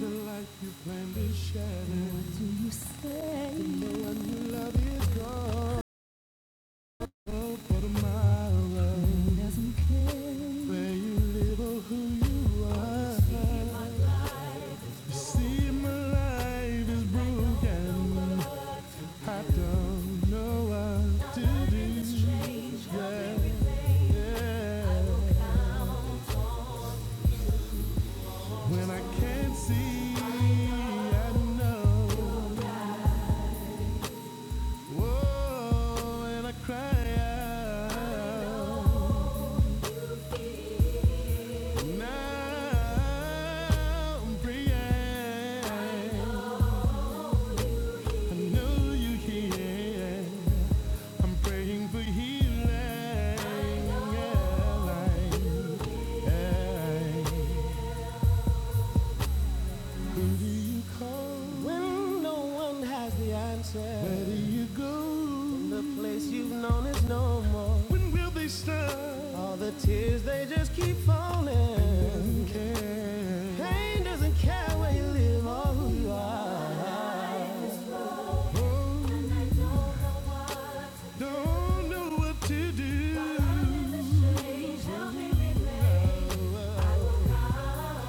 The life you plan to shatter is shattered. It's for tomorrow. It Doesn't care where you live or who you are. You see, my life is broken. I don't know what to do. Yeah, yeah. When I can't see, I know. Whoa, and I cry out. When no one has the answer, where do you go? The place you've known is no more. When will they stop? All the tears they just keep falling. Pain doesn't care where you live or who Don't know what to do.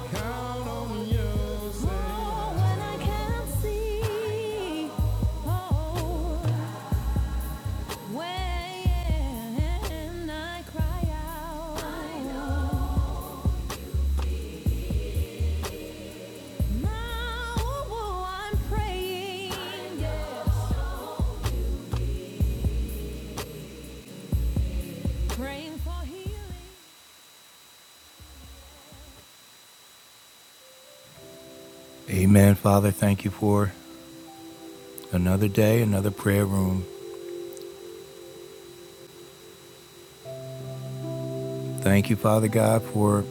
Count on yourself. Oh, when I can't see. Oh, when I cry out. I know. Now oh, I'm praying. Yes. Praying for healing. Amen, Father. Thank you for another day, another prayer room. Thank you, Father God, for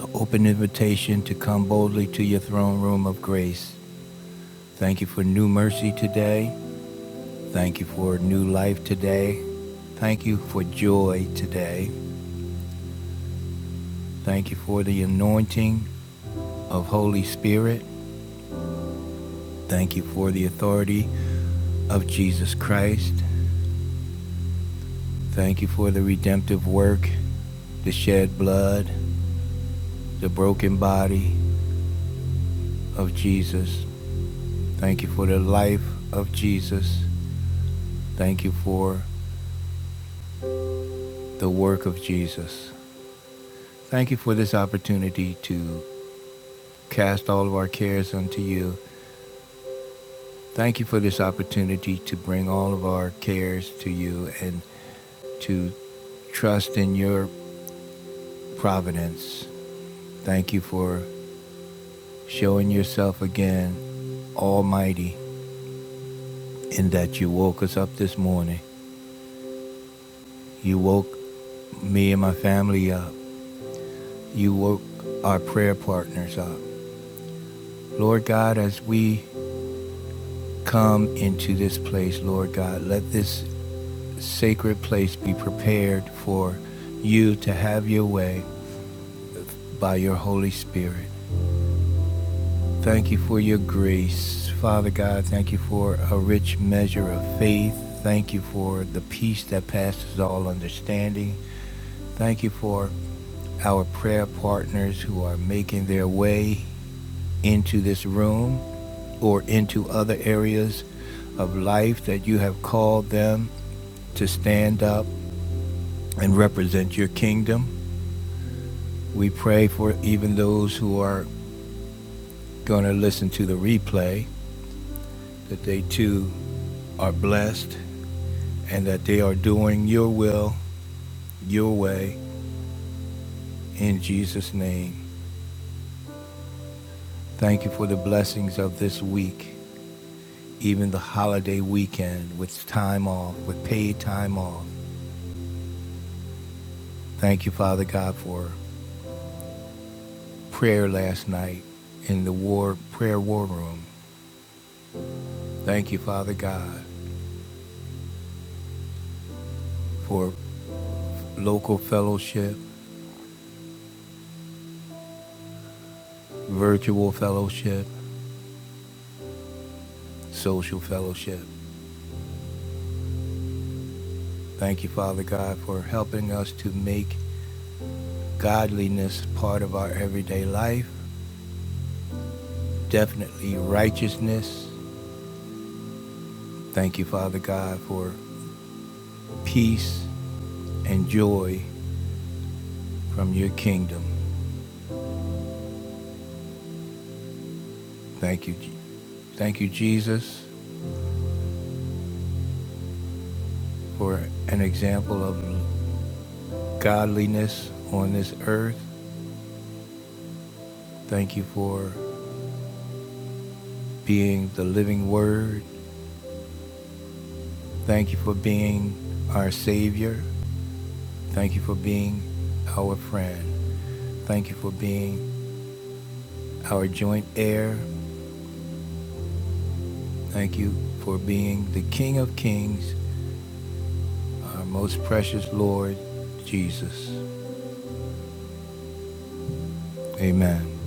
an open invitation to come boldly to your throne room of grace. Thank you for new mercy today. Thank you for new life today. Thank you for joy today. Thank you for the anointing of Holy Spirit. Thank you for the authority of Jesus Christ. Thank you for the redemptive work, the shed blood, the broken body of Jesus. Thank you for the life of Jesus. Thank you for the work of Jesus. Thank you for this opportunity to cast all of our cares unto you. Thank you for this opportunity to bring all of our cares to you and to trust in your providence. Thank you for showing yourself again almighty in that you woke us up this morning. You woke me and my family up. You woke our prayer partners up. Lord God, as we come into this place, Lord God, let this sacred place be prepared for you to have your way by your Holy Spirit. Thank you for your grace. Father God, thank you for a rich measure of faith. Thank you for the peace that passes all understanding. Thank you for our prayer partners who are making their way into this room or into other areas of life that you have called them to stand up and represent your kingdom. We pray for even those who are going to listen to the replay that they too are blessed and that they are doing your will, your way, in Jesus' name. Thank you for the blessings of this week, even the holiday weekend with time off, with paid time off. Thank you, Father God, for prayer last night in the war prayer war room. Thank you, Father God, for local fellowship, virtual fellowship. social fellowship. Thank you, Father God, for helping us to make godliness part of our everyday life, definitely righteousness. Thank you, Father God, for peace and joy from your kingdom. Thank you. Thank you, Jesus, for an example of godliness on this earth. Thank you for being the living word. Thank you for being our Savior. Thank you for being our friend. Thank you for being our joint heir. Thank you for being the King of Kings, our most precious Lord, Jesus. Amen.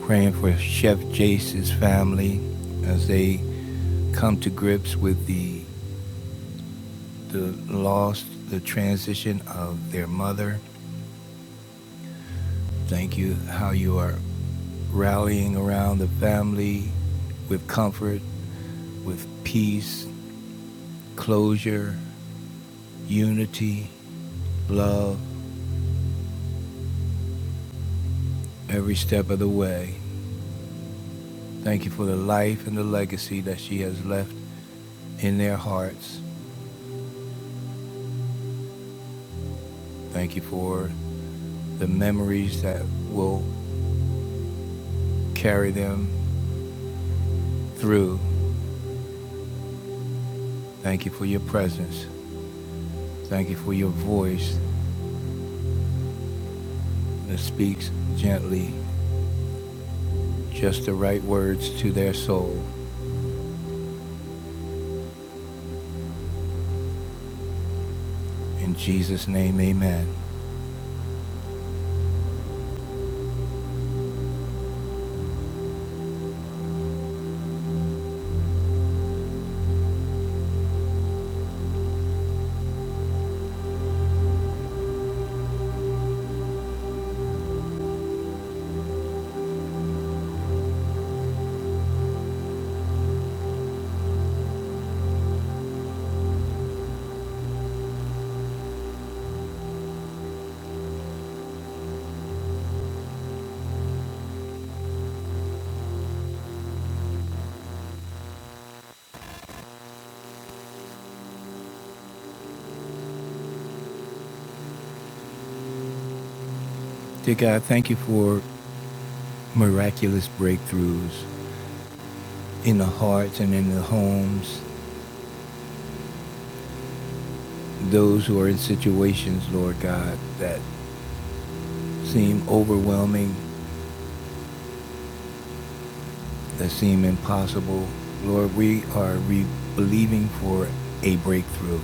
Praying for Chef Jace's family as they come to grips with the the loss, the transition of their mother. Thank you how you are rallying around the family with comfort, with peace, closure, unity, love every step of the way. Thank you for the life and the legacy that she has left in their hearts. Thank you for the memories that will carry them through. Thank you for your presence. Thank you for your voice that speaks gently, just the right words to their soul. In Jesus' name, amen. Dear God, thank you for miraculous breakthroughs in the hearts and in the homes, those who are in situations, Lord God, that seem overwhelming, that seem impossible. Lord, we are re- believing for a breakthrough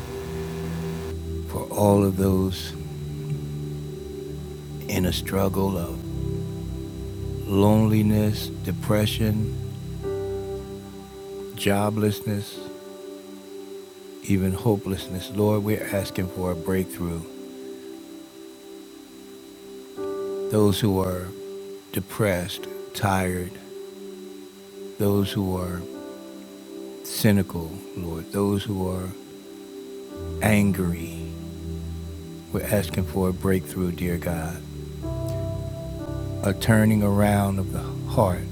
for all of those in a struggle of loneliness, depression, joblessness, even hopelessness. Lord, we're asking for a breakthrough. Those who are depressed, tired, those who are cynical, Lord, those who are angry, we're asking for a breakthrough, dear God. a turning around of the heart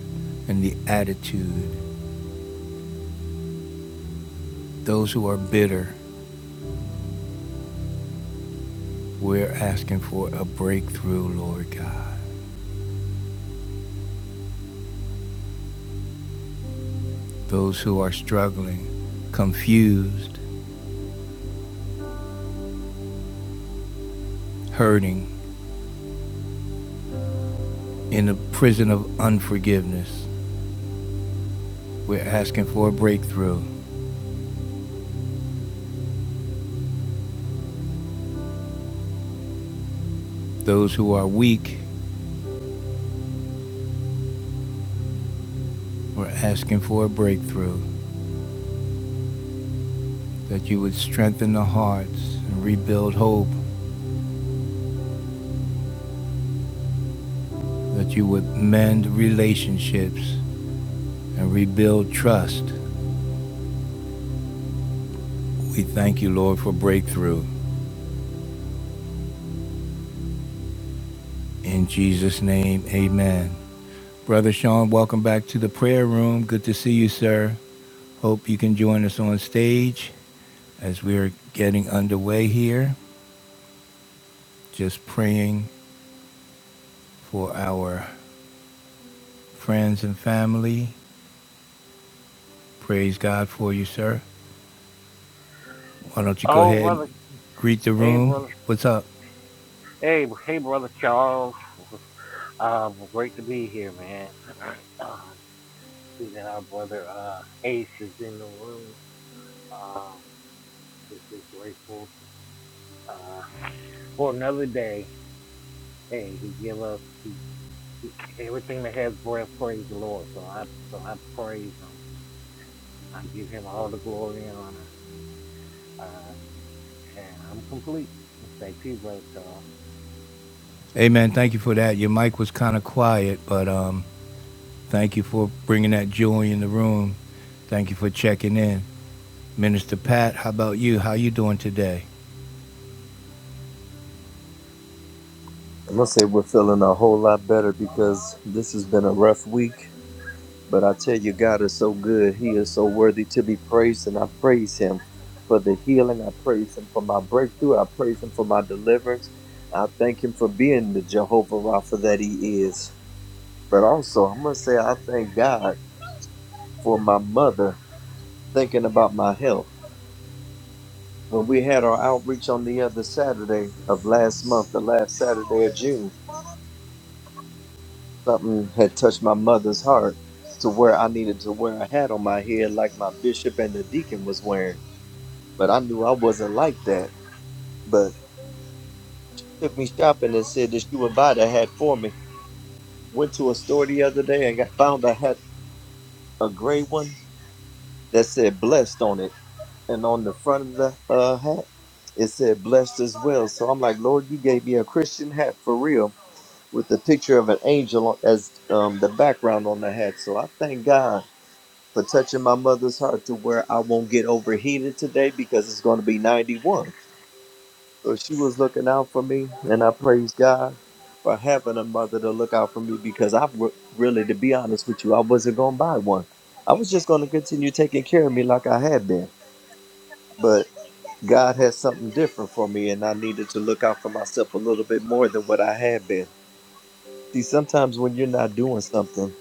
and the attitude. Those who are bitter, we're asking for a breakthrough, Lord God. Those who are struggling, confused, hurting, in a prison of unforgiveness, we're asking for a breakthrough. Those who are weak, we're asking for a breakthrough. That you would strengthen the hearts and rebuild hope. That you would mend relationships and rebuild trust We thank you, Lord, for breakthrough. In Jesus' name, amen. Brother Sean, welcome back to the prayer room. Good to see you, sir. Hope you can join us on stage as we're getting underway here. Just praying for our friends and family. Praise God for you, sir. Why don't you go ahead and greet the room? What's up? Amen. Thank you for that. Your mic was kind of quiet, but um, thank you for bringing that joy in the room. Thank you for checking in. Minister Pat, how about you? How you doing today? I am gonna say we're feeling a whole lot better because this has been a rough week. But I tell you, God is so good. He is so worthy to be praised, and I praise Him for the healing. I praise Him for my breakthrough. I praise Him for my deliverance. I thank Him for being the Jehovah Rapha that He is. But also, I am gonna say I thank God for my mother thinking about my health. When we had our outreach on the other Saturday of last month, the last Saturday of June, something had touched my mother's heart to where I needed to wear a hat on my head like my bishop and the deacon was wearing. But I knew I wasn't like that. But took me shopping and said that she would buy the hat for me. Went to a store the other day and got found a hat, a gray one that said blessed on it. And on the front of the uh, hat, it said blessed as well. So I'm like, Lord, you gave me a Christian hat for real with the picture of an angel as um, the background on the hat. So I thank God for touching my mother's heart to where I won't get overheated today because it's going to be 91. So she was looking out for me, and I praise God for having a mother to look out for me because I re- really, to be honest with you, I wasn't going to buy one. I was just going to continue taking care of me like I had been. But God had something different for me, and I needed to look out for myself a little bit more than what I had been. See, sometimes when you're not doing something,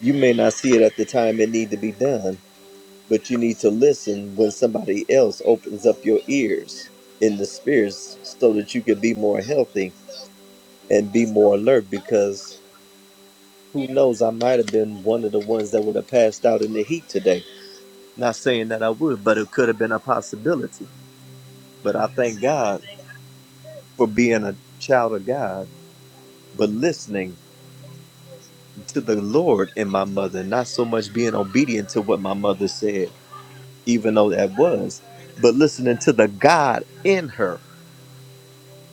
you may not see it at the time it need to be done but you need to listen when somebody else opens up your ears in the spirits so that you can be more healthy and be more alert because who knows i might have been one of the ones that would have passed out in the heat today not saying that i would but it could have been a possibility but i thank god for being a child of god but listening to the lord in my mother not so much being obedient to what my mother said even though that was but listening to the god in her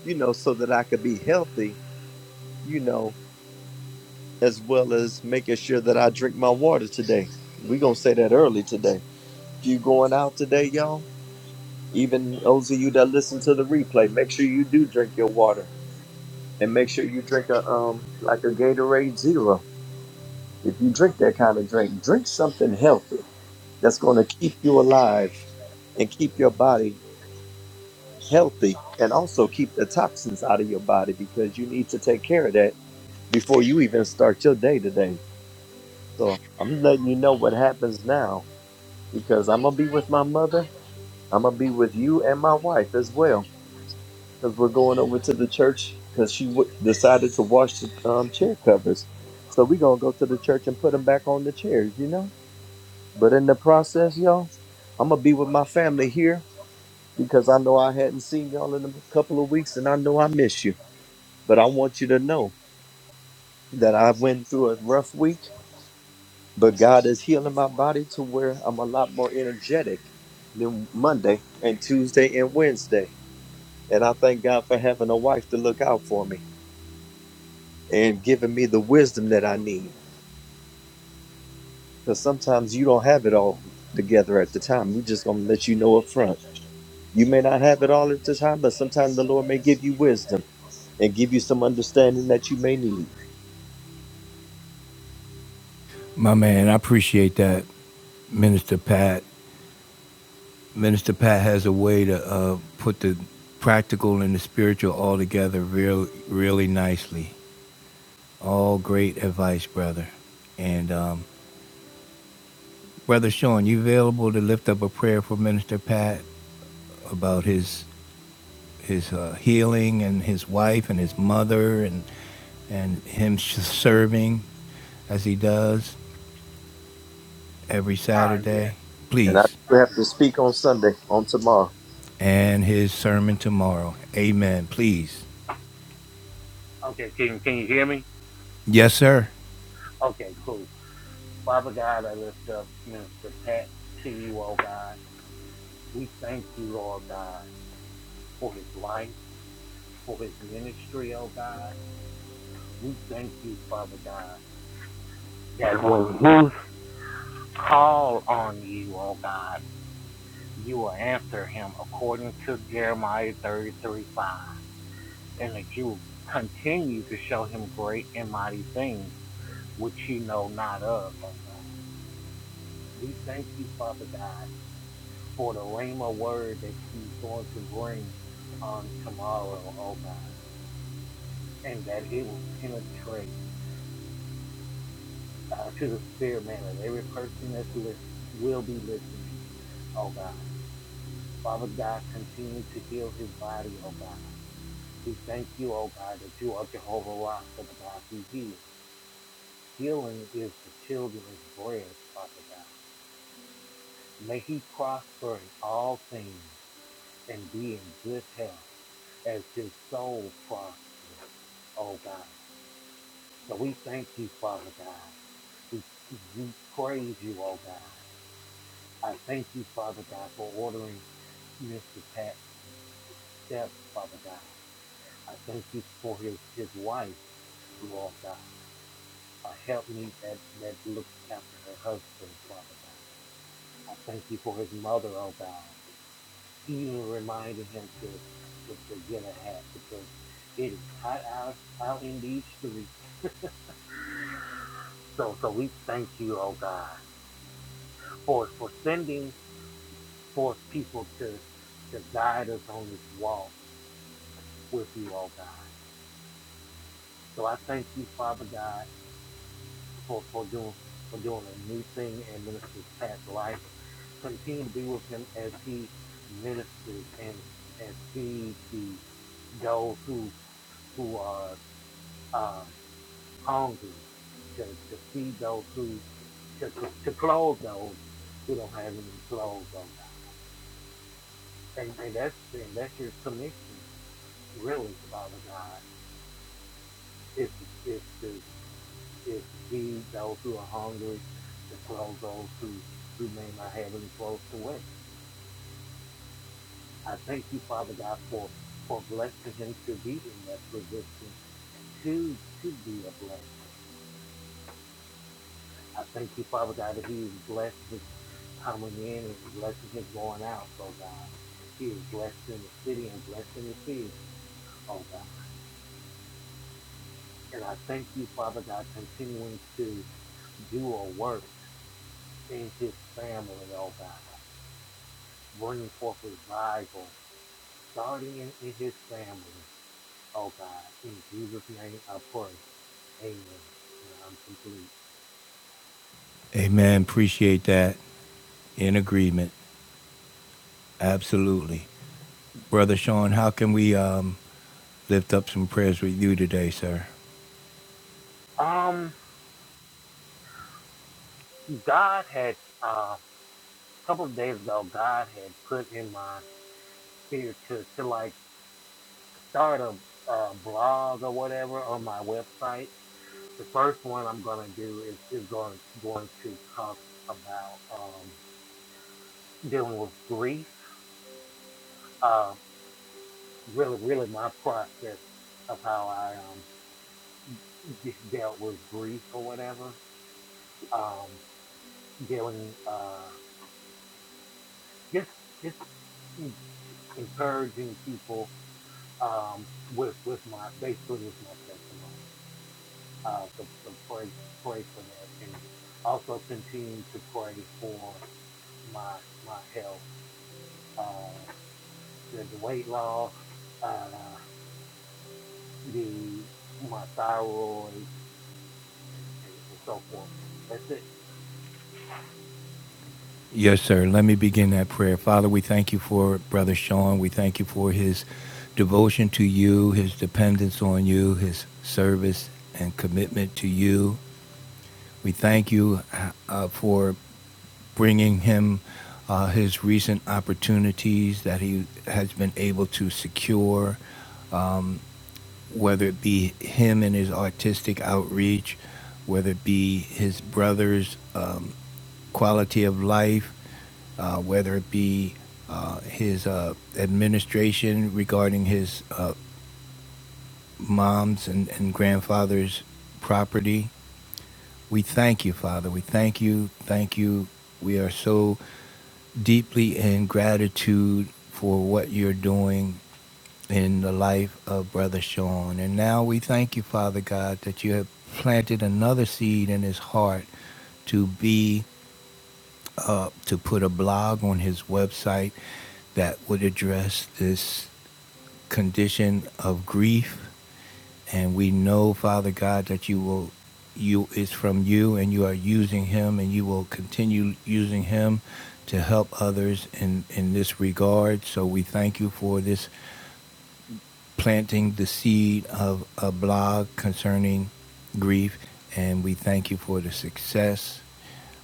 you know, so that I could be healthy, you know, as well as making sure that I drink my water today. we going to say that early today. If you going out today, y'all, even those of you that listen to the replay, make sure you do drink your water and make sure you drink a, um, like a Gatorade Zero. If you drink that kind of drink, drink something healthy that's going to keep you alive and keep your body healthy and also keep the toxins out of your body because you need to take care of that before you even start your day today. So I'm letting you know what happens now because I'm gonna be with my mother. I'm gonna be with you and my wife as well because we're going over to the church because she w- decided to wash the um, chair covers. So we're gonna go to the church and put them back on the chairs, you know. But in the process, y'all, I'm gonna be with my family here because I know I hadn't seen y'all in a couple of weeks and I know I miss you. But I want you to know that I went through a rough week But God is healing my body to where I'm a lot more energetic than Monday and Tuesday and Wednesday. And I thank God for having a wife to look out for me and giving me the wisdom that I need. Because sometimes you don't have it all together at the time. We're just going to let you know up front. You may not have it all at the time, but sometimes the Lord may give you wisdom and give you some understanding that you may need. My man, I appreciate that, Minister Pat. Minister Pat has a way to uh, put the practical and the spiritual all together real, really nicely. All great advice, brother. And um, brother Sean, you available to lift up a prayer for Minister Pat about his his uh, healing and his wife and his mother and and him serving as he does every Saturday? And I Please. do have to speak on Sunday, on tomorrow. and his sermon tomorrow. Amen. Please. Yes, sir. Amen. Appreciate that. In agreement. Absolutely. Brother Sean, how can we um, lift up some prayers with you today, sir? Yes, sir. Let me begin that prayer. Father, we thank you for Brother Sean. We thank you for his devotion to you, his dependence on you, his service and commitment to you. We thank you uh, for bringing him uh, his recent opportunities that he has been able to secure, um, whether it be him and his artistic outreach, whether it be his brother's um, quality of life, uh, whether it be uh, his uh, administration regarding his uh, mom's and, and grandfather's property. We thank you, Father. We thank you. Thank you. We are so deeply in gratitude for what you're doing in the life of Brother Sean. And now we thank you, Father God, that you have planted another seed in his heart to be uh, to put a blog on his website that would address this condition of grief and we know, Father God, that you will you is from you and you are using him and you will continue using him to help others in, in this regard. So we thank you for this planting the seed of a blog concerning grief and we thank you for the success.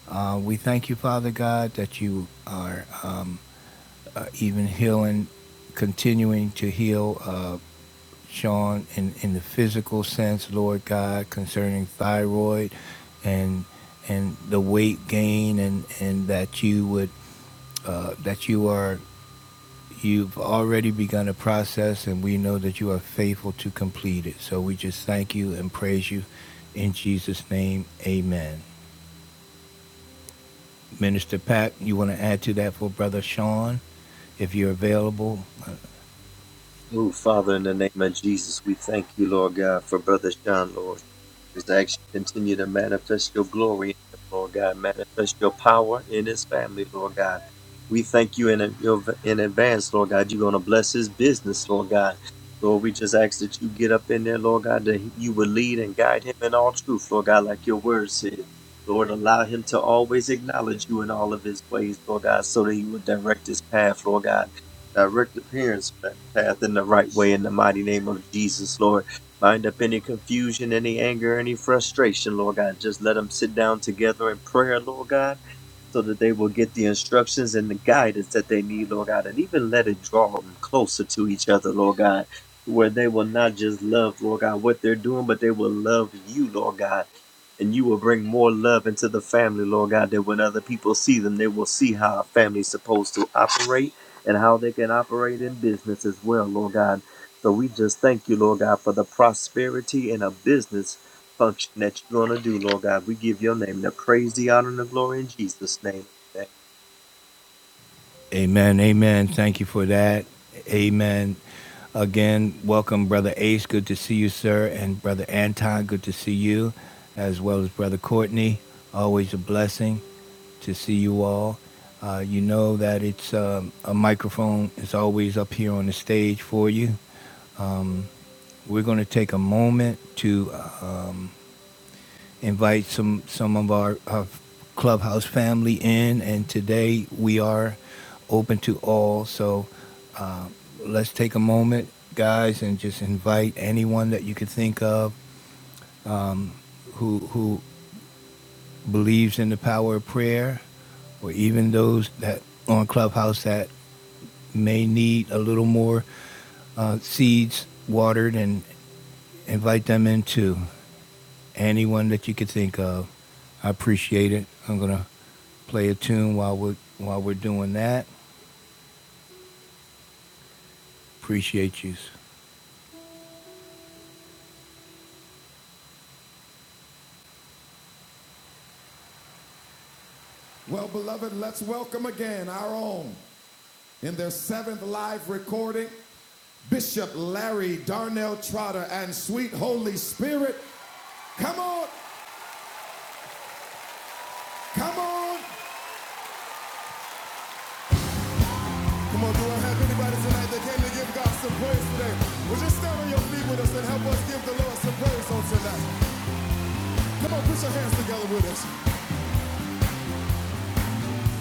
Uh, we thank you, Father God, that you are um, uh, even healing, continuing to heal. Uh, Sean, in, in the physical sense, Lord God, concerning thyroid and and the weight gain and, and that you would uh, that you are you've already begun a process and we know that you are faithful to complete it. So we just thank you and praise you in Jesus' name. Amen. Minister Pack, you want to add to that for Brother Sean, if you're available? Oh, Father, in the name of Jesus, we thank you, Lord God, for Brother Sean, Lord. Just ask you continue to manifest your glory in him, Lord God. Manifest your power in his family, Lord God. We thank you in, your- in advance, Lord God. You're going to bless his business, Lord God. Lord, we just ask that you get up in there, Lord God, that you will lead and guide him in all truth, Lord God, like your word said. Lord, allow him to always acknowledge you in all of his ways, Lord God, so that he will direct his path, Lord God. Direct the parents' path in the right way in the mighty name of Jesus, Lord. Bind up any confusion, any anger, any frustration, Lord God. Just let them sit down together in prayer, Lord God, so that they will get the instructions and the guidance that they need, Lord God. And even let it draw them closer to each other, Lord God, to where they will not just love, Lord God, what they're doing, but they will love you, Lord God. And you will bring more love into the family, Lord God, that when other people see them, they will see how a family's supposed to operate and how they can operate in business as well, Lord God. So we just thank you, Lord God, for the prosperity and a business function that you're going to do, Lord God. We give your name the praise, the honor, and the glory in Jesus' name. Amen. Amen. Amen. Thank you for that. Amen. Again, welcome, Brother Ace. Good to see you, sir. And Brother Anton, good to see you, as well as Brother Courtney. Always a blessing to see you all. Uh, you know that it's um, a microphone is always up here on the stage for you. We're going to take a moment to um, invite some some of our, our clubhouse family in, and today we are open to all. So uh, let's take a moment, guys, and just invite anyone that you could think of who who believes in the power of prayer, or even those that on clubhouse that may need a little more uh, seeds watered, and invite them in too. anyone that you could think of. I appreciate it. I'm gonna play a tune while we're while we're doing that. Appreciate you. Well, beloved, let's welcome again our own in their seventh live recording, Bishop Larry Darnell Trotter and Sweet Holy Spirit. Come on, come on. Come on, do I have anybody tonight that came to give God some praise today? Would you stand on your feet with us and help us give the Lord some praise on tonight? Come on, put your hands together with us.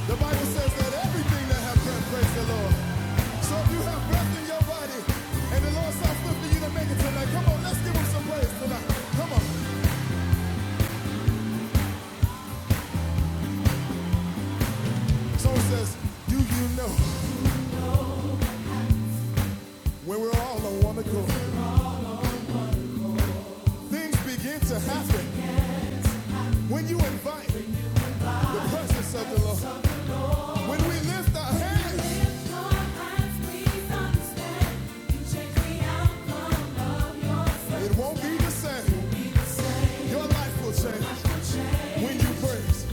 The Bible says that everything that have breath, praise the Lord. So if you have breath in your body, and the Lord saw fit for you to make it tonight, come on, let's give him some praise tonight. Come on. Someone says, do you know when we're all on one accord? Things begin to happen when you invite the presence of the Lord. When we lift our hands, it won't be the same. Your life will change when you praise.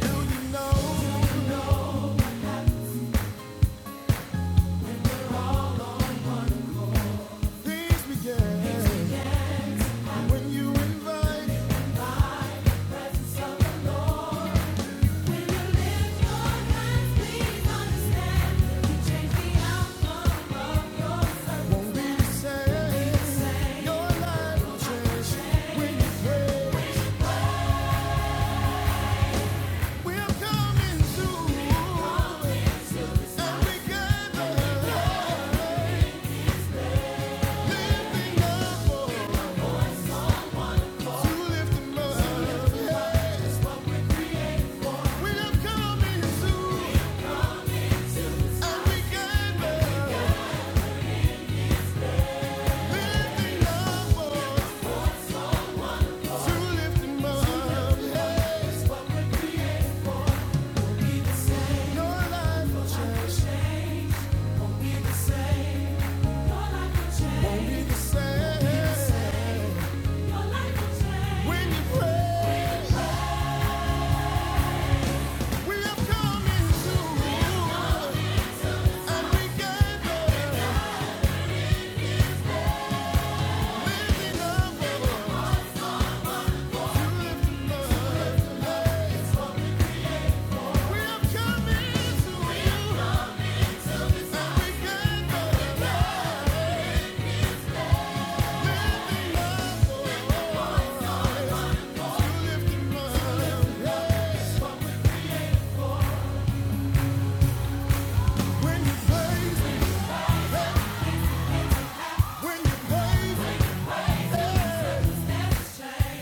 Do you know things begin? When you invite, won't be the same. Your life will change when you pray. We're coming through, and we gather, lifting up to lift 'em up. Yes, we are coming through, and we gather, lifting up to lift 'em up. Yes, your life will change, won't be the same when you pray. We have come into and we gather, lifting up you. We have come into and we gather when you praise, when you praise,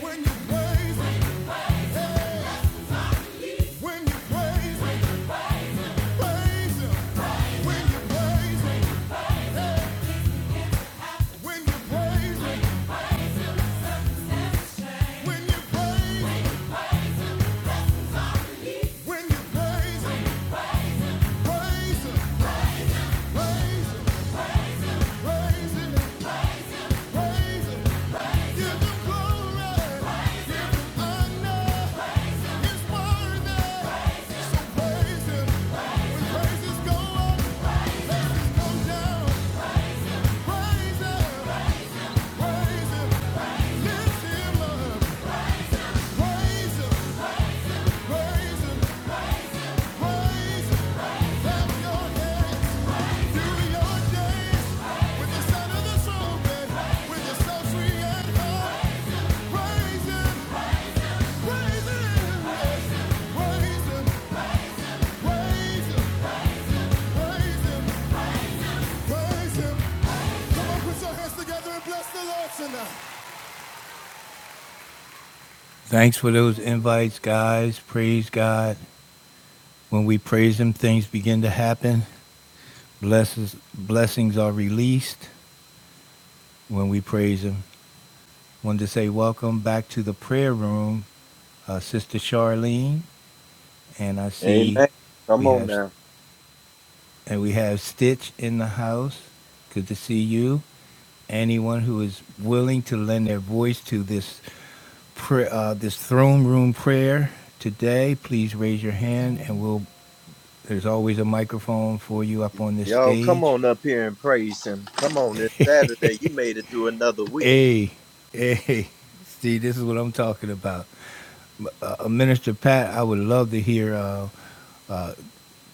when you praise, when you praise, praise Him. When you praise, when you praise, when you praise, when you praise, praise Him, praise Him, praise Him, praise Him. Give Him glory. Together and bless the Lord tonight. Thanks for those invites, guys. Praise God. When we praise Him, things begin to happen. Blesses, blessings are released when we praise Him. Wanted to say welcome back to the prayer room, uh, Sister Charlene, and I see Amen. Come we on have now. and we have Stitch in the house. Good to see you. Anyone who is willing to lend their voice to this prayer, uh, this throne room prayer today, please raise your hand, and we'll There's always a microphone for you up on this Y'all, come stage. on up here and praise him. Come on, it's Saturday. You made it through another week. hey, hey, see, this is what I'm talking about. Uh, uh, Minister Pat, I would love to hear. Uh, uh,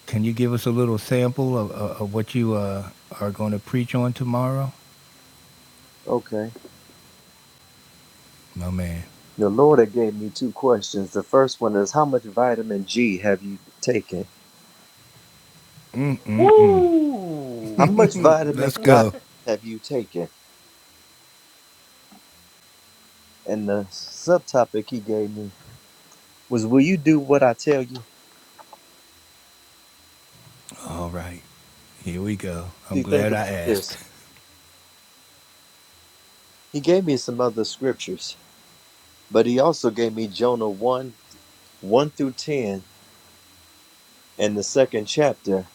can you give us a little sample of, of, of what you uh, are going to preach on tomorrow? Okay. My man, The Lord had gave me two questions. The first one is, how much vitamin G have you taken? How much vitamin let's God go. have you taken? And the subtopic he gave me was, Will you do what I tell you? All right, here we go. I'm See, think glad I about asked. this. He gave me some other scriptures, but he also gave me Jonah 1 1 through 10, and the second chapter,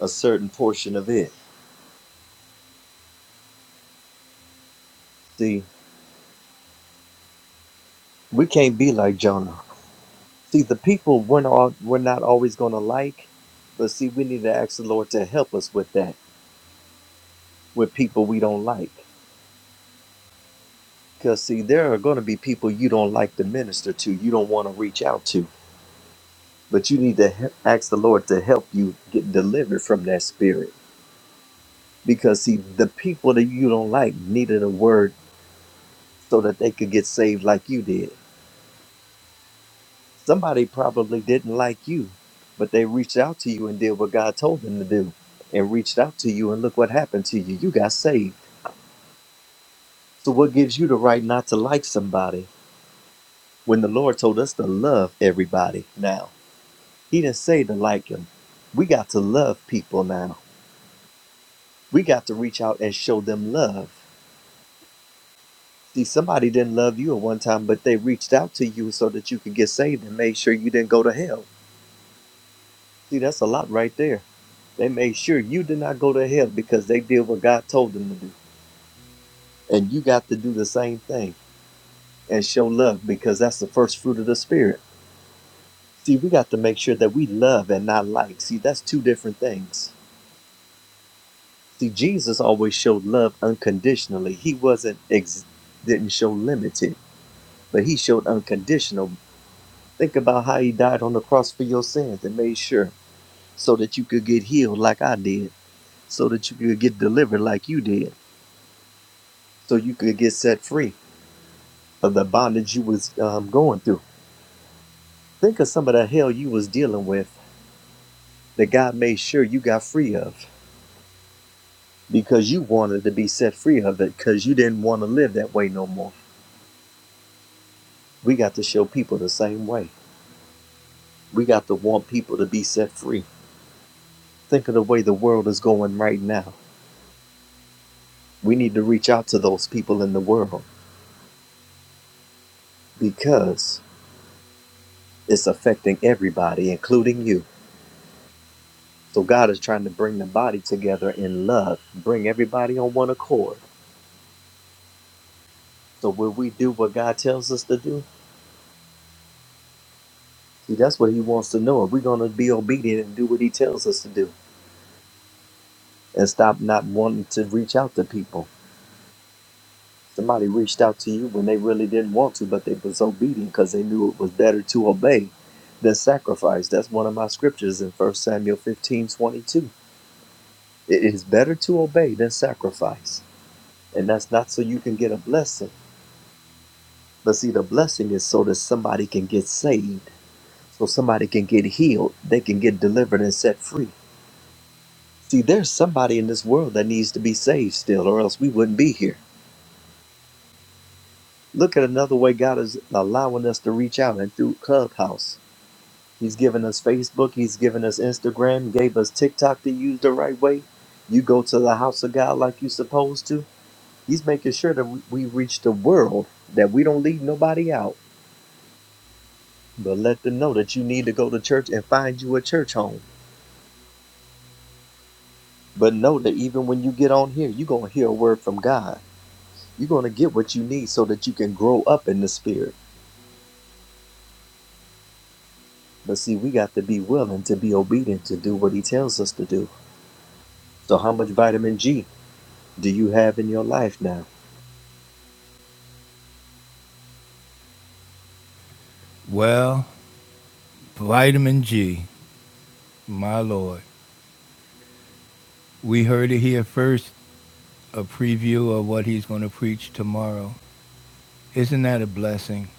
a certain portion of it. See, we can't be like Jonah. See, the people we're not, we're not always going to like, but see, we need to ask the Lord to help us with that, with people we don't like. Because, see, there are going to be people you don't like to minister to, you don't want to reach out to. But you need to he- ask the Lord to help you get delivered from that spirit. Because, see, the people that you don't like needed a word so that they could get saved like you did. Somebody probably didn't like you, but they reached out to you and did what God told them to do and reached out to you, and look what happened to you. You got saved. So, what gives you the right not to like somebody when the Lord told us to love everybody now? He didn't say to like him. We got to love people now. We got to reach out and show them love. See, somebody didn't love you at one time, but they reached out to you so that you could get saved and made sure you didn't go to hell. See, that's a lot right there. They made sure you did not go to hell because they did what God told them to do. And you got to do the same thing and show love because that's the first fruit of the Spirit. See, we got to make sure that we love and not like. See, that's two different things. See, Jesus always showed love unconditionally. He wasn't ex- didn't show limited, but he showed unconditional Think about how he died on the cross for your sins and made sure so that you could get healed like I did, so that you could get delivered like you did, so you could get set free of the bondage you was um, going through. Think of some of the hell you was dealing with that God made sure you got free of because you wanted to be set free of it because you didn't want to live that way no more. We got to show people the same way. We got to want people to be set free. Think of the way the world is going right now. We need to reach out to those people in the world because it's affecting everybody, including you. So God is trying to bring the body together in love, bring everybody on one accord. So will we do what God tells us to do? See, that's what He wants to know. If we are going to be obedient and do what He tells us to do, and stop not wanting to reach out to people? Somebody reached out to you when they really didn't want to, but they was obedient because they knew it was better to obey than sacrifice. That's one of my scriptures in 1 Samuel 15:22. It is better to obey than sacrifice. And that's not so you can get a blessing. But see, the blessing is so that somebody can get saved, so somebody can get healed, they can get delivered and set free. See, there's somebody in this world that needs to be saved still, or else we wouldn't be here. Look at another way God is allowing us to reach out and through Clubhouse. He's given us Facebook, He's given us Instagram, gave us TikTok to use the right way. You go to the house of God like you're supposed to. He's making sure that we we reach the world, that we don't leave nobody out But let them know that you need to go to church and find you a church home. But know that even when you get on here, you're going to hear a word from God. You're going to get what you need so that you can grow up in the spirit. But see, we got to be willing to be obedient to do what He tells us to do. So, how much vitamin G do you have in your life now? Well, vitamin G, my lord. We heard it here first, a preview of what he's going to preach tomorrow. Isn't that a blessing?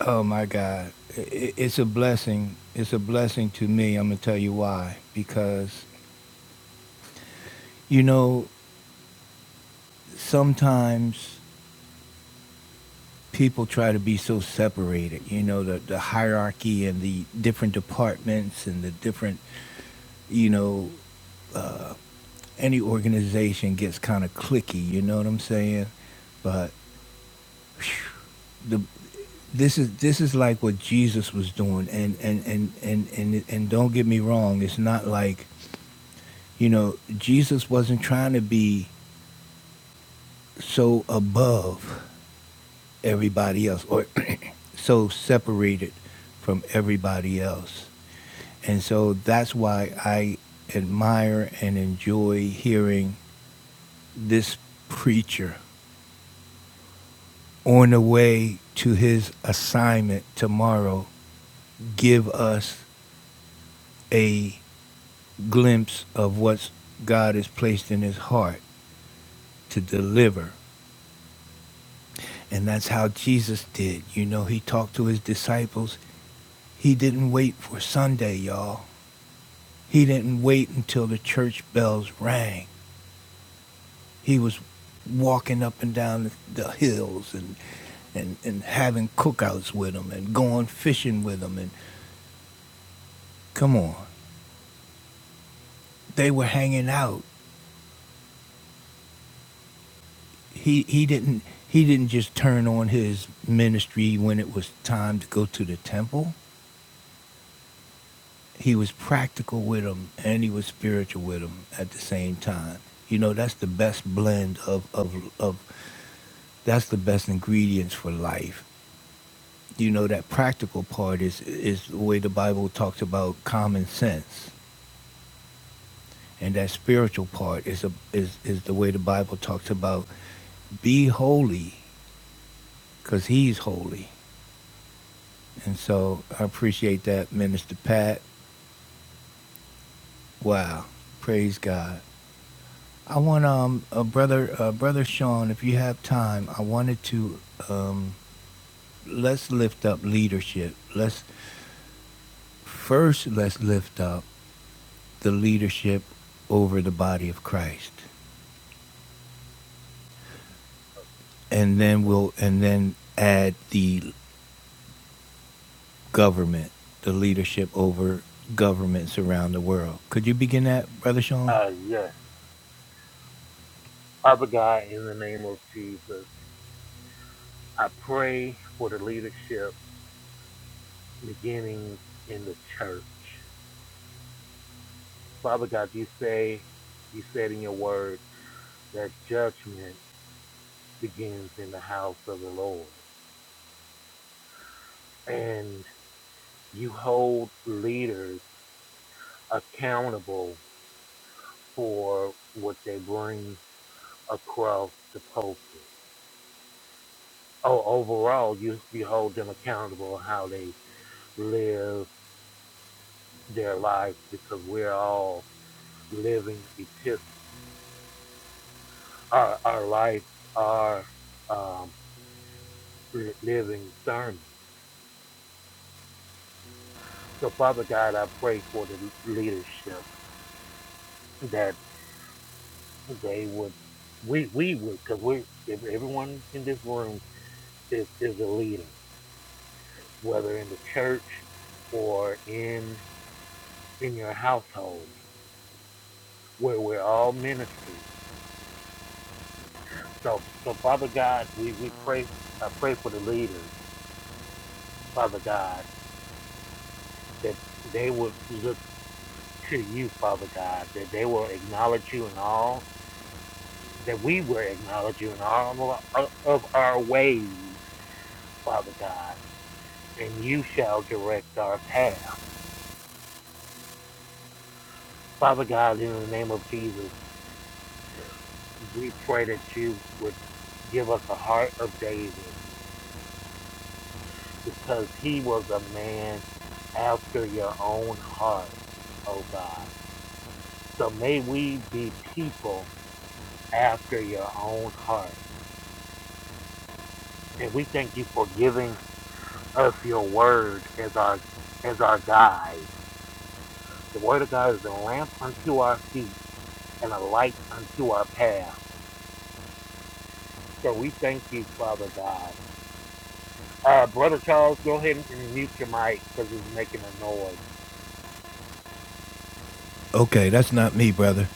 Oh my God. I- It's a blessing. It's a blessing to me. I'm going to tell you why. Because, you know, sometimes people try to be so separated, you know, the, the hierarchy and the different departments and the different, you know, any organization gets kind of clicky, you know what I'm saying? But whew, the this is this is like what Jesus was doing and and and and and, and don't get me wrong, it's not like You know, Jesus wasn't trying to be so above everybody else or so separated from everybody else. And so that's why I admire and enjoy hearing this preacher on the way to his assignment tomorrow give us a glimpse of what God has placed in his heart to deliver. And that's how Jesus did. You know, he talked to his disciples He didn't wait for Sunday, y'all. He didn't wait until the church bells rang. He was walking up and down the hills and and, and having cookouts with them and going fishing with them and come on. They were hanging out. He he didn't he didn't just turn on his ministry when it was time to go to the temple. He was practical with them and he was spiritual with them at the same time. You know, that's the best blend of, of, of That's the best ingredients for life. You know that practical part is is the way the Bible talks about common sense, and that spiritual part is a, is is the way the Bible talks about be holy, cause He's holy. And so I appreciate that, Minister Pat. Wow, praise God. I want um a brother uh, brother Sean, if you have time, I wanted to um let's lift up leadership. Let's first let's lift up the leadership over the body of Christ. And then we'll and then add the government, the leadership over governments around the world. Could you begin that, Brother Sean? Okay, that's not me, brother.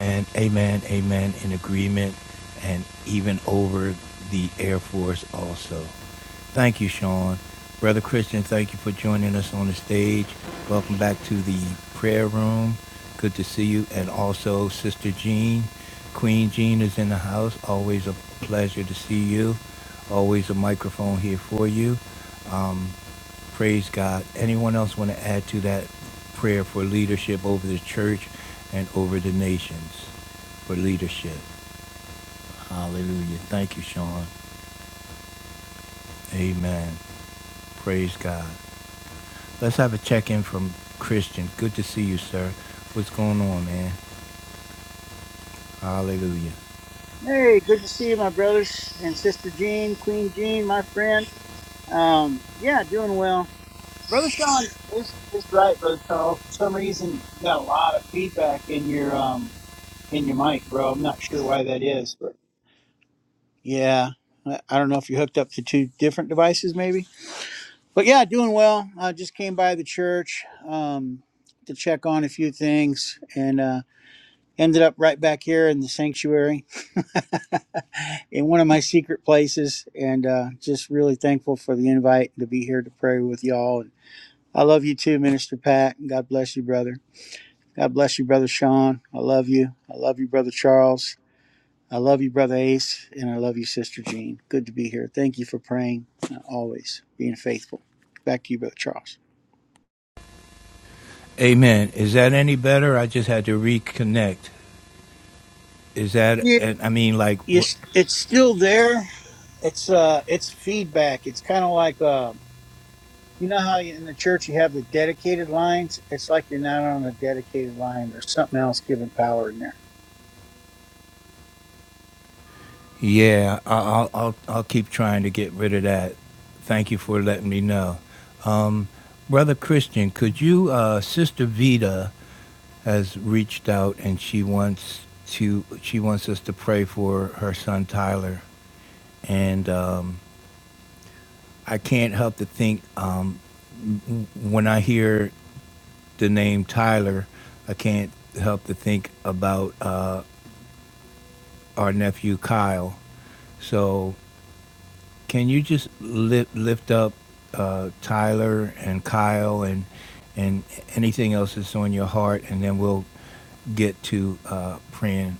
And amen, amen, in agreement, and even over the Air Force also. Thank you, Sean. Brother Christian, thank you for joining us on the stage. Welcome back to the prayer room. Good to see you. And also, Sister Jean. Queen Jean is in the house. Always a pleasure to see you. Always a microphone here for you. Praise God. Anyone else want to add to that prayer for leadership over the church and over the nations? For leadership. Hallelujah. Thank you, Sean. Amen. Praise God. Let's have a check in from Christian. Good to see you, sir. What's going on, man? Hallelujah. Hey, good to see you, my brothers and sister Jean, Queen Jean, my friend. Um, yeah, doing well. Brother Sean is, is right, brother Charles. For some reason, you got a lot of feedback in your um in your mic, bro. I'm not sure why that is, but yeah, I I don't know if you're hooked up to two different devices, maybe. But yeah, doing well. I just came by the church um to check on a few things and uh ended up right back here in the sanctuary in one of my secret places and uh, just really thankful for the invite to be here to pray with y'all. And I love you too, Minister Pat. and God bless you, brother. God bless you, brother Sean. I love you. I love you, brother Charles. I love you, brother Ace, and I love you, sister Jean. Good to be here. Thank you for praying uh, always, being faithful. Back to you, brother Charles. Amen. Is that any better? I just had to reconnect. Is that? Yeah, and I mean, like, r- it's, it's still there. It's uh, it's feedback. It's kind of like uh, You know how you- in the church you have the dedicated lines? It's like you're not on a dedicated line or something else giving power in there. yeah. I- I'll I'll I'll keep trying to get rid of that. Thank you for letting me know. Brother Christian, could you, uh, Sister Vida has reached out and she wants to, she wants us to pray for her son Tyler. And um, I can't help to think um, when I hear the name Tyler, I can't help to think about uh, our nephew Kyle. So Can you just lift lift up uh, Tyler and Kyle and and anything else that's on your heart, and then we'll get to uh, praying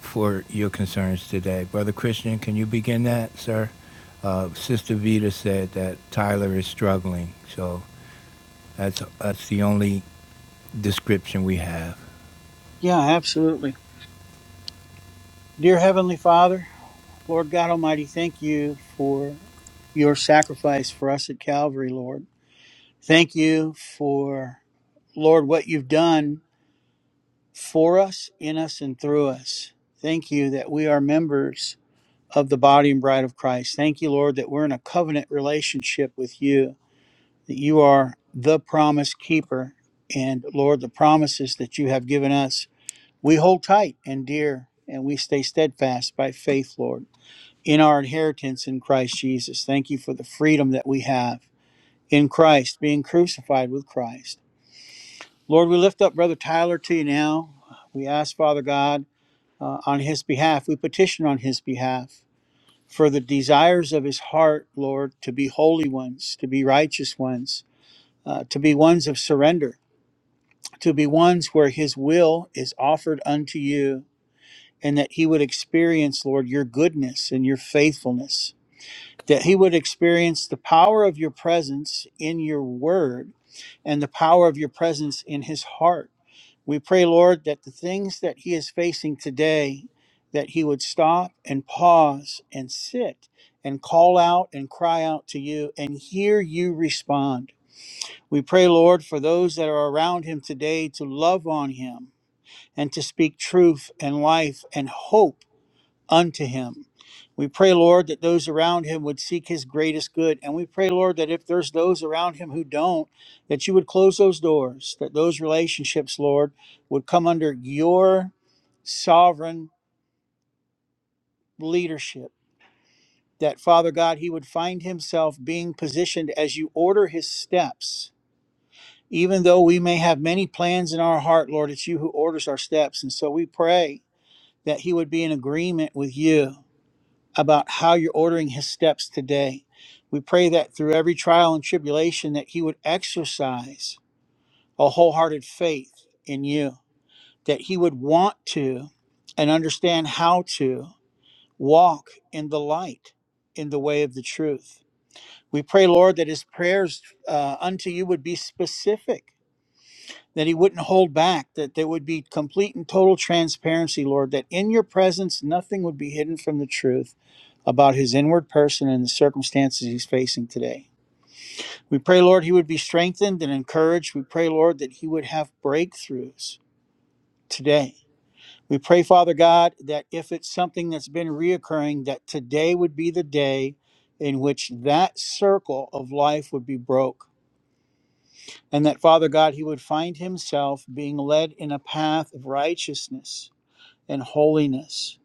for your concerns today, brother Christian. Can you begin that, sir? Uh, Sister Vita said that Tyler is struggling, so that's that's the only description we have. Yeah, absolutely. Dear Heavenly Father, Lord God Almighty, thank you for your sacrifice for us at Calvary, Lord. Thank you for, Lord, what you've done for us, in us, and through us. Thank you that we are members of the body and bride of Christ. Thank you, Lord, that we're in a covenant relationship with you. that you are the promise keeper. And Lord, the promises that you have given us, we hold tight and dear, and we stay steadfast by faith, Lord, in our inheritance in Christ Jesus. Thank you for the freedom that we have in Christ, being crucified with Christ. Lord, we lift up Brother Tyler to you now. We ask, Father God, uh, on his behalf, we petition on his behalf for the desires of his heart, Lord, to be holy ones, to be righteous ones, uh, to be ones of surrender to be ones where his will is offered unto you and that he would experience lord your goodness and your faithfulness that he would experience the power of your presence in your word and the power of your presence in his heart we pray lord that the things that he is facing today that he would stop and pause and sit and call out and cry out to you and hear you respond we pray lord for those that are around him today to love on him and to speak truth and life and hope unto him. We pray, Lord, that those around him would seek his greatest good. And we pray, Lord, that if there's those around him who don't, that you would close those doors, that those relationships, Lord, would come under your sovereign leadership. That, Father God, he would find himself being positioned as you order his steps. Even though we may have many plans in our heart, Lord, it's you who orders our steps. And so we pray that he would be in agreement with you about how you're ordering his steps today. We pray that through every trial and tribulation that he would exercise a wholehearted faith in you, that he would want to and understand how to walk in the light, in the way of the truth. We pray, Lord, that his prayers uh, unto you would be specific that he wouldn't hold back, that there would be complete and total transparency, Lord, that in your presence nothing would be hidden from the truth about his inward person and the circumstances he's facing today. We pray, Lord, he would be strengthened and encouraged. We pray, Lord, that he would have breakthroughs today. We pray, Father God, that if it's something that's been reoccurring, that today would be the day in which that circle of life would be broke and that Father God, he would find himself being led in a path of righteousness and holiness,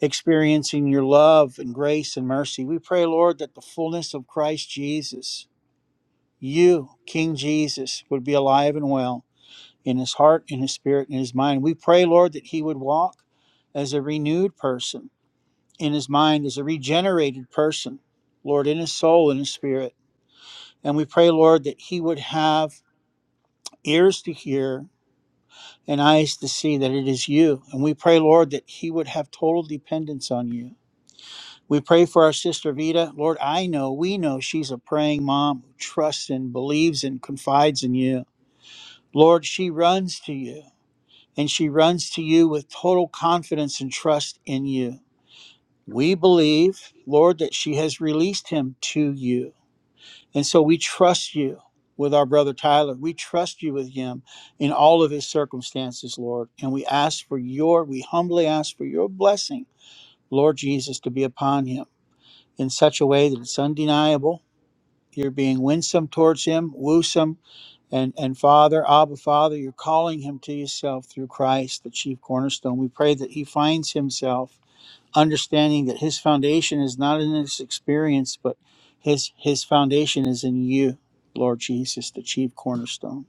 experiencing your love and grace and mercy. We pray, Lord, that the fullness of Christ Jesus, you, King Jesus, would be alive and well in his heart, in his spirit, in his mind. We pray, Lord, that he would walk as a renewed person in his mind, as a regenerated person, Lord, in his soul, in his spirit. And we pray, Lord, that he would have ears to hear and eyes to see that it is you. And we pray, Lord, that he would have total dependence on you. We pray for our sister Vida, Lord, I know, we know she's a praying mom who trusts and believes and confides in you. Lord, she runs to you, and she runs to you with total confidence and trust in you. We believe, Lord, that she has released him to you And so we trust you with our brother Tyler. We trust you with him in all of his circumstances, Lord. And we ask for your, we humbly ask for your blessing, Lord Jesus, to be upon him in such a way that it's undeniable. You're being winsome towards him, woosome, and, and Father, Abba Father, you're calling him to yourself through Christ, the chief cornerstone. We pray that he finds himself understanding that his foundation is not in his experience, but his his foundation is in you, Lord Jesus, the chief cornerstone.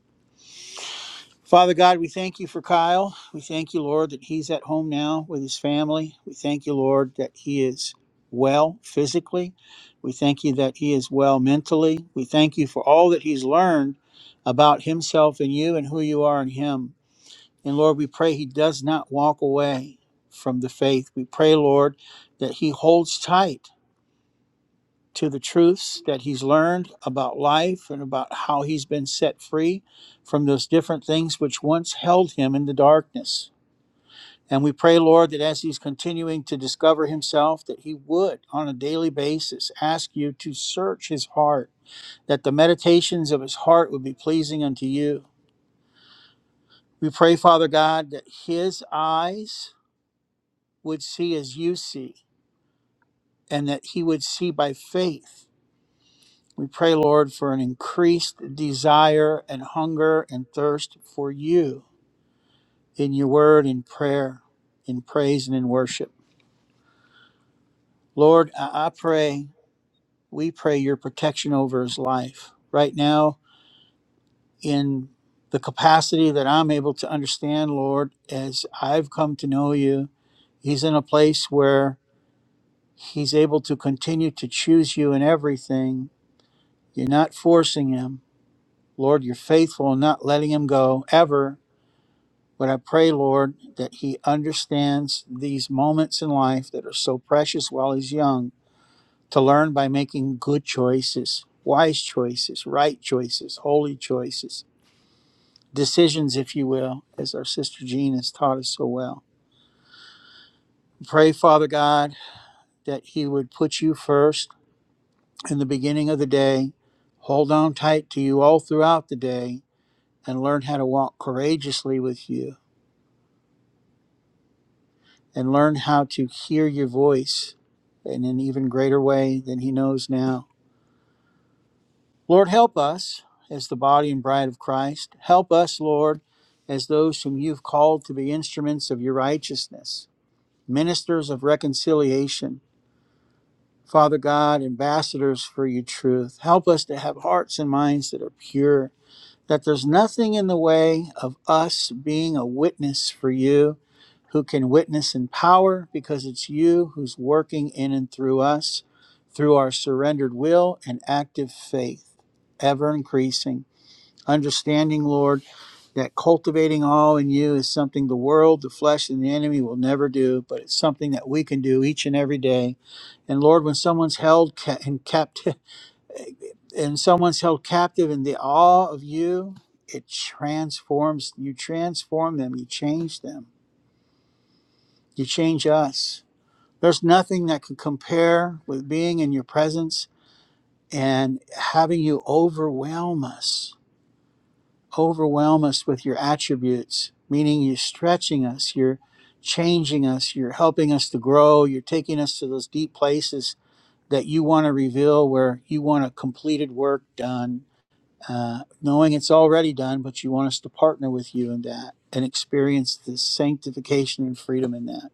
Father God, we thank you for Kyle. We thank you, Lord, that he's at home now with his family. We thank you, Lord, that he is well physically. We thank you that he is well mentally. We thank you for all that he's learned about himself and you and who you are in him. And Lord, we pray he does not walk away from the faith. We pray, Lord, that he holds tight to the truths that he's learned about life and about how he's been set free from those different things which once held him in the darkness. And we pray, Lord, that as he's continuing to discover himself, that he would, on a daily basis, ask you to search his heart, that the meditations of his heart would be pleasing unto you. We pray, Father God, that his eyes would see as you see and that he would see by faith. We pray, Lord, for an increased desire and hunger and thirst for you in your word, in prayer, in praise, and in worship. Lord, I, I pray, we pray your protection over his life right now in the capacity that I'm able to understand, Lord, as I've come to know you. He's in a place where he's able to continue to choose you in everything You're not forcing him. Lord, you're faithful in not letting him go ever. But I pray, Lord, that he understands these moments in life that are so precious while he's young to learn by making good choices, wise choices, right choices, holy choices, decisions, if you will, as our sister Jean has taught us so well. Pray, Father God, that he would put you first in the beginning of the day, hold on tight to you all throughout the day, and learn how to walk courageously with you and learn how to hear your voice in an even greater way than he knows now. Lord, help us as the body and bride of Christ. Help us, Lord, as those whom you've called to be instruments of your righteousness, ministers of reconciliation. Father God, ambassadors for your truth. Help us to have hearts and minds that are pure that there's nothing in the way of us being a witness for you who can witness in power because it's you who's working in and through us through our surrendered will and active faith, ever increasing. Understanding, Lord, that cultivating all in you is something the world, the flesh, and the enemy will never do, but it's something that we can do each and every day. And Lord, when someone's held ca- in captivity, and someone's held captive in the awe of you, it transforms, you transform them, you change them, you change us. There's nothing that can compare with being in your presence and having you overwhelm us, overwhelm us with your attributes, meaning you're stretching us, you're changing us, you're helping us to grow, you're taking us to those deep places that you want to reveal where you want a completed work done uh, knowing it's already done, but you want us to partner with you in that and experience the sanctification and freedom in that.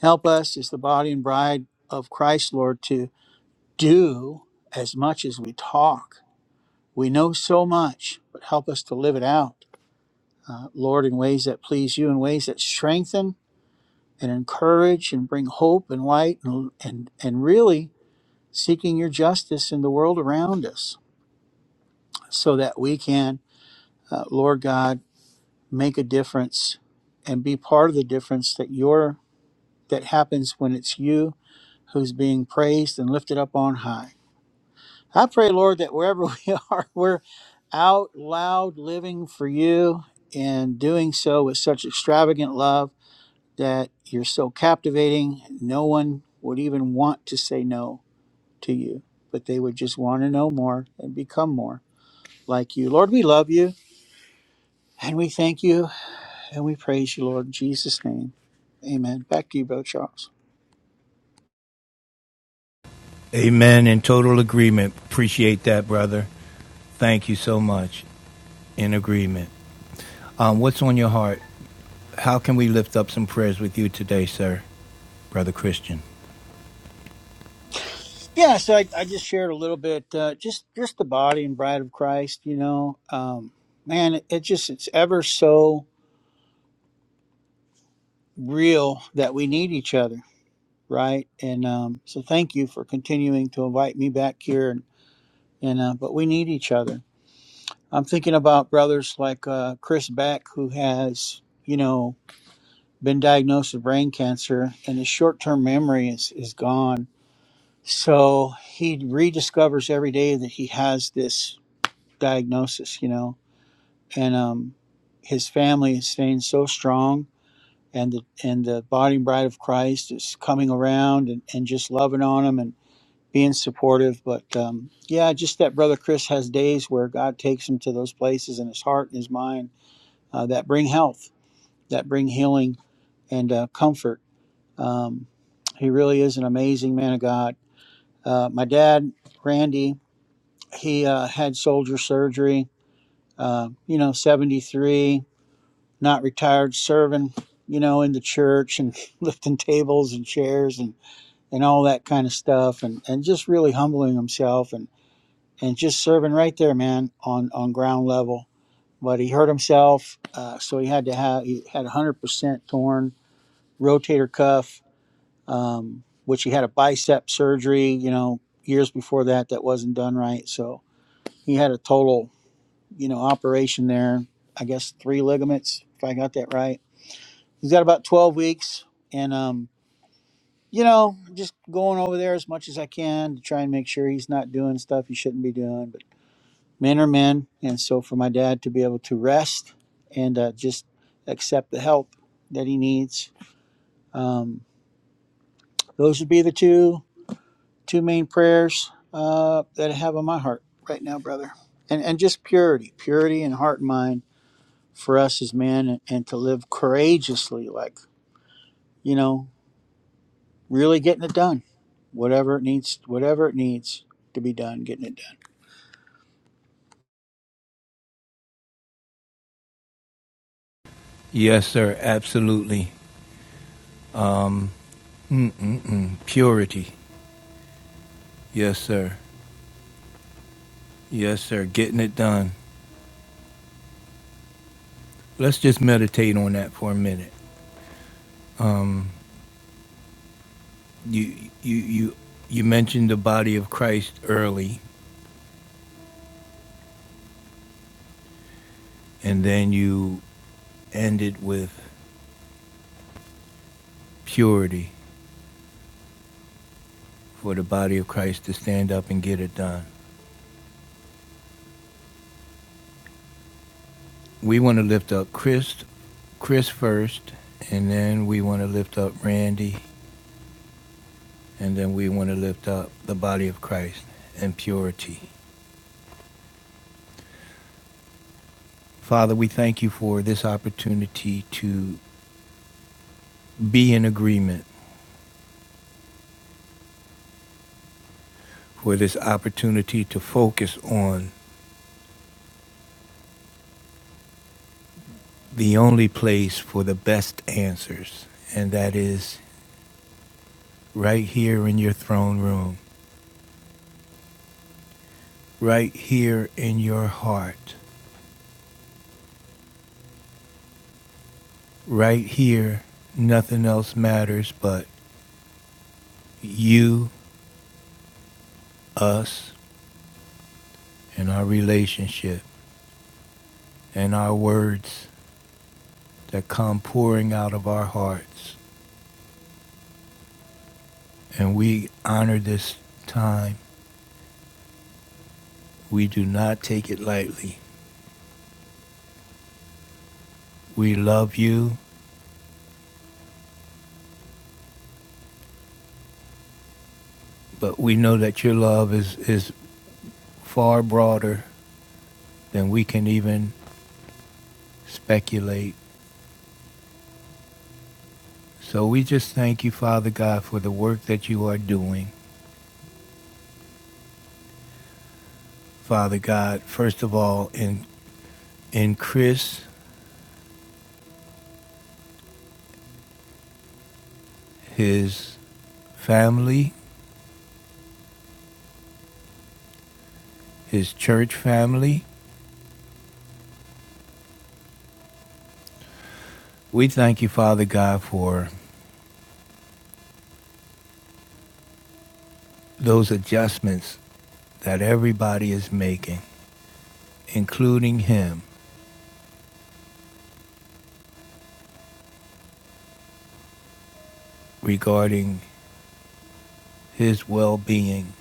Help us as the body and bride of Christ, Lord, to do as much as we talk. We know so much, but help us to live it out, uh, Lord, in ways that please you, in ways that strengthen and encourage and bring hope and light and, and, and really seeking your justice in the world around us so that we can, uh, Lord God, make a difference and be part of the difference that your that happens when it's you who's being praised and lifted up on high. I pray, Lord, that wherever we are, we're out loud living for you and doing so with such extravagant love that you're so captivating, no one would even want to say no to you, but they would just want to know more and become more like you. Lord, we love you and we thank you And we praise you, Lord, in Jesus' name. Amen. Back to you, Brother Charles. Amen. In total agreement. Appreciate that, brother. Thank you so much. In agreement. Um, what's on your heart? How can we lift up some prayers with you today, sir, Brother Christian? Yeah, so I, I just shared a little bit, uh, just just the body and bride of Christ. You know, um, man, it, it just it's ever so real that we need each other, right? And um, so, thank you for continuing to invite me back here. And, and uh, but we need each other. I'm thinking about brothers like uh, Chris Beck, who has you know been diagnosed with brain cancer, and his short-term memory is is gone So he rediscovers every day that he has this diagnosis, you know, and um, his family is staying so strong, and the and the body and bride of Christ is coming around and, and just loving on him and being supportive. But um, yeah, just that brother Chris has days where God takes him to those places in his heart and his mind uh, that bring health, that bring healing and uh, comfort. Um, he really is an amazing man of God. Uh, my dad, Randy, He uh, had soldier surgery, uh, you know, 73, not retired, serving, you know, in the church and lifting tables and chairs and, and all that kind of stuff and, and just really humbling himself and, and just serving right there, man, on, on ground level. But he hurt himself, uh, so he had to have, he had 100% torn rotator cuff, um, which he had a bicep surgery, you know, years before that that wasn't done right. So he had a total you know, operation there. I guess three ligaments, if I got that right. He's got about 12 weeks. And, um, you know, just going over there as much as I can to try and make sure he's not doing stuff he shouldn't be doing. But men are men. And so for my dad to be able to rest and uh, just accept the help that he needs, um, those would be the two two main prayers uh, that I have on my heart right now, brother. And, and just purity, purity in heart and mind for us as men and, and to live courageously, like, you know, really getting it done. Whatever it needs, whatever it needs to be done, getting it done. Yes, sir, absolutely. Um, mm-mm-mm. Purity. Yes, sir. Yes, sir. Getting it done. Let's just meditate on that for a minute. You, you, you, you mentioned the body of Christ early, and then you ended with purity for the body of Christ to stand up and get it done. We want to lift up Chris, Chris first, and then we want to lift up Randy, And then we want to lift up the body of Christ in purity. Father, we thank you for this opportunity to be in agreement, for this opportunity to focus on the only place for the best answers, and that is right here in your throne room, right here in your heart, right here. Nothing else matters but you, us, and our relationship, and our words, that come pouring out of our hearts. And we honor this time. We do not take it lightly. We love you, but we know that your love is, is far broader than we can even speculate. So we just thank you, Father God, for the work that you are doing. Father God, first of all, in, in Chris, his family, his church family, we thank you, Father God, for those adjustments that everybody is making, including him, regarding his well being.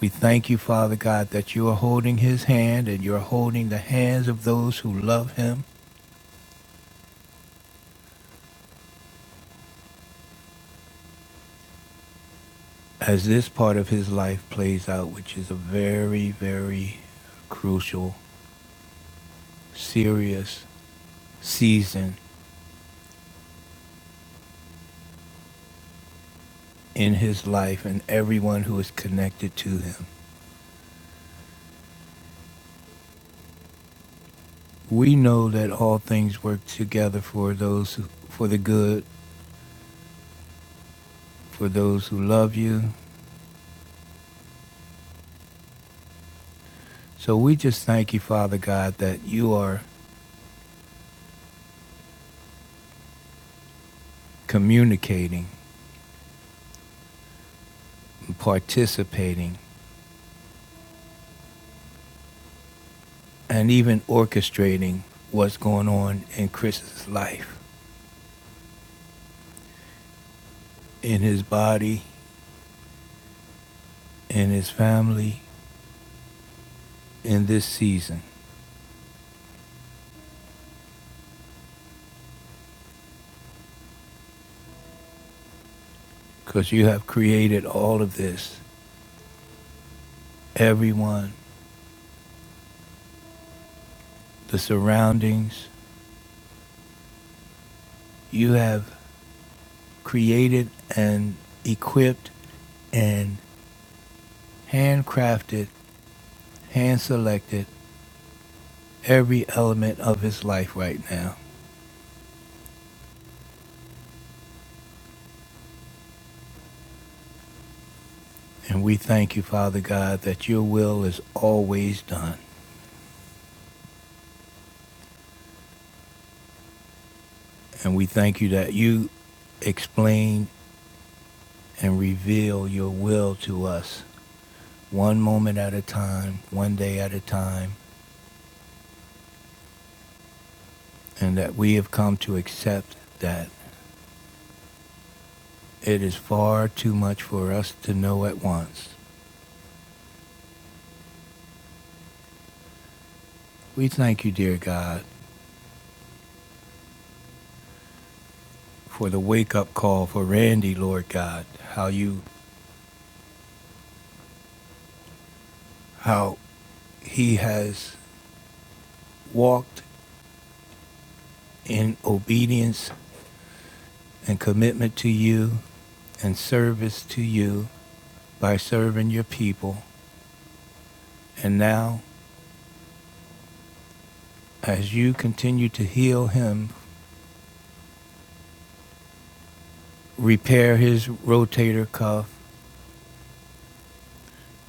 We thank you, Father God, that you are holding his hand and you're holding the hands of those who love him as this part of his life plays out, which is a very, very crucial, serious season in his life and everyone who is connected to him. We know that all things work together for those who, for the good, for those who love you, So we just thank you, Father God, that you are communicating, participating, and even orchestrating what's going on in Chris's life, in his body, in his family, in this season. Because you have created all of this, everyone, the surroundings. You have created and equipped and handcrafted, hand selected every element of his life right now. And we thank you, Father God, that your will is always done. And we thank you that you explain and reveal your will to us one moment at a time, one day at a time, and that we have come to accept that it is far too much for us to know at once. We thank you, dear God, for the wake up call for Randy, Lord God, how you how he has walked in obedience and commitment to you and service to you by serving your people. And now, as you continue to heal him, repair his rotator cuff,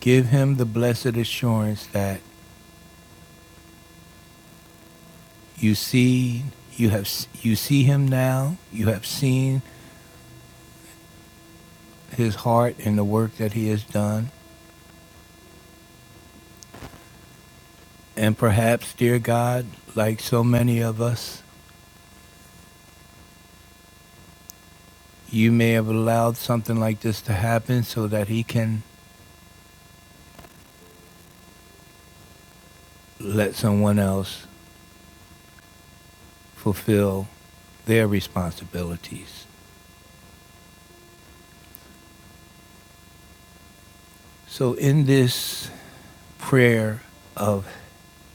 give him the blessed assurance that you see you have you see him now, you have seen his heart and the work that he has done. And perhaps, dear God, like so many of us, you may have allowed something like this to happen so that he can let someone else fulfill their responsibilities. So, in this prayer of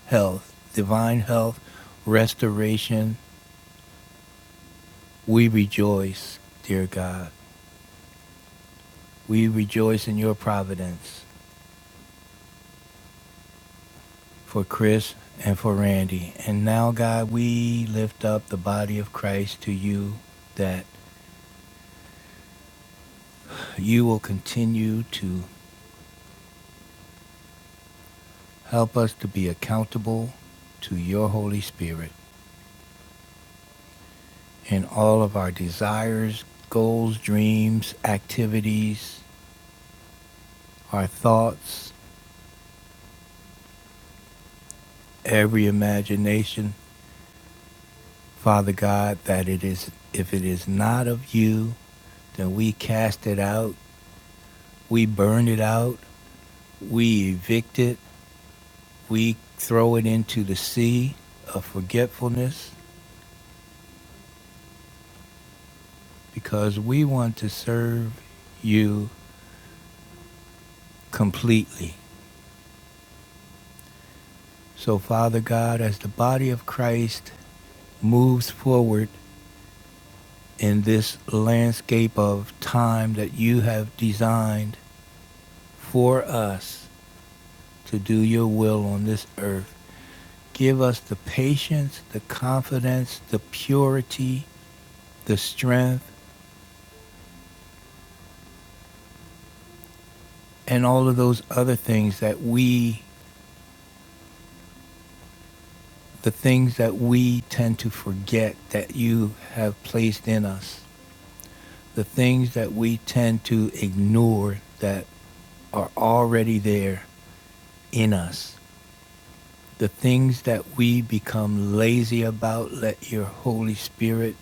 health, divine health, restoration, we rejoice, dear God. We rejoice in your providence for Chris and for Randy. And now, God, we lift up the body of Christ to you that you will continue to help us to be accountable to your Holy Spirit. in all of our desires, goals, dreams, activities, our thoughts, every imagination. Father God, that it is, if it is not of you, then we cast it out, we burn it out, we evict it, we throw it into the sea of forgetfulness because we want to serve you completely. So, Father God, as the body of Christ moves forward, in this landscape of time that you have designed for us to do your will on this earth. Give us the patience, the confidence, the purity, the strength, and all of those other things that we, the things that we tend to forget that you have placed in us, the things that we tend to ignore that are already there in us. The things that we become lazy about, let your Holy Spirit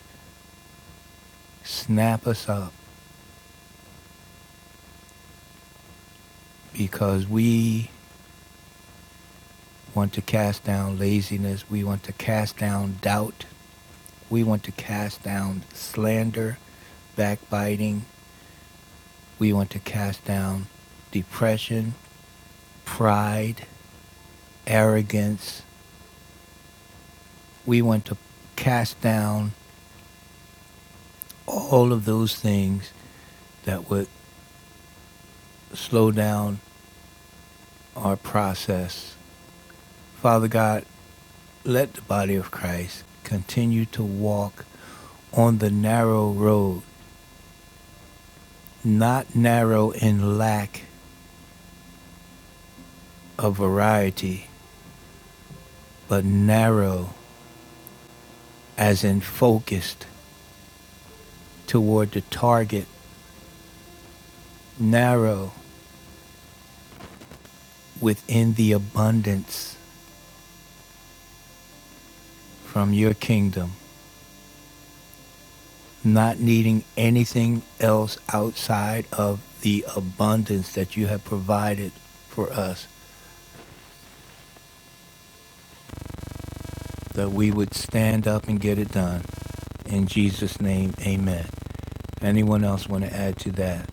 snap us up because we want to cast down laziness. We want to cast down doubt. We want to cast down slander, backbiting. We want to cast down depression, pride, arrogance. We want to cast down all of those things that would slow down our process. Father God, let the body of Christ continue to walk on the narrow road, not narrow in lack of variety, but narrow as in focused toward the target, narrow within the abundance from your kingdom, not needing anything else outside of the abundance that you have provided for us, that we would stand up and get it done. In Jesus' name, amen. Anyone else want to add to that?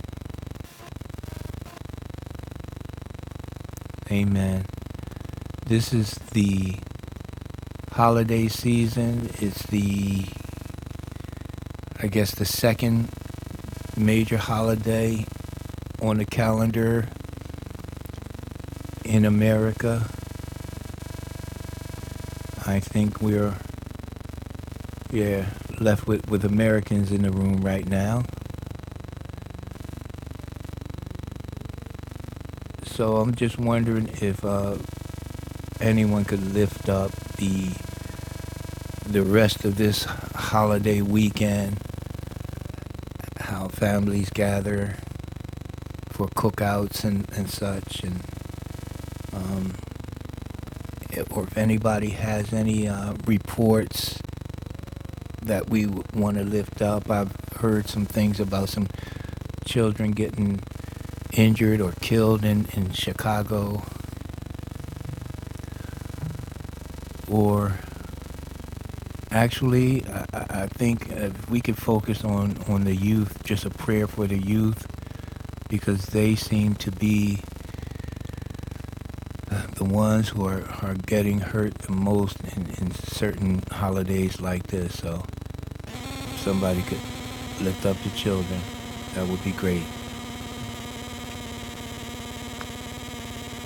Amen. This is the holiday season. It's the, I guess, the second major holiday on the calendar in America. I think we're, yeah, left with, with Americans in the room right now. So I'm just wondering if uh, anyone could lift up the the rest of this holiday weekend, how families gather for cookouts and, and such, and if- or if anybody has any uh, reports that we want to lift up. I've heard some things about some children getting injured or killed in, in Chicago, or actually, I, I think uh, if we could focus on, on the youth, just a prayer for the youth, because they seem to be uh, the ones who are, are getting hurt the most in, in certain holidays like this. So If somebody could lift up the children, that would be great.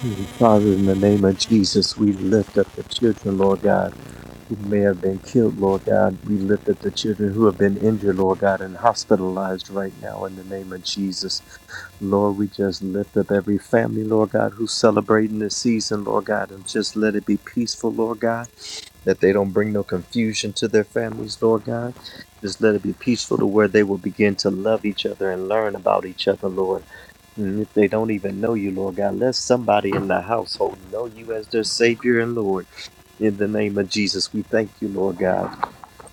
Hmm, Father, in the name of Jesus, we lift up the children, Lord God. who may have been killed, Lord God. We lift up the children who have been injured, Lord God, and hospitalized right now in the name of Jesus. Lord, we just lift up every family, Lord God, who's celebrating this season, Lord God, and just let it be peaceful, Lord God that they don't bring no confusion to their families, Lord God. Just let it be peaceful to where they will begin to love each other and learn about each other, Lord. And if they don't even know you, Lord God, let somebody in the household know you as their Savior and Lord. In the name of Jesus, we thank you, Lord God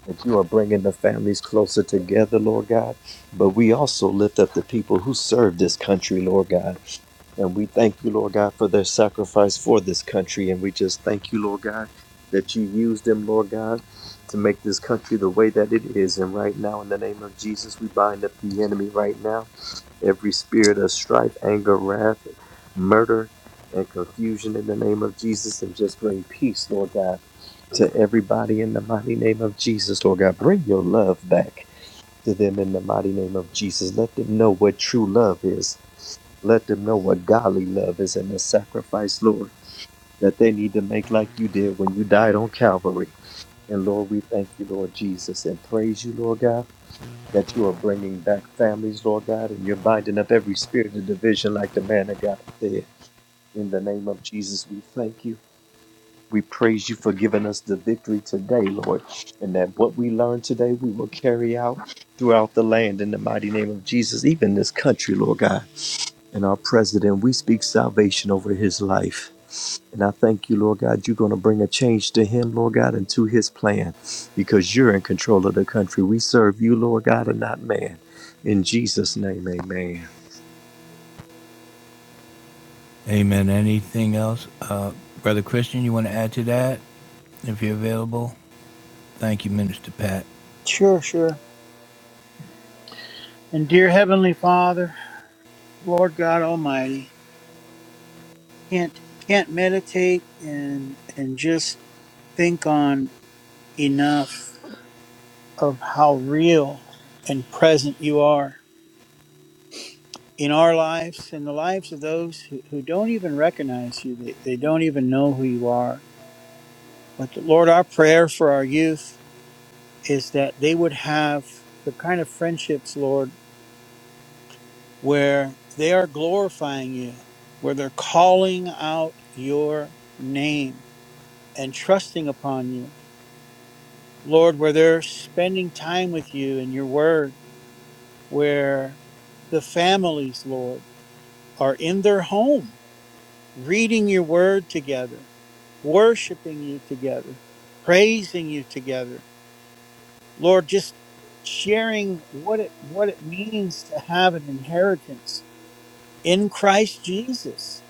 that you are bringing the families closer together, Lord God. But we also lift up the people who serve this country, Lord God. And we thank you, Lord God, for their sacrifice for this country. And we just thank you, Lord God, that you use them, Lord God, to make this country the way that it is. And right now, in the name of Jesus, we bind up the enemy right now every spirit of strife, anger, wrath, murder, and confusion in the name of Jesus, and just bring peace, Lord God, to everybody in the mighty name of Jesus, Lord God. Bring your love back to them in the mighty name of Jesus. Let them know what true love is. Let them know what godly love is and the sacrifice, Lord, that they need to make like you did when you died on Calvary. And Lord, we thank you, Lord Jesus, and praise you, Lord God that you are bringing back families, Lord God, and you're binding up every spirit of division, like the man of God said. In the name of Jesus, we thank you. We praise you for giving us the victory today, Lord, and that what we learn today we will carry out throughout the land in the mighty name of Jesus, even this country, Lord God and our president. We speak salvation over his life. And I thank you, Lord God, you're going to bring a change to him, Lord God, and to his plan because you're in control of the country. We serve you, Lord God, and not man. In Jesus' name, amen. Amen. Anything else? Uh, Brother Christian, you want to add to that if you're available? Thank you, Minister Pat. Sure, sure. And dear Heavenly Father, Lord God Almighty, can't can't meditate and and just think on enough of how real and present you are in our lives in the lives of those who, who don't even recognize you. They, they don't even know who you are But Lord, our prayer for our youth is that they would have the kind of friendships, Lord, where they are glorifying you, where they're calling out your name and trusting upon you. Lord, where they're spending time with you and your word, where the families, Lord, are in their home, reading your word together, worshiping you together, praising you together Lord, just sharing what it what it means to have an inheritance in Christ Jesus.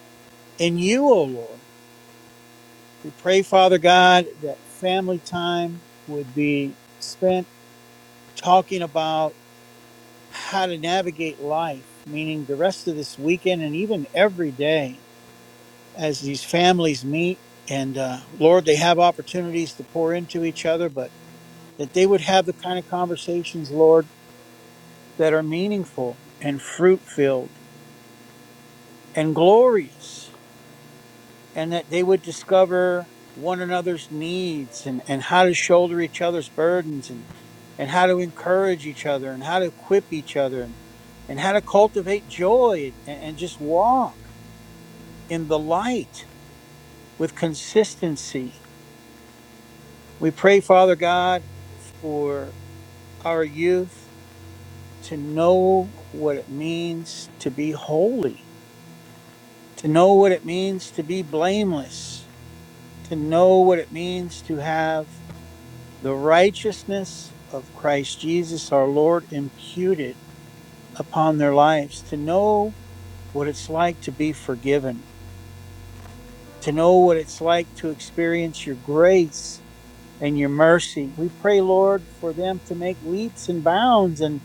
In you, O Lord. We pray, Father God, that family time would be spent talking about how to navigate life, meaning the rest of this weekend and even every day as these families meet. And uh, Lord, they have opportunities to pour into each other, but that they would have the kind of conversations, Lord, that are meaningful and fruit filled and glorious, and that they would discover one another's needs and, and how to shoulder each other's burdens and, and how to encourage each other and how to equip each other and, and how to cultivate joy and, and just walk in the light with consistency. We pray, Father God, for our youth to know what it means to be holy to know what it means to be blameless, to know what it means to have the righteousness of Christ Jesus our Lord imputed upon their lives, to know what it's like to be forgiven, to know what it's like to experience your grace and your mercy. We pray, Lord, for them to make leaps and bounds and.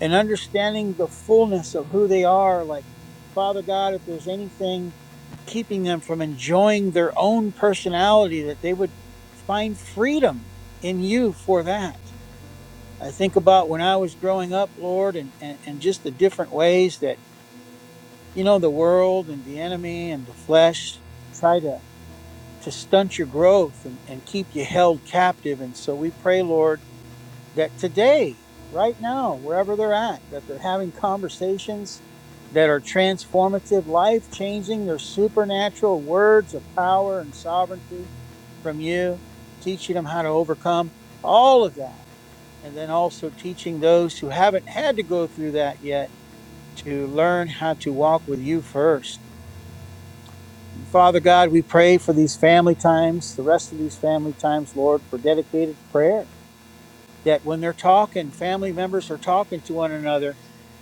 and understanding the fullness of who they are. Like, Father God, if there's anything keeping them from enjoying their own personality, that they would find freedom in you for that. I think about when I was growing up, Lord, and, and, and just the different ways that, you know, the world and the enemy and the flesh try to, to stunt your growth and, and keep you held captive. And so we pray, Lord that today, right now, wherever they're at, that they're having conversations that are transformative, life changing. They're supernatural words of power and sovereignty from you, teaching them how to overcome all of that. And then also teaching those who haven't had to go through that yet to learn how to walk with you first. And Father God, we pray for these family times, the rest of these family times, Lord, for dedicated prayer that when they're talking, family members are talking to one another,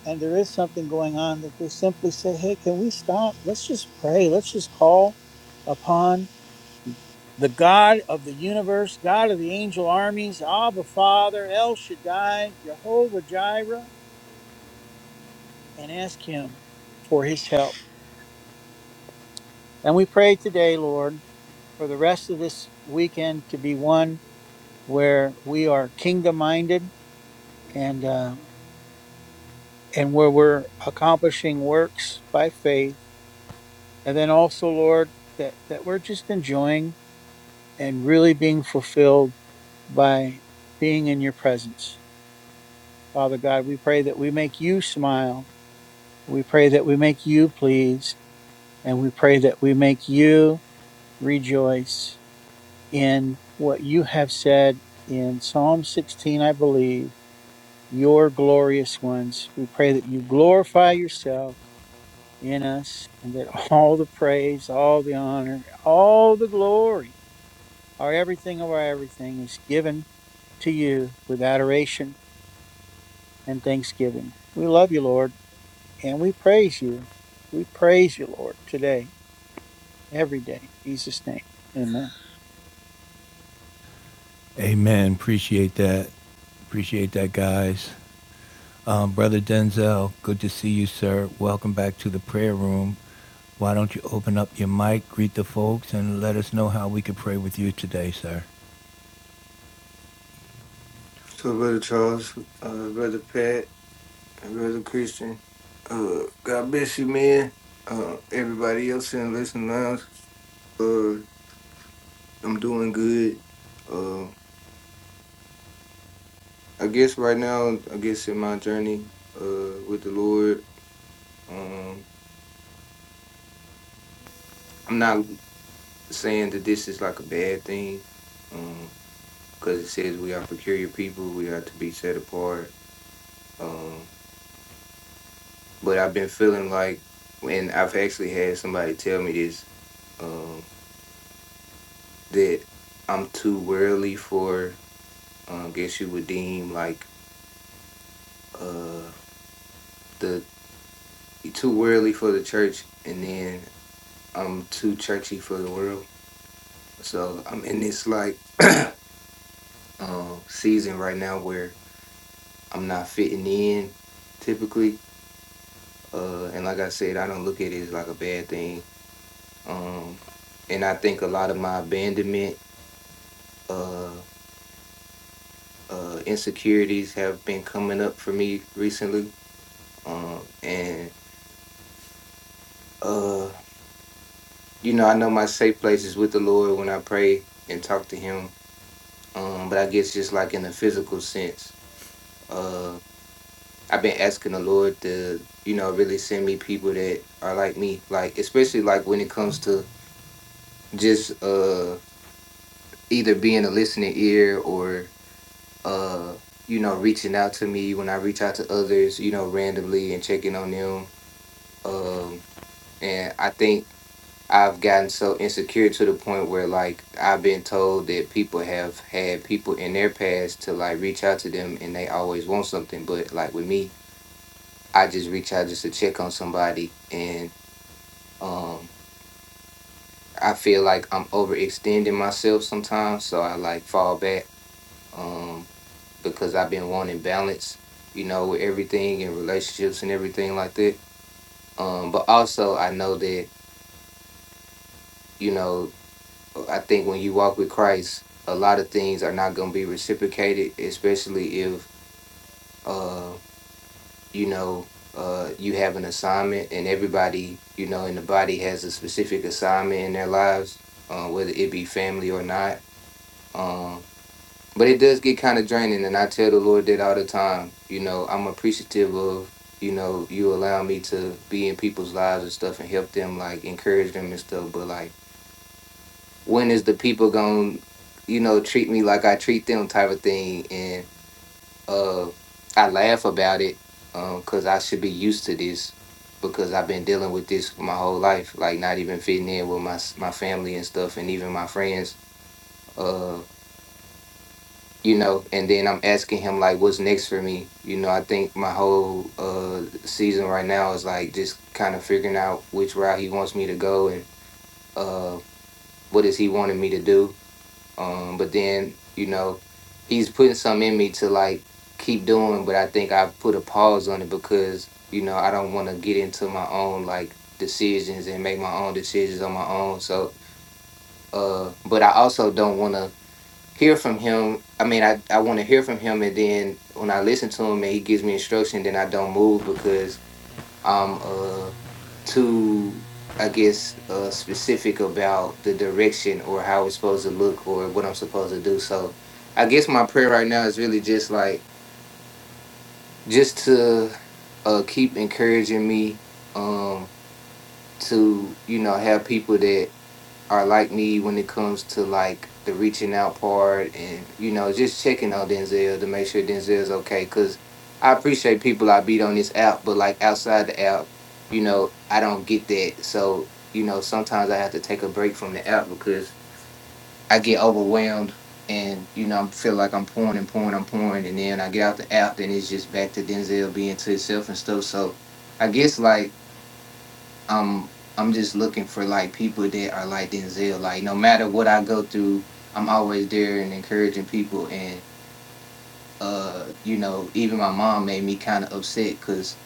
and there is something going on, that they simply say, Hey, can we stop? Let's just pray. Let's just call upon the God of the universe, God of the angel armies, Abba Father, El Shaddai, Jehovah Jireh, and ask Him for His help. And we pray today, Lord, for the rest of this weekend to be one where we are kingdom minded and. Uh, and where we're accomplishing works by faith. And then also, Lord, that, that we're just enjoying and really being fulfilled by being in your presence. Father God, we pray that we make you smile. We pray that we make you pleased. And we pray that we make you rejoice in what you have said in Psalm 16, I believe, your glorious ones. We pray that you glorify yourself in us, and that all the praise, all the honor, all the glory, our everything of our everything is given to you with adoration and thanksgiving. We love you, Lord, and we praise you. We praise you, Lord, today, every day. In Jesus' name. Amen. Amen. Appreciate that. Appreciate that, guys. Um, Brother Denzel, good to see you, sir. Welcome back to the prayer room. Why don't you open up your mic, greet the folks, and let us know how we could pray with you today, sir? So, Brother Charles, uh, Brother Pat, and Brother Christian, uh, God bless you, man. Uh, everybody else in the listening lounge, uh, I'm doing good. Uh, I guess right now, I guess in my journey uh, with the Lord, um, I'm not saying that this is like a bad thing because it says we are peculiar people, we are to be set apart. Um, but I've been feeling like, and I've actually had somebody tell me this. um, that I'm too worldly for. Um, guess you would deem like uh the too worldly for the church, and then I'm too churchy for the world. So I'm in this like um season right now where I'm not fitting in typically. Uh, and like I said, I don't look at it as like a bad thing. Um, and I think a lot of my abandonment, uh, uh, insecurities have been coming up for me recently. Um, and uh you know i know my safe place is with the lord when i pray and talk to him um but i guess just like in a physical sense uh i've been asking the lord to you know really send me people that are like me like especially like when it comes to just uh either being a listening ear or uh you know reaching out to me when i reach out to others you know randomly and checking on them um and i think I've gotten so insecure to the point where like I've been told that people have had people in their past to like reach out to them and they always want something. But like with me, I just reach out just to check on somebody and um I feel like I'm overextending myself sometimes. So I like fall back um because I've been wanting balance, you know, with everything and relationships and everything like that. Um but also I know that, you know, I think when you walk with Christ, a lot of things are not going to be reciprocated, especially if uh you know uh you have an assignment and everybody you know in the body has a specific assignment in their lives, uh, whether it be family or not. Um, but it does get kind of draining, and I tell the Lord that all the time. You know, I'm appreciative of you know you allowing me to be in people's lives and stuff and help them like encourage them and stuff, but like when is the people going to you know treat me like i treat them type of thing and uh i laugh about it um because i should be used to this because i've been dealing with this for my whole life like not even fitting in with my s- my family and stuff and even my friends uh you know and then i'm asking him like what's next for me you know i think my whole uh season right now is like just kind of figuring out which route he wants me to go and uh what is he wanting me to do Um, but then, you know, he's putting something in me to like keep doing, but I think I put a pause on it because, you know, I don't want to get into my own like decisions and make my own decisions on my own. So, uh, but I also don't want to hear from him. I mean, I, I want to hear from him. And then when I listen to him and he gives me instruction, then I don't move because I'm uh too I guess uh specific about the direction or how it's supposed to look or what I'm supposed to do. So I guess my prayer right now is really just like just to uh keep encouraging me um to you know have people that are like me when it comes to like the reaching out part and you know just checking on Denzel to make sure Denzel's okay. Cause I appreciate people I beat on this app, but like outside the app, you know I don't get that. So you know sometimes I have to take a break from the app because I get overwhelmed and you know I feel like I'm pouring and pouring and pouring, and then I get out the app, then it's just back to Denzel being to himself and stuff. So I guess like I'm I'm just looking for like people that are like Denzel. Like no matter what I go through, I'm always there and encouraging people. And uh, you know, even my mom made me kind of upset because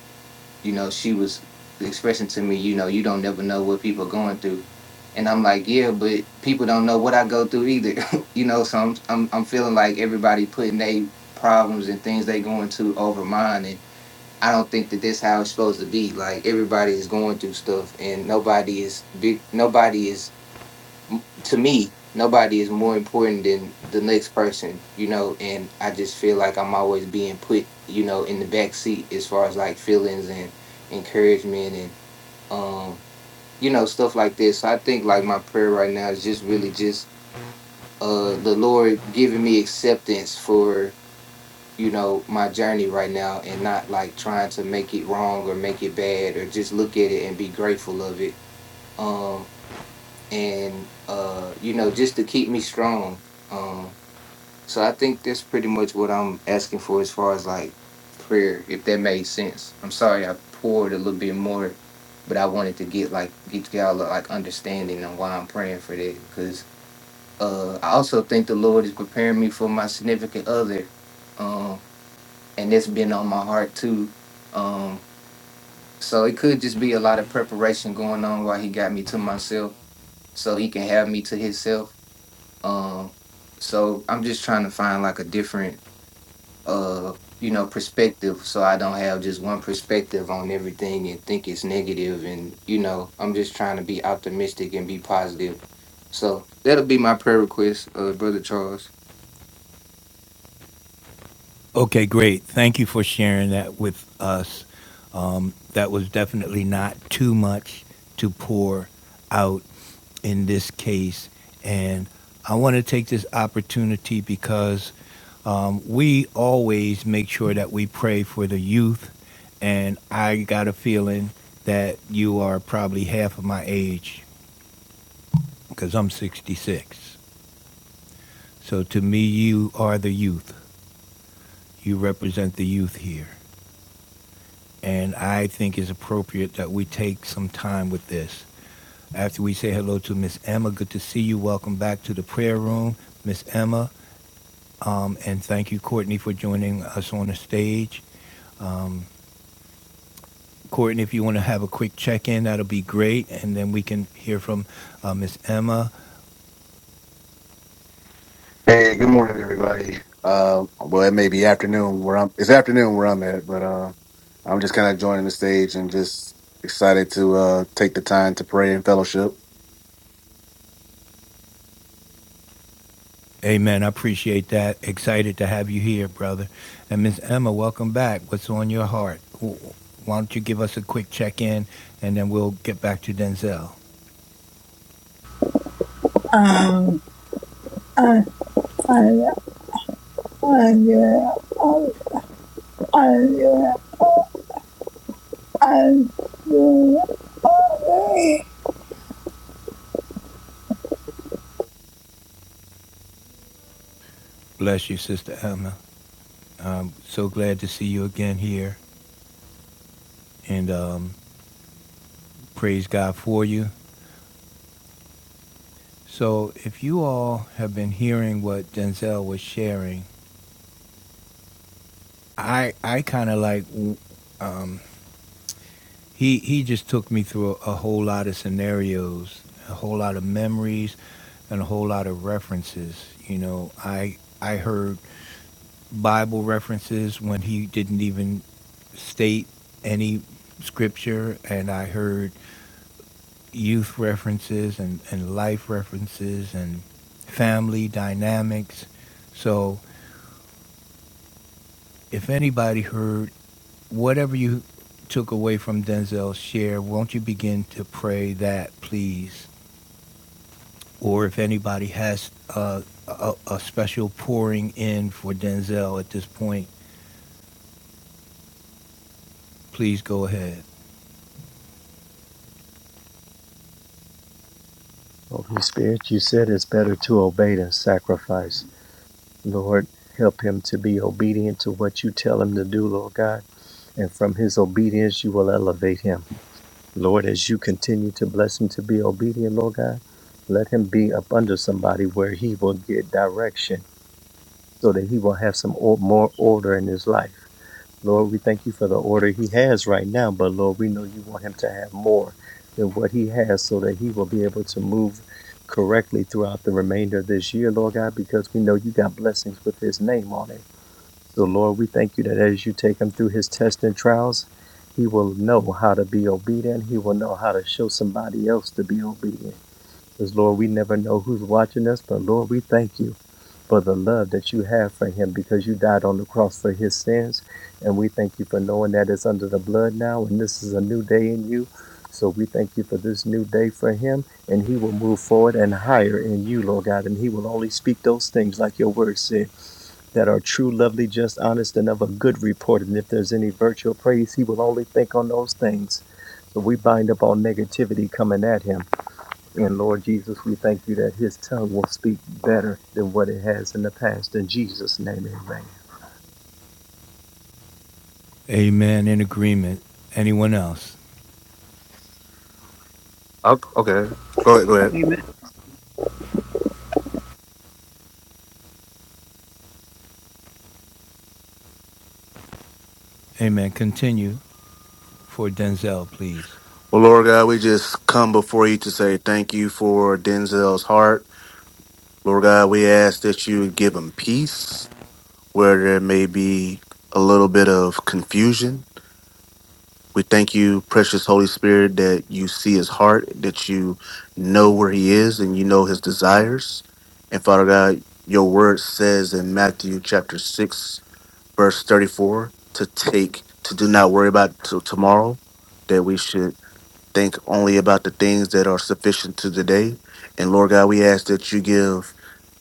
you know she was expressing to me, you know, you don't never know what people are going through. And I'm like, yeah, but people don't know what I go through either, you know. So I'm I'm I'm feeling like everybody putting their problems and things they going to over mine, and I don't think that this how it's supposed to be. Like everybody is going through stuff, and nobody is big. Nobody is m- to me. Nobody is more important than the next person, you know. And I just feel like I'm always being put, you know, in the back seat as far as like feelings and encouragement and um, you know, stuff like this. So I think like my prayer right now is just really just uh the Lord giving me acceptance for you know my journey right now and not like trying to make it wrong or make it bad or just look at it and be grateful of it um and uh you know just to keep me strong um so i think that's pretty much what i'm asking for as far as like prayer if that made sense i'm sorry i poured a little bit more but i wanted to get like get y'all a, like understanding on why i'm praying for that because uh i also think the lord is preparing me for my significant other um, and it's been on my heart too. Um, so it could just be a lot of preparation going on while he got me to myself, so he can have me to himself. Um, so I'm just trying to find like a different, uh, you know, perspective, so I don't have just one perspective on everything and think it's negative negative. And you know, I'm just trying to be optimistic and be positive. So that'll be my prayer request, uh, brother Charles. Okay, great. Thank you for sharing that with us. Um, that was definitely not too much to pour out in this case. And I want to take this opportunity because um, we always make sure that we pray for the youth. And I got a feeling that you are probably half of my age because I'm 66. So to me, you are the youth. You represent the youth here. And I think it's appropriate that we take some time with this. After we say hello to Miss Emma, good to see you. Welcome back to the prayer room, Miss Emma. Um, and thank you, Courtney, for joining us on the stage. Um, Courtney, if you want to have a quick check in, that'll be great. And then we can hear from uh, Miss Emma. Hey, good morning, everybody. Uh, well, it may be afternoon where I'm. It's afternoon where I'm at, but uh, I'm just kind of joining the stage and just excited to uh, take the time to pray and fellowship. Amen. I appreciate that. Excited to have you here, brother. And Miss Emma, welcome back. What's on your heart? Wh- Why don't you give us a quick check in and then we'll get back to Denzel? um, I, I, I do it. I, I do it. I do I Bless you, Sister Emma. I'm so glad to see you again here and um, praise God for you. So, if you all have been hearing what Denzel was sharing, I, I kind of like, um, he, he just took me through a, a whole lot of scenarios, a whole lot of memories, and a whole lot of references. You know, I, I heard Bible references when he didn't even state any scripture, and I heard youth references and, and life references and family dynamics. So if anybody heard whatever you took away from Denzel's share, won't you begin to pray that, please? Or if anybody has uh, a, a special pouring in for Denzel at this point, please go ahead. Holy Spirit, you said it's better to obey than sacrifice. Lord, help him to be obedient to what you tell him to do, Lord God. And from his obedience, you will elevate him. Lord, as you continue to bless him to be obedient, Lord God, let him be up under somebody where he will get direction so that he will have some or- more order in his life. Lord, we thank you for the order he has right now, but Lord, we know you want him to have more than what he has so that he will be able to move correctly throughout the remainder of this year, Lord God, because we know you got blessings with his name on it. So, Lord, we thank you that as you take him through his tests and trials, he will know how to be obedient. He will know how to show somebody else to be obedient. Because, Lord, we never know who's watching us, but, Lord, we thank you for the love that you have for him because you died on the cross for his sins. And we thank you for knowing that it's under the blood now and this is a new day in you. So we thank you for this new day for him and he will move forward and higher in you, Lord God. And he will only speak those things like your word said that are true, lovely, just, honest, and of a good report. And if there's any virtue or praise, he will only think on those things. So we bind up all negativity coming at him. And Lord Jesus, we thank you that his tongue will speak better than what it has in the past. In Jesus' name, amen. Amen. In agreement. Anyone else? Oh, Okay. Go ahead. Go ahead. Amen. Amen. Continue for Denzel, please. Well, Lord God, we just come before you to say thank you for Denzel's heart. Lord God, we ask that you give him peace where there may be a little bit of confusion. We thank you, precious Holy Spirit, that you see his heart, that you know where he is and you know his desires. And Father God, your word says in Matthew chapter 6, verse 34, to take, to do not worry about t- tomorrow, that we should think only about the things that are sufficient to today. And Lord God, we ask that you give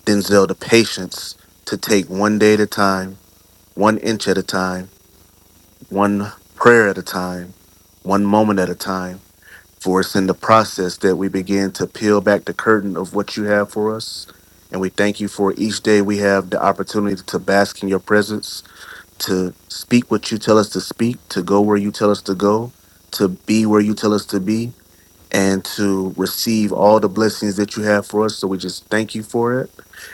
Denzel the patience to take one day at a time, one inch at a time, one prayer at a time, one moment at a time for it's in the process that we begin to peel back the curtain of what you have for us. And we thank you for each day we have the opportunity to bask in your presence, to speak what you tell us to speak, to go where you tell us to go, to be where you tell us to be and to receive all the blessings that you have for us. So we just thank you for it.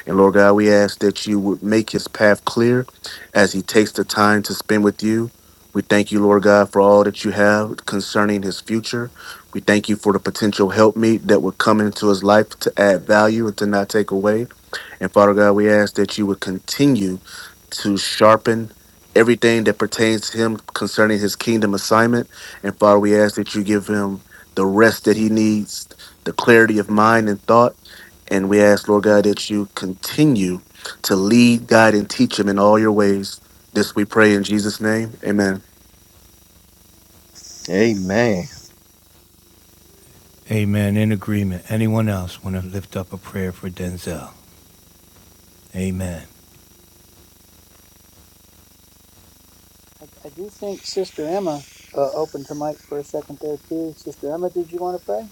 And Lord God, we ask that you would make his path clear as he takes the time to spend with you. We thank you, Lord God, for all that you have concerning his future. We thank you for the potential helpmeet that would come into his life to add value and to not take away. And Father God, we ask that you would continue to sharpen everything that pertains to him concerning his kingdom assignment. And Father, we ask that you give him the rest that he needs, the clarity of mind and thought. And we ask, Lord God, that you continue to lead, guide, and teach him in all your ways. This we pray in Jesus' name. Amen. Amen. In agreement. Anyone else want to lift up a prayer for Denzel? Amen. I, I do think Sister Emma uh, opened the mic for a second there, too. Sister Emma, did you want to pray?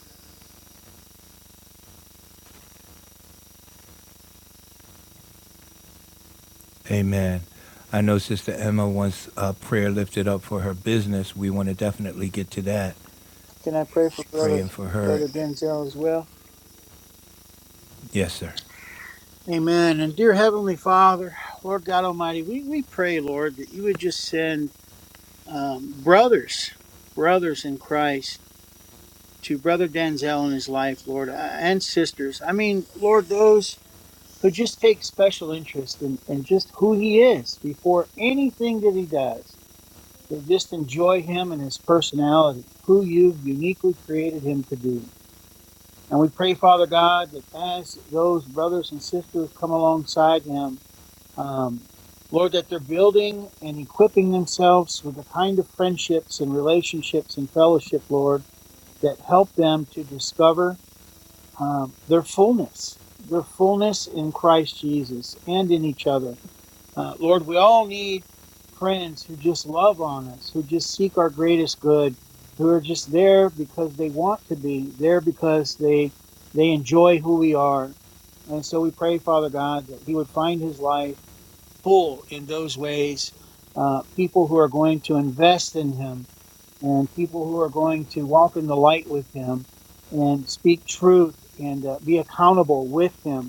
Amen. I know Sister Emma wants a prayer lifted up for her business. We want to definitely get to that. Can I pray for Brother, Praying for her. Brother Denzel as well? Yes, sir. Amen. And dear Heavenly Father, Lord God Almighty, we, we pray, Lord, that you would just send um, brothers, brothers in Christ to Brother Denzel and his life, Lord, uh, and sisters. I mean, Lord, those who just take special interest in, in just who he is before anything that he does. They just enjoy him and his personality, who you've uniquely created him to be. And we pray, Father God, that as those brothers and sisters come alongside him, Um, Lord, that they're building and equipping themselves with the kind of friendships and relationships and fellowship, Lord, that help them to discover um, their fullness, their fullness in Christ Jesus and in each other. Uh, Lord, we all need friends who just love on us, who just seek our greatest good, who are just there because they want to be, there because they they enjoy who we are. And so we pray, Father God, that He would find His life full in those ways. Uh, people who are going to invest in Him, and people who are going to walk in the light with Him, and speak truth and uh, be accountable with Him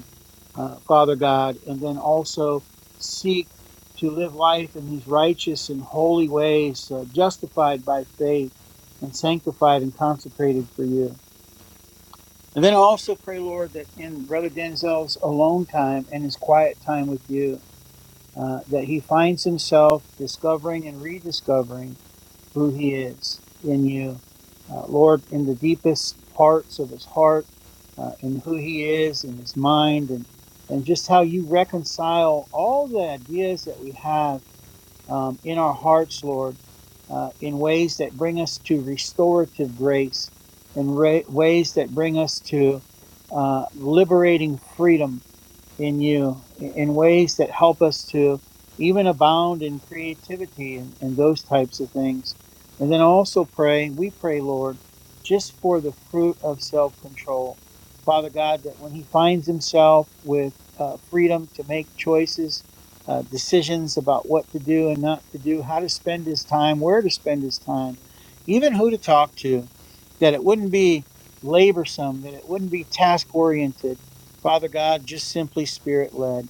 uh, Father God, and then also seek to live life in these righteous and holy ways, uh, justified by faith and sanctified and consecrated for you. And then I also pray, Lord, that in Brother Denzel's alone time and his quiet time with you, uh, that he finds himself discovering and rediscovering who He is in you. Uh, Lord, in the deepest parts of His heart, uh, in who He is, in His mind, and, and just how you reconcile all the ideas that we have um, in our hearts, Lord, uh, in ways that bring us to restorative grace, in ra- ways that bring us to uh, liberating freedom in you in ways that help us to even abound in creativity and, and those types of things. And then also pray, we pray, Lord, just for the fruit of self control. Father God, that when he finds himself with uh, freedom to make choices, uh, decisions about what to do and not to do, how to spend his time, where to spend his time, even who to talk to, that it wouldn't be laborsome, that it wouldn't be task oriented Father God, just simply spirit led,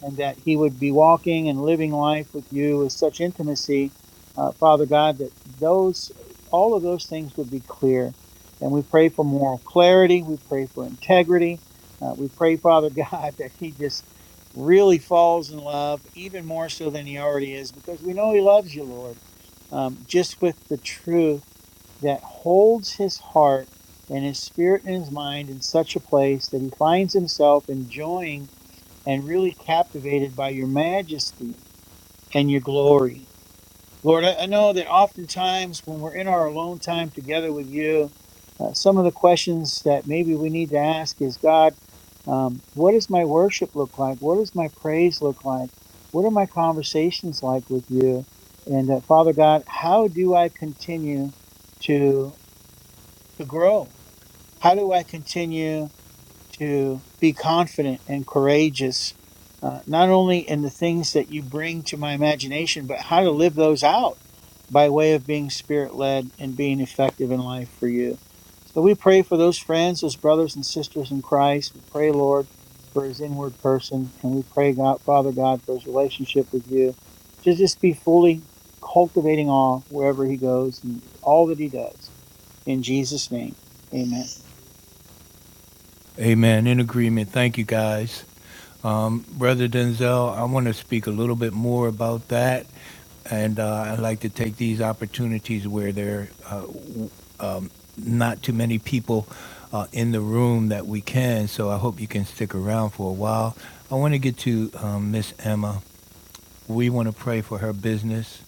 and that he would be walking and living life with you with such intimacy, uh, Father God, that those all of those things would be clear. And we pray for moral clarity. We pray for integrity. Uh, we pray, Father God, that he just really falls in love even more so than he already is, because we know he loves you, Lord, um, just with the truth that holds his heart and his spirit and his mind in such a place that he finds himself enjoying and really captivated by your majesty and your glory. Lord, I, know that oftentimes when we're in our alone time together with you, uh, some of the questions that maybe we need to ask is God, um, what does my worship look like? What does my praise look like? What are my conversations like with you? And uh, Father God, how do I continue to to grow? How do I continue? to be confident and courageous, uh, not only in the things that you bring to my imagination, but how to live those out by way of being spirit led and being effective in life for you. So we pray for those friends, those brothers and sisters in Christ. We pray, Lord, for his inward person, and we pray, God, Father God, for his relationship with you to just be fully cultivating all wherever he goes and all that he does. In Jesus' name, amen. Amen. In agreement. Thank you, guys. Brother Denzel, I want to speak a little bit more about that. And uh, I'd like to take these opportunities where they're not too many people uh, in the room that we can, so I hope you can stick around for a while. I want to get to um, Miss Emma. We want to pray for her business.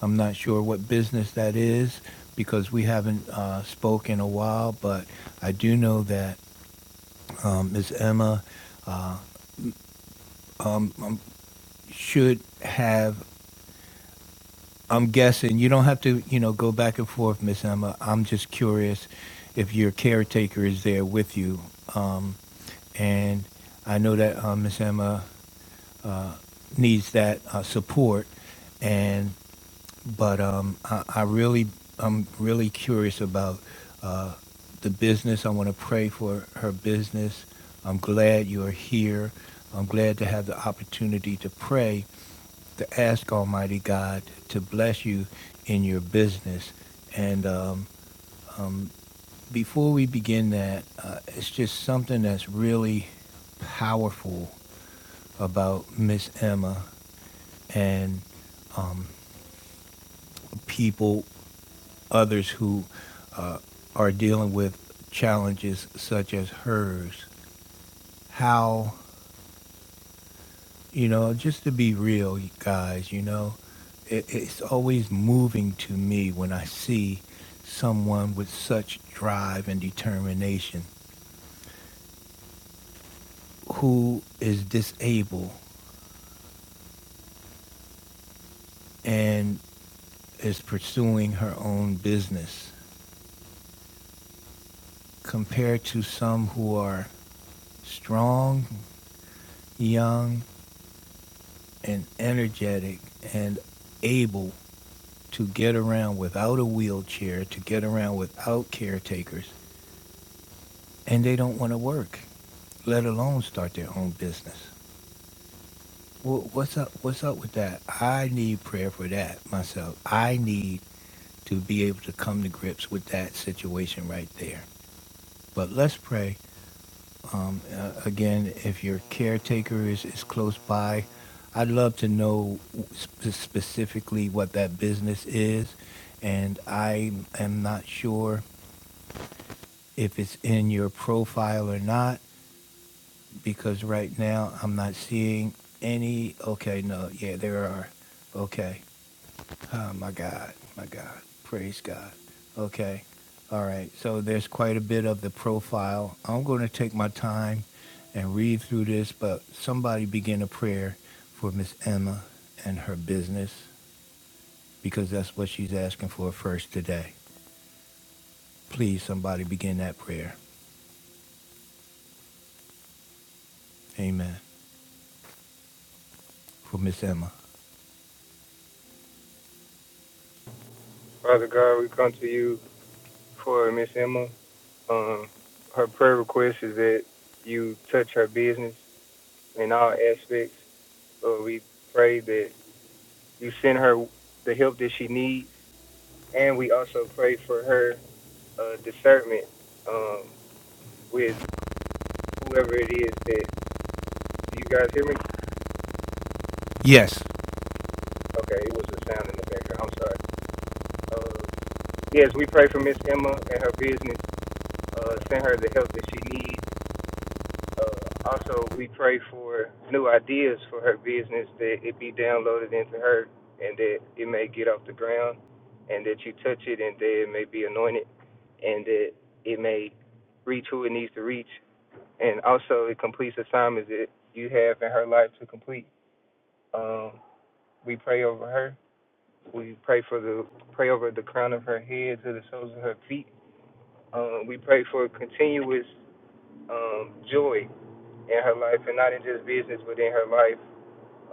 I'm not sure what business that is because we haven't uh, spoke in a while, but I do know that um, Ms. Emma should have I'm guessing you don't have to, you know, go back and forth, Miss Emma. I'm just curious if your caretaker is there with you, um, and I know that uh, Miss Emma needs that uh, support, and but um, I, I really, I'm really curious about uh, the business. I want to pray for her business. I'm glad you're here. I'm glad to have the opportunity to pray to ask Almighty God to bless you in your business. And um, before we begin that, uh, it's just something that's really powerful about Miss Emma and people, others who uh, are dealing with challenges such as hers. How You know, just to be real, you guys, you know, it, it's always moving to me when I see someone with such drive and determination who is disabled and is pursuing her own business compared to some who are strong, young, and energetic and able to get around without a wheelchair, to get around without caretakers, and they don't want to work. let alone start their own business. Wh- What's up? What's up with that? I need prayer for that myself. I need to be able to come to grips with that situation right there. But let's pray. Um, uh, again, if your caretaker is, is close by, I'd love to know sp- specifically what that business is. And I am not sure if it's in your profile or not. because right now I'm not seeing any. Okay, no, yeah, there are. Okay. Oh, my God. My God. Praise God. Okay. All right. So there's quite a bit of the profile. I'm going to take my time and read through this, but somebody begin a prayer for Miss Emma and her business because that's what she's asking for first today. Please, somebody begin that prayer. Amen. For Miss Emma. Father God, we come to you for Miss Emma. Um, her prayer request is that you touch her business in all aspects. Lord, we pray that you send her the help that she needs, and we also pray for her uh, discernment um, with whoever it is that. Do you guys hear me? Yes. Okay, it was a sound in the background. I'm sorry. Uh, yes, we pray for Miss Emma and her business. Uh, send her the help that she needs Uh, also, we pray for new ideas for her business that it be downloaded into her and that it may get off the ground and that you touch it and that it may be anointed and that it may reach who it needs to reach. And also, it completes assignments that you have in her life to complete. Um, we pray over her. We pray for the pray over the crown of her head to the soles of her feet. Um, we pray for continuous um, joy in her life, and not in just business, but in her life,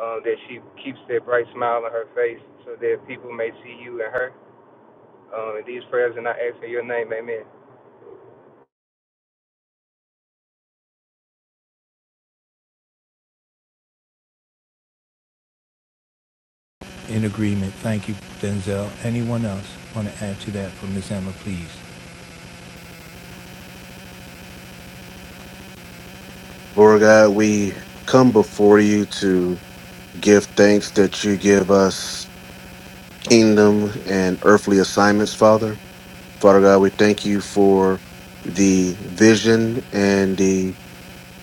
um, that she keeps that bright smile on her face so that people may see you and her. Um, and these prayers and I ask in your name, amen. In agreement. Thank you, Denzel. Anyone else want to add to that for Miss Emma, please? Lord God, we come before you to give thanks that you give us kingdom and earthly assignments, Father. Father God, we thank you for the vision and the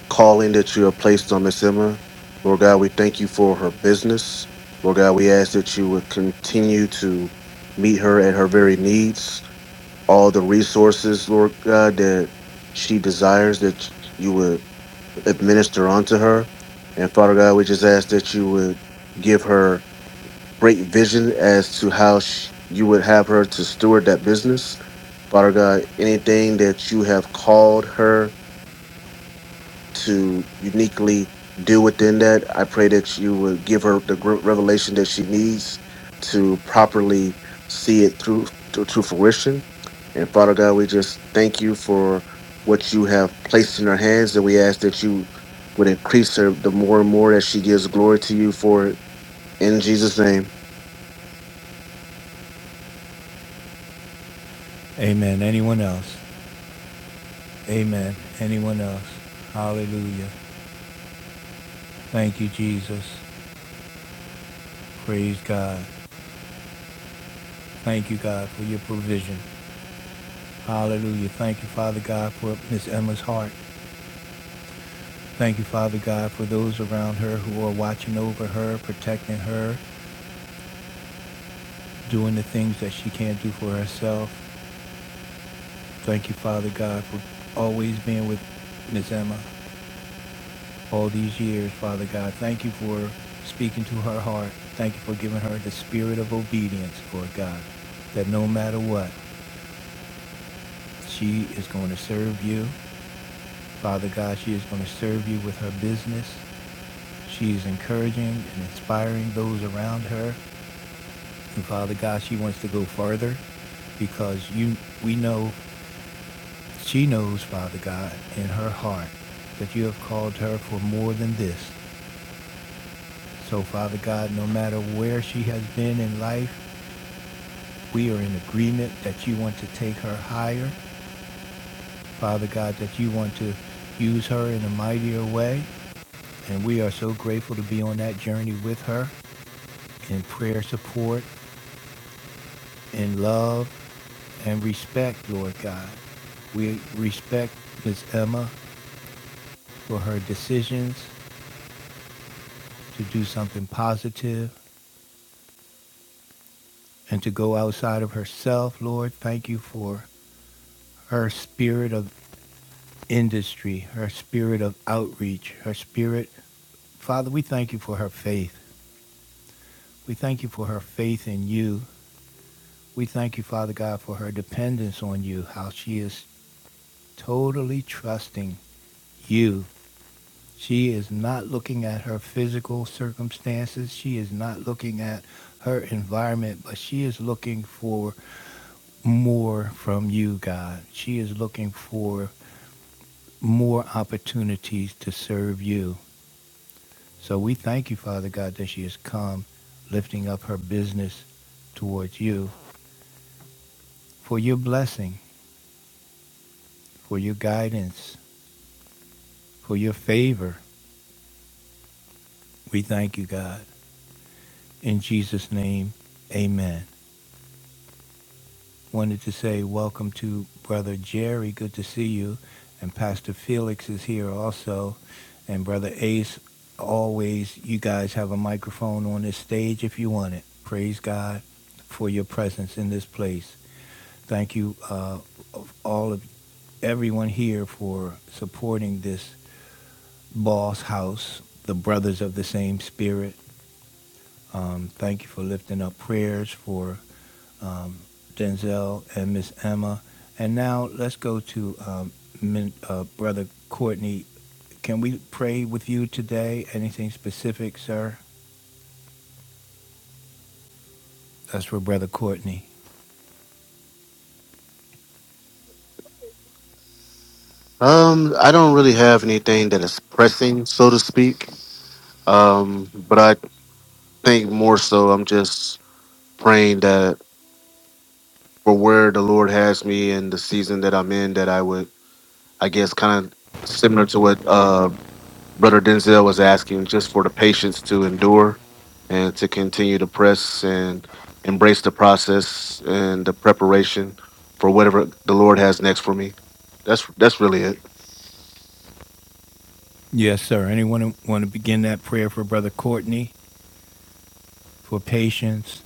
calling that you have placed on Miss Emma. Lord God, we thank you for her business. Lord God, we ask that you would continue to meet her at her very needs, all the resources, Lord God, that she desires that you would administer unto her. And Father God, we just ask that you would give her great vision as to how she, you would have her to steward that business. Father God, anything that you have called her to uniquely do within that. I pray that you would give her the gr- revelation that she needs to properly see it through to, to fruition. And Father God, we just thank you for what you have placed in her hands, and we ask that you would increase her the more and more that she gives glory to you for it. In Jesus' name. Amen. Anyone else? Amen. Anyone else? Hallelujah. Thank you, Jesus. Praise God. Thank you, God, for your provision. Hallelujah. Thank you, Father God, for Miss Emma's heart. Thank you, Father God, for those around her who are watching over her, protecting her, doing the things that she can't do for herself. Thank you, Father God, for always being with Miss Emma. all these years, Father God. Thank you for speaking to her heart. Thank you for giving her the spirit of obedience, Lord God, that no matter what, she is going to serve you. Father God, she is going to serve you with her business. She is encouraging and inspiring those around her. And Father God, she wants to go further because you we know she knows, Father God, in her heart that you have called her for more than this. So, Father God, no matter where she has been in life, We are in agreement that you want to take her higher, Father God, that you want to use her in a mightier way. And we are so grateful to be on that journey with her in prayer support, in love, and respect, Lord God. We respect Ms. Emma for her decisions to do something positive and to go outside of herself, Lord. Thank you for her spirit of industry, her spirit of outreach, her spirit Father, we thank you for her faith. We thank you for her faith in you. We thank you, Father God, for her dependence on you, how she is totally trusting you. She is not looking at her physical circumstances. She is not looking at her environment, but she is looking for more from you, God. She is looking for more opportunities to serve you. So we thank you, Father God, that she has come lifting up her business towards you. for your blessing, for your guidance, for your favor. We thank you, God. In Jesus' name, amen. Wanted to say welcome to Brother Jerry. Good to see you. And Pastor Felix is here also. And Brother Ace, always, you guys have a microphone on this stage if you want it. Praise God for your presence in this place. Thank you, uh, all of everyone here for supporting this Boss house, the brothers of the same spirit. Um, thank you for lifting up prayers for Denzel and Miss Emma. And now let's go to um, Min, uh, Brother Courtney. Can we pray with you today? Anything specific, sir? That's for Brother Courtney. Um, I don't really have anything that is pressing, so to speak. Um, but I think more so, I'm just praying that for where the Lord has me and the season that I'm in that I would I guess kind of similar to what uh brother Denzel was asking just for the patience to endure and to continue to press and embrace the process and the preparation for whatever the Lord has next for me. That's that's really it. Yes, sir. Anyone want to begin that prayer for Brother Courtney for patience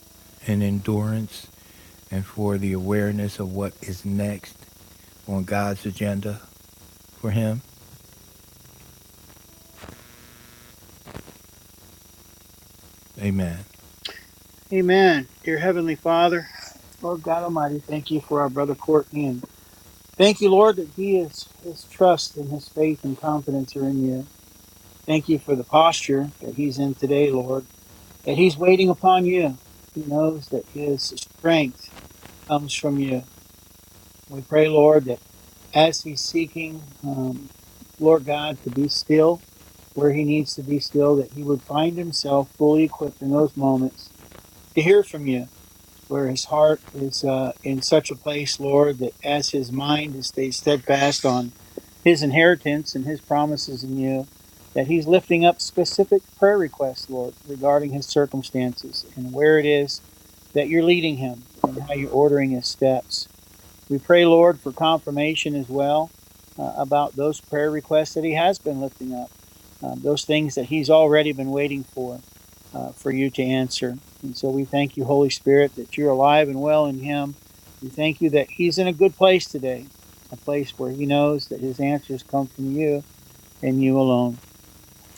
and endurance and for the awareness of what is next on God's agenda for him? Amen. Amen. Dear Heavenly Father, Lord God Almighty, thank you for our brother Courtney. And thank you, Lord, that he is his trust and his faith and confidence are in you. Thank you for the posture that he's in today, Lord, that he's waiting upon you. He knows that his strength comes from you. We pray, Lord, that as he's seeking, um, Lord God, to be still where he needs to be still, that he would find himself fully equipped in those moments to hear from you where his heart is uh, in such a place, Lord, that as his mind is stayed steadfast on his inheritance and his promises in you, that he's lifting up specific prayer requests, Lord, regarding his circumstances and where it is that you're leading him and how you're ordering his steps. We pray, Lord, for confirmation as well uh, about those prayer requests that he has been lifting up, um, those things that he's already been waiting for, uh, for you to answer. And so we thank you, Holy Spirit, that you're alive and well in him. We thank you that he's in a good place today, a place where he knows that his answers come from you and you alone.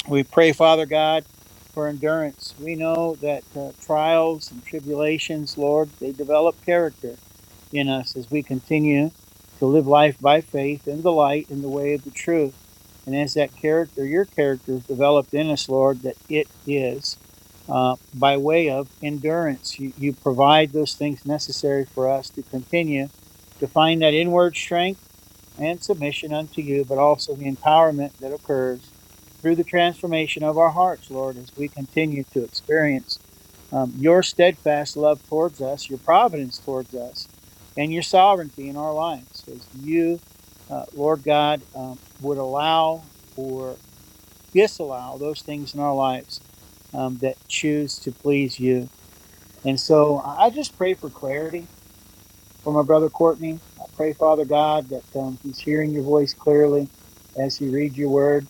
We pray, Father God, for endurance. We know that uh, trials and tribulations, Lord, they develop character in us as we continue to live life by faith in the light, in the way of the truth. And as that character, your character is developed in us, Lord, that it is uh, by way of endurance. You, you provide those things necessary for us to continue to find that inward strength and submission unto you, but also the empowerment that occurs through the transformation of our hearts, Lord, as we continue to experience um, your steadfast love towards us, your providence towards us, and your sovereignty in our lives. As you, uh, Lord God, um, would allow or disallow those things in our lives um, that choose to please you. And so I I just pray for clarity for my brother Courtney. I pray, Father God, that um, he's hearing your voice clearly as he reads your word,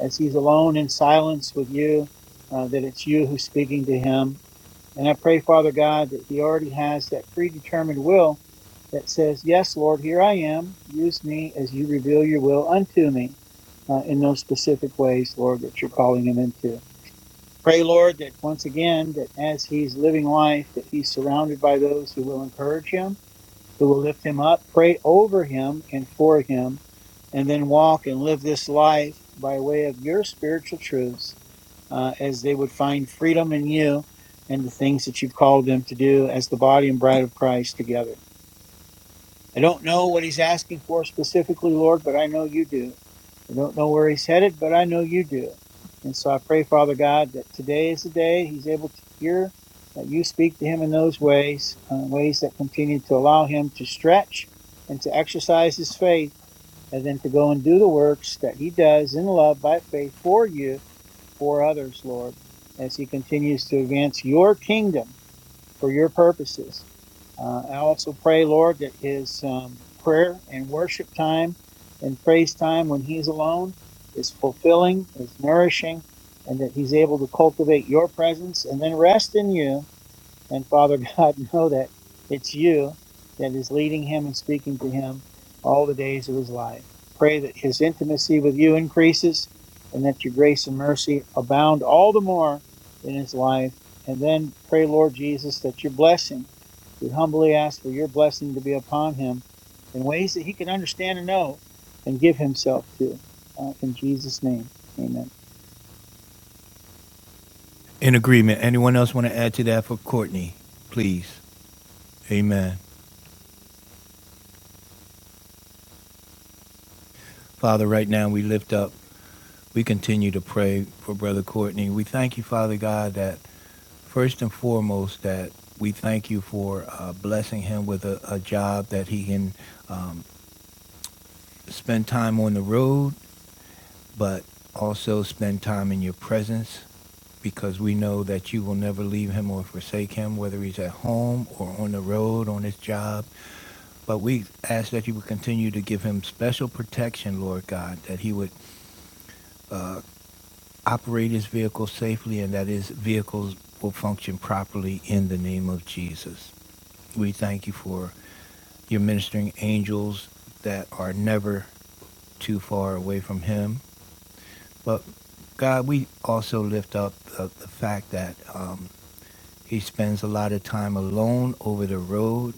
as he's alone in silence with you, uh, that it's you who's speaking to him. And I pray, Father God, that he already has that predetermined will that says, Yes, Lord, here I am. Use me as you reveal your will unto me uh, in those specific ways, Lord, that you're calling him into. Pray, Lord, that once again, that as he's living life, that he's surrounded by those who will encourage him who will lift him up, pray over him and for him, and then walk and live this life by way of your spiritual truths uh, as they would find freedom in you and the things that you've called them to do as the body and bride of Christ together. I don't know what he's asking for specifically, Lord, but I know you do. I don't know where he's headed, but I know you do. And so I pray, Father God, that today is the day he's able to hear that you speak to him in those ways, uh, ways that continue to allow him to stretch and to exercise his faith, and then to go and do the works that he does in love by faith for you, for others, Lord, as he continues to advance your kingdom for your purposes. Uh, I also pray, Lord, that his um, prayer and worship time and praise time when he's alone is fulfilling, is nourishing, and that he's able to cultivate your presence and then rest in you and Father God, know that it's you that is leading him and speaking to him all the days of his life. Pray that his intimacy with you increases and that your grace and mercy abound all the more in his life. And then pray, Lord Jesus, that your blessing, we humbly ask for your blessing to be upon him in ways that he can understand and know and give himself to. Uh, in Jesus' name, amen. In agreement. Anyone else want to add to that for Courtney? Please. Amen. Father, right now we lift up, we continue to pray for Brother Courtney. We thank you, Father God, that first and foremost that we thank you for uh, blessing him with a, a job that he can um, spend time on the road, but also spend time in your presence because we know that you will never leave him or forsake him, whether he's at home or on the road, on his job. But we ask that you would continue to give him special protection, Lord God, that he would operate his vehicle safely and that his vehicles will function properly in the name of Jesus. We thank you for your ministering angels that are never too far away from him. But God, we also lift up the, the fact that um, he spends a lot of time alone over the road.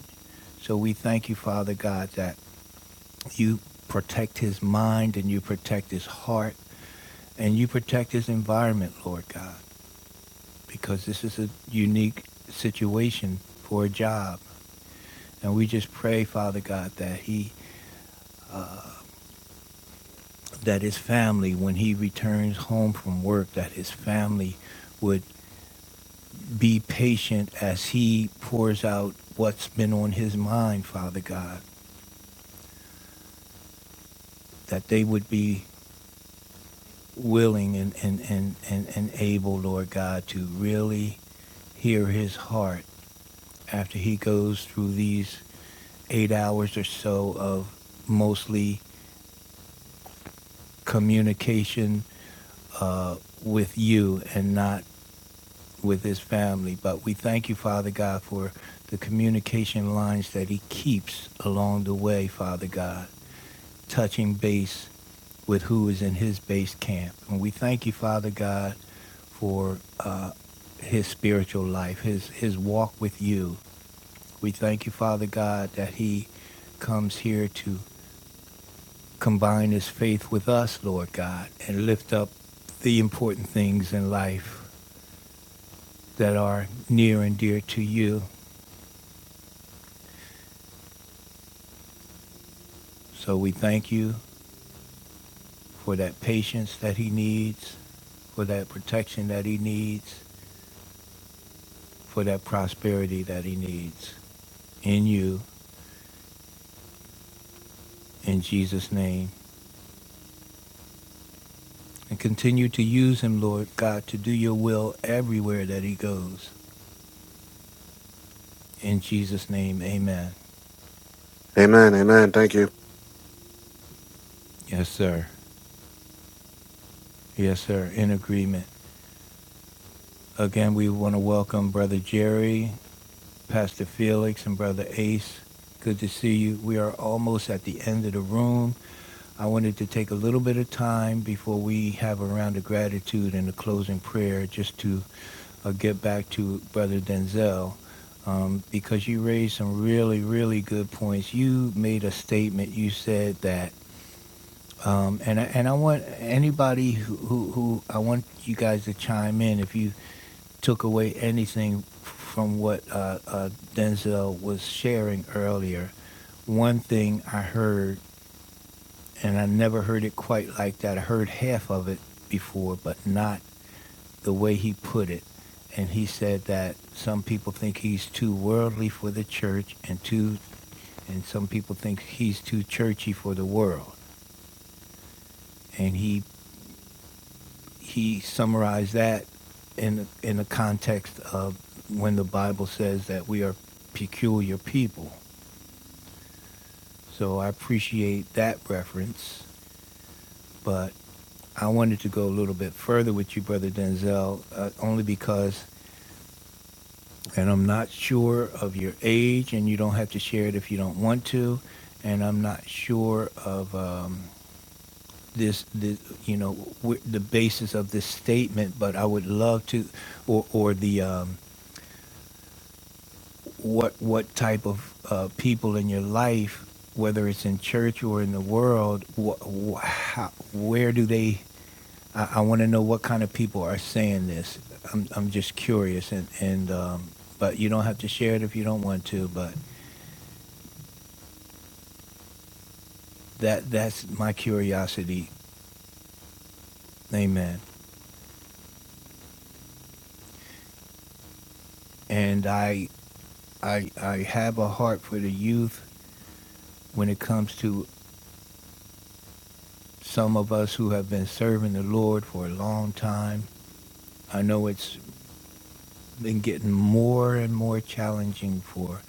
So we thank you, Father God, that You protect his mind and you protect his heart and you protect his environment, Lord God, because this is a unique situation for a job. And we just pray, Father God, that he that his family when he returns home from work that his family would be patient as he pours out what's been on his mind, Father God, that they would be willing and, and, and, and, and able, Lord God, to really hear his heart after he goes through these eight hours or so of mostly communication uh, with you and not with his family. But we thank you, Father God, for the communication lines that he keeps along the way, Father God. touching base with who is in his base camp. And we thank you, Father God, for uh, his spiritual life, his, his walk with you. We thank you, Father God, that he comes here to combine his faith with us, Lord God, and lift up the important things in life that are near and dear to you. So we thank you for that patience that he needs, for that protection that he needs, for that prosperity that he needs in you, in Jesus' name. And continue to use him, Lord God, to do your will everywhere that he goes. In Jesus' name, amen. Amen. Amen. Thank you. Yes, sir. Yes, sir. In agreement. Again, we want to welcome Brother Jerry, Pastor Felix, and Brother Ace. Good to see you. We are almost at the end of the room. I wanted to take a little bit of time before we have a round of gratitude and a closing prayer just to uh, get back to Brother Denzel um, because you raised some really, really good points. You made a statement. You said that, um, and I, and I want anybody who, who who I want you guys to chime in if you took away anything from what uh, uh, Denzel was sharing earlier. One thing I heard and I never heard it quite like that. I heard half of it before, but not the way he put it. And he said that some people think he's too worldly for the church, and too, and some people think he's too churchy for the world. And he he summarized that in in the context of when the Bible says that we are peculiar people. So I appreciate that reference, but I wanted to go a little bit further with you, Brother Denzel, uh, only because, and I'm not sure of your age, and you don't have to share it if you don't want to, and I'm not sure of um, this, this, you know, wh- the basis of this statement, but I would love to, or, or the um, what what type of uh, people in your life, whether it's in church or in the world, wh- wh- how, where do they I, I want to know what kind of people are saying this. I'm, I'm just curious, and and um, but you don't have to share it if you don't want to. But that that's my curiosity. Amen. And I I I have a heart for the youth when it comes to some of us who have been serving the Lord for a long time. I know it's been getting more and more challenging for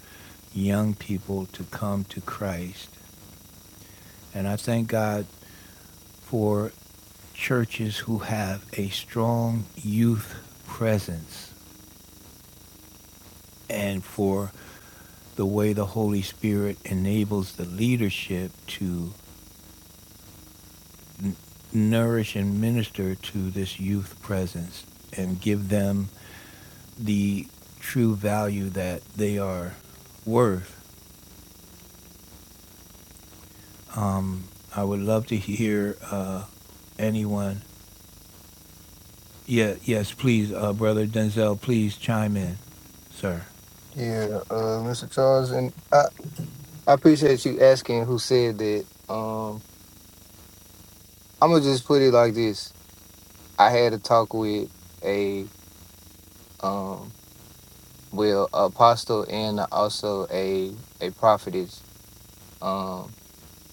young people to come to Christ. And I thank God for churches who have a strong youth presence and for the way the Holy Spirit enables the leadership to nourish and minister to this youth presence and give them the true value that they are worth. I would love to hear uh, anyone. Yeah, yes, please, uh, Brother Denzel, please chime in, sir. Yeah, uh, Mr. Charles, and I, I appreciate you asking who said that. Um, I'm gonna just put it like this: I had a talk with a um, well, apostle and also a a prophetess. Um,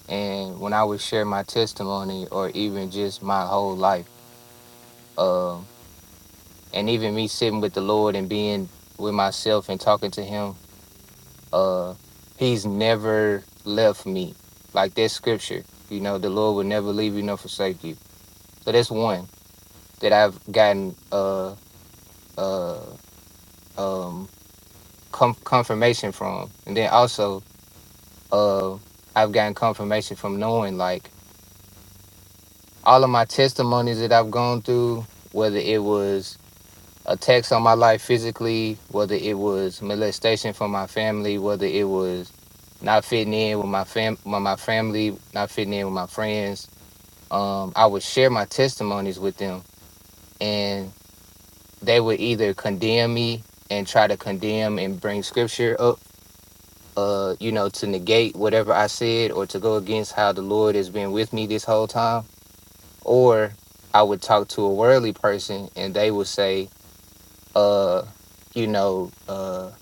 and when I would share my testimony or even just my whole life, um, and even me sitting with the Lord and being with myself and talking to him, uh, he's never left me. Like that scripture, you know, the Lord will never leave you nor forsake you. So that's one that I've gotten uh uh um com- confirmation from. And then also uh I've gotten confirmation from knowing like all of my testimonies that I've gone through, whether it was attacks on my life physically, whether it was molestation from my family, whether it was not fitting in with my fam with my family, not fitting in with my friends. Um, I would share my testimonies with them and they would either condemn me and try to condemn and bring scripture up, uh, you know, to negate whatever I said or to go against how the Lord has been with me this whole time. Or I would talk to a worldly person and they would say, uh you know uh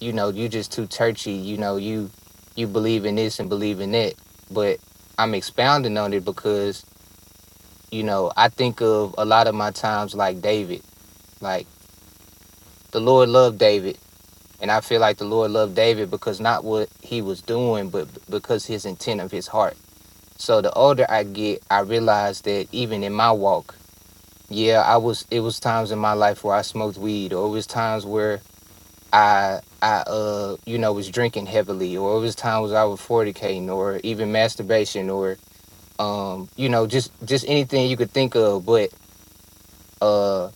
you know you just too churchy you know you you believe in this and believe in that but i'm expounding on it because you know i think of a lot of my times like david like the lord loved david and i feel like the lord loved david because not what he was doing but b- because his intent of his heart so the older i get i realize that even in my walk yeah i was it was times in my life where i smoked weed or it was times where I I uh you know was drinking heavily or it was times I was fornicating or even masturbation or um you know just just anything you could think of but uh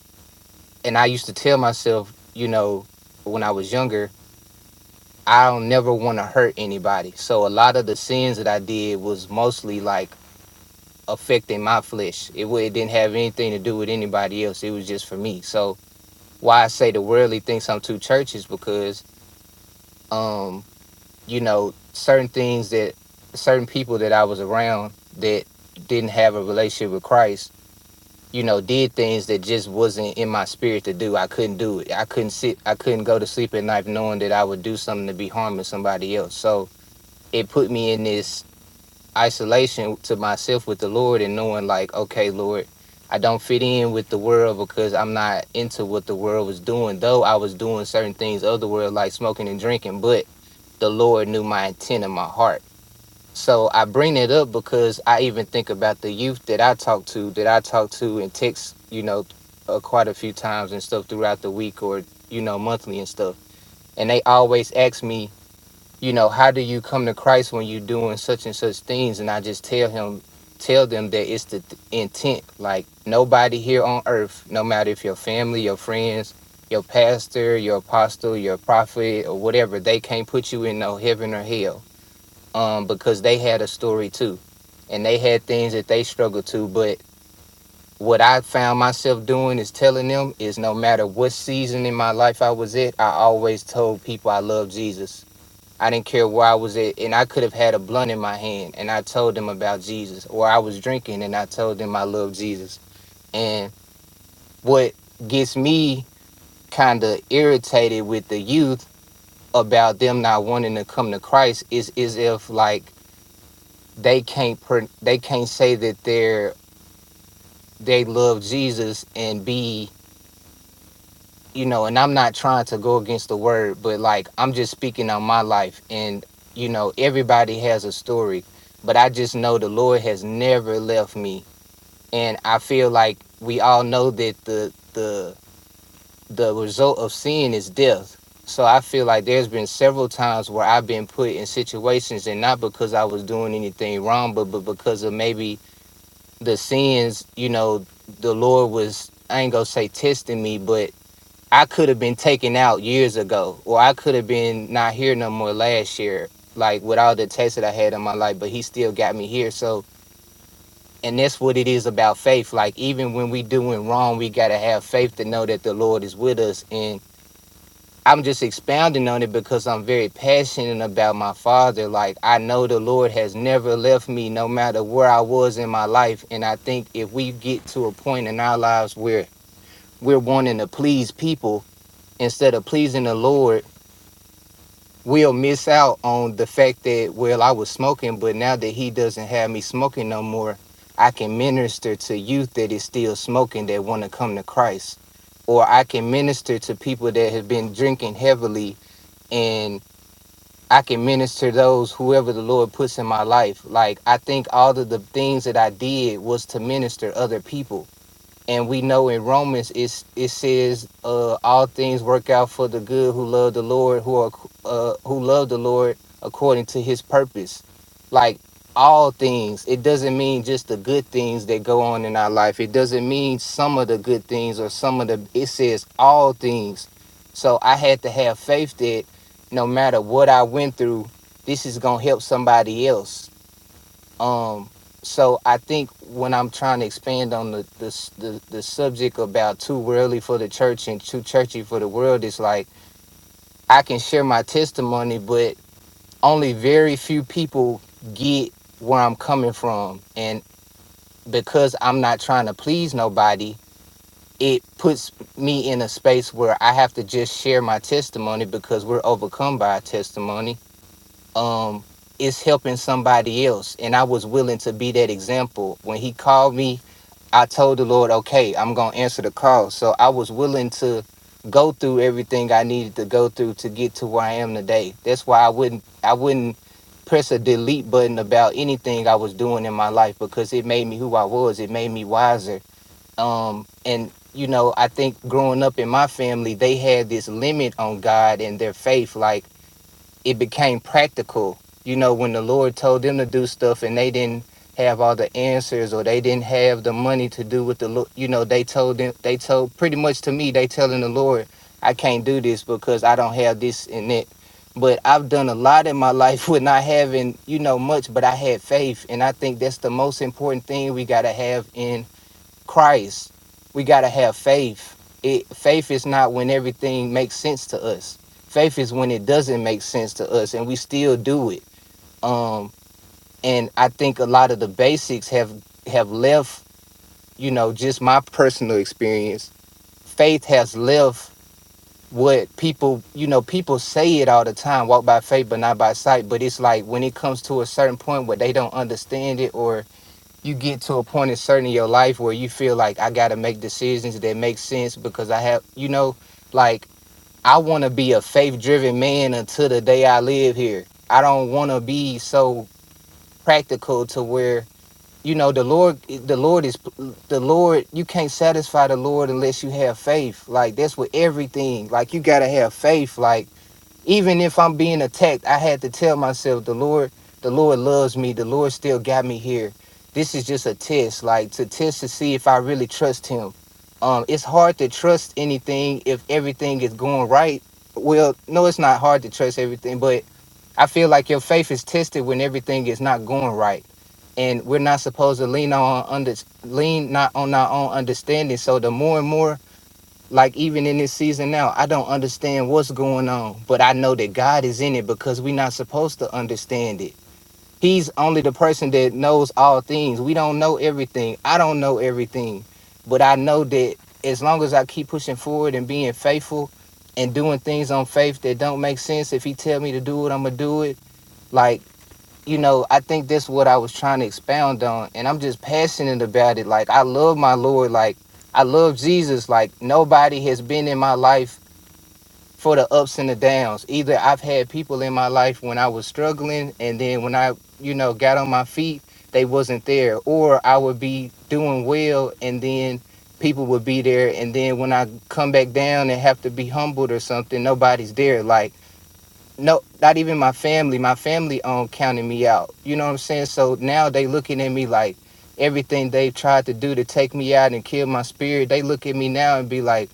and I used to tell myself you know when I was younger I don't never want to hurt anybody so a lot of the sins that I did was mostly like affecting my flesh it, wa- it didn't have anything to do with anybody else it was just for me so why I say the worldly thinks I'm too church is because um you know, certain things that certain people that I was around that didn't have a relationship with Christ, you know, did things that just wasn't in my spirit to do. I couldn't do it. I couldn't sit, I couldn't go to sleep at night knowing that I would do something to be harming somebody else. So it put me in this isolation to myself with the Lord and knowing like, okay, Lord, I don't fit in with the world because I'm not into what the world was doing, though I was doing certain things of the world like smoking and drinking, but the Lord knew my intent in my heart. So I bring it up because I even think about the youth that I talk to, that I talk to and text, you know, uh, quite a few times and stuff throughout the week or, you know, monthly and stuff. And they always ask me, you know, how do you come to Christ when you're doing such and such things? And I just tell him, tell them that it's the th- intent. Like nobody here on earth, no matter if your family, your friends, your pastor, your apostle, your prophet, or whatever, they can't put you in no heaven or hell. Um, because they had a story too. And they had things that they struggled to. But what I found myself doing is telling them is no matter what season in my life I was at, I always told people I love Jesus I didn't care where I was at, and I could have had a blunt in my hand, and I told them about Jesus, or I was drinking and I told them I love Jesus. And what gets me kind of irritated with the youth about them not wanting to come to Christ is is if like they can't pro- they can't say that they're they love Jesus and be you know, and I'm not trying to go against the word, but like I'm just speaking on my life. And, you know, everybody has a story, but I just know the Lord has never left me. And I feel like we all know that the the the result of sin is death. So I feel like there's been several times where I've been put in situations and not because I was doing anything wrong, but but because of maybe the sins, you know, the Lord was I ain't gonna say testing me, but I could have been taken out years ago, or I could have been not here no more last year, like with all the tests that I had in my life, but he still got me here. So, and that's what it is about faith. Like, even when we doing wrong, we got to have faith to know that the Lord is with us. And I'm just expounding on it because I'm very passionate about my father. Like, I know the Lord has never left me, no matter where I was in my life. And I think if we get to a point in our lives where we're wanting to please people, instead of pleasing the Lord, we'll miss out on the fact that well i was smoking but now that he doesn't have me smoking no more i can minister to youth that is still smoking that want to come to christ or i can minister to people that have been drinking heavily and i can minister those whoever the lord puts in my life like i think all of the things that i did was to minister other people and we know in Romans it's, it says uh, all things work out for the good who love the Lord who are ac- uh, who love the Lord according to His purpose. Like all things, it doesn't mean just the good things that go on in our life. It doesn't mean some of the good things or some of the. It says all things. So I had to have faith that no matter what I went through, this is gonna help somebody else um, so I think when I'm trying to expand on the the s- the, the subject about too worldly for the church and too churchy for the world, it's like I can share my testimony, but only very few people get where I'm coming from, and because I'm not trying to please nobody, it puts me in a space where I have to just share my testimony because we're overcome by our testimony um is helping somebody else and i was willing to be that example when he called me i told the lord okay i'm gonna answer the call so i was willing to go through everything i needed to go through to get to where i am today that's why i wouldn't i wouldn't press a delete button about anything i was doing in my life because it made me who i was it made me wiser um and you know i think growing up in my family they had this limit on god and their faith like it became practical. You know, when the Lord told them to do stuff and they didn't have all the answers or they didn't have the money to do what the Lord, you know, they told them, they told pretty much to me, they telling the Lord, I can't do this because I don't have this and that. But I've done a lot in my life with not having, you know, much, but I had faith. And I think that's the most important thing we got to have in Christ, we got to have faith. It, faith is not when everything makes sense to us. Faith is when it doesn't make sense to us and we still do it. Um and I think a lot of the basics have have left, you know, just my personal experience. Faith has left what people, you know, people say it all the time, walk by faith but not by sight, but it's like when it comes to a certain point where they don't understand it or you get to a point in certain in your life where you feel like I gotta make decisions that make sense because I have you know, like I wanna be a faith driven man until the day I live here. I don't wanna be so practical to where you know the lord the lord is the lord you can't satisfy the lord unless you have faith like that's with everything like you gotta have faith like even if i'm being attacked i had to tell myself the lord the lord loves me the lord still got me here this is just a test like to test to see if i really trust him um it's hard to trust anything if everything is going right well no it's not hard to trust everything but i feel like your faith is tested when everything is not going right and we're not supposed to lean on under lean not on our own understanding. So the more and more, like even in this season now, I don't understand what's going on, but I know that God is in it because we're not supposed to understand it. He's only the person that knows all things. We don't know everything. I don't know everything, but I know that as long as I keep pushing forward and being faithful and doing things on faith that don't make sense, if He tell me to do it, I'm gonna do it. Like you know, I think that's what I was trying to expound on. And I'm just passionate about it. Like, I love my Lord. Like, I love Jesus. Like, nobody has been in my life for the ups and the downs. Either I've had people in my life when I was struggling, and then when I, you know, got on my feet, they wasn't there. Or I would be doing well, and then people would be there. And then when I come back down and have to be humbled or something, nobody's there. Like, no, not even my family. My family um counted me out. You know what I'm saying? So now they looking at me like everything they've tried to do to take me out and kill my spirit. They look at me now and be like,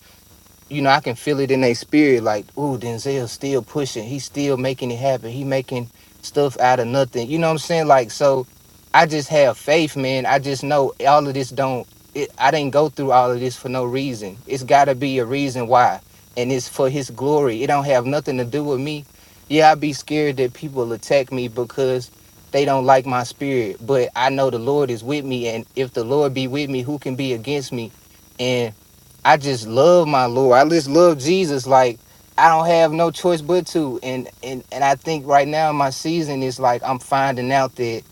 you know, I can feel it in their spirit, like, ooh, Denzel's still pushing. He's still making it happen. He making stuff out of nothing. You know what I'm saying? Like, so I just have faith, man. I just know all of this don't it, I didn't go through all of this for no reason. It's gotta be a reason why. And it's for his glory. It don't have nothing to do with me. Yeah, i be scared that people attack me because they don't like my spirit. But I know the Lord is with me. And if the Lord be with me, who can be against me? And I just love my Lord. I just love Jesus. Like I don't have no choice but to. And and and I think right now in my season is like I'm finding out that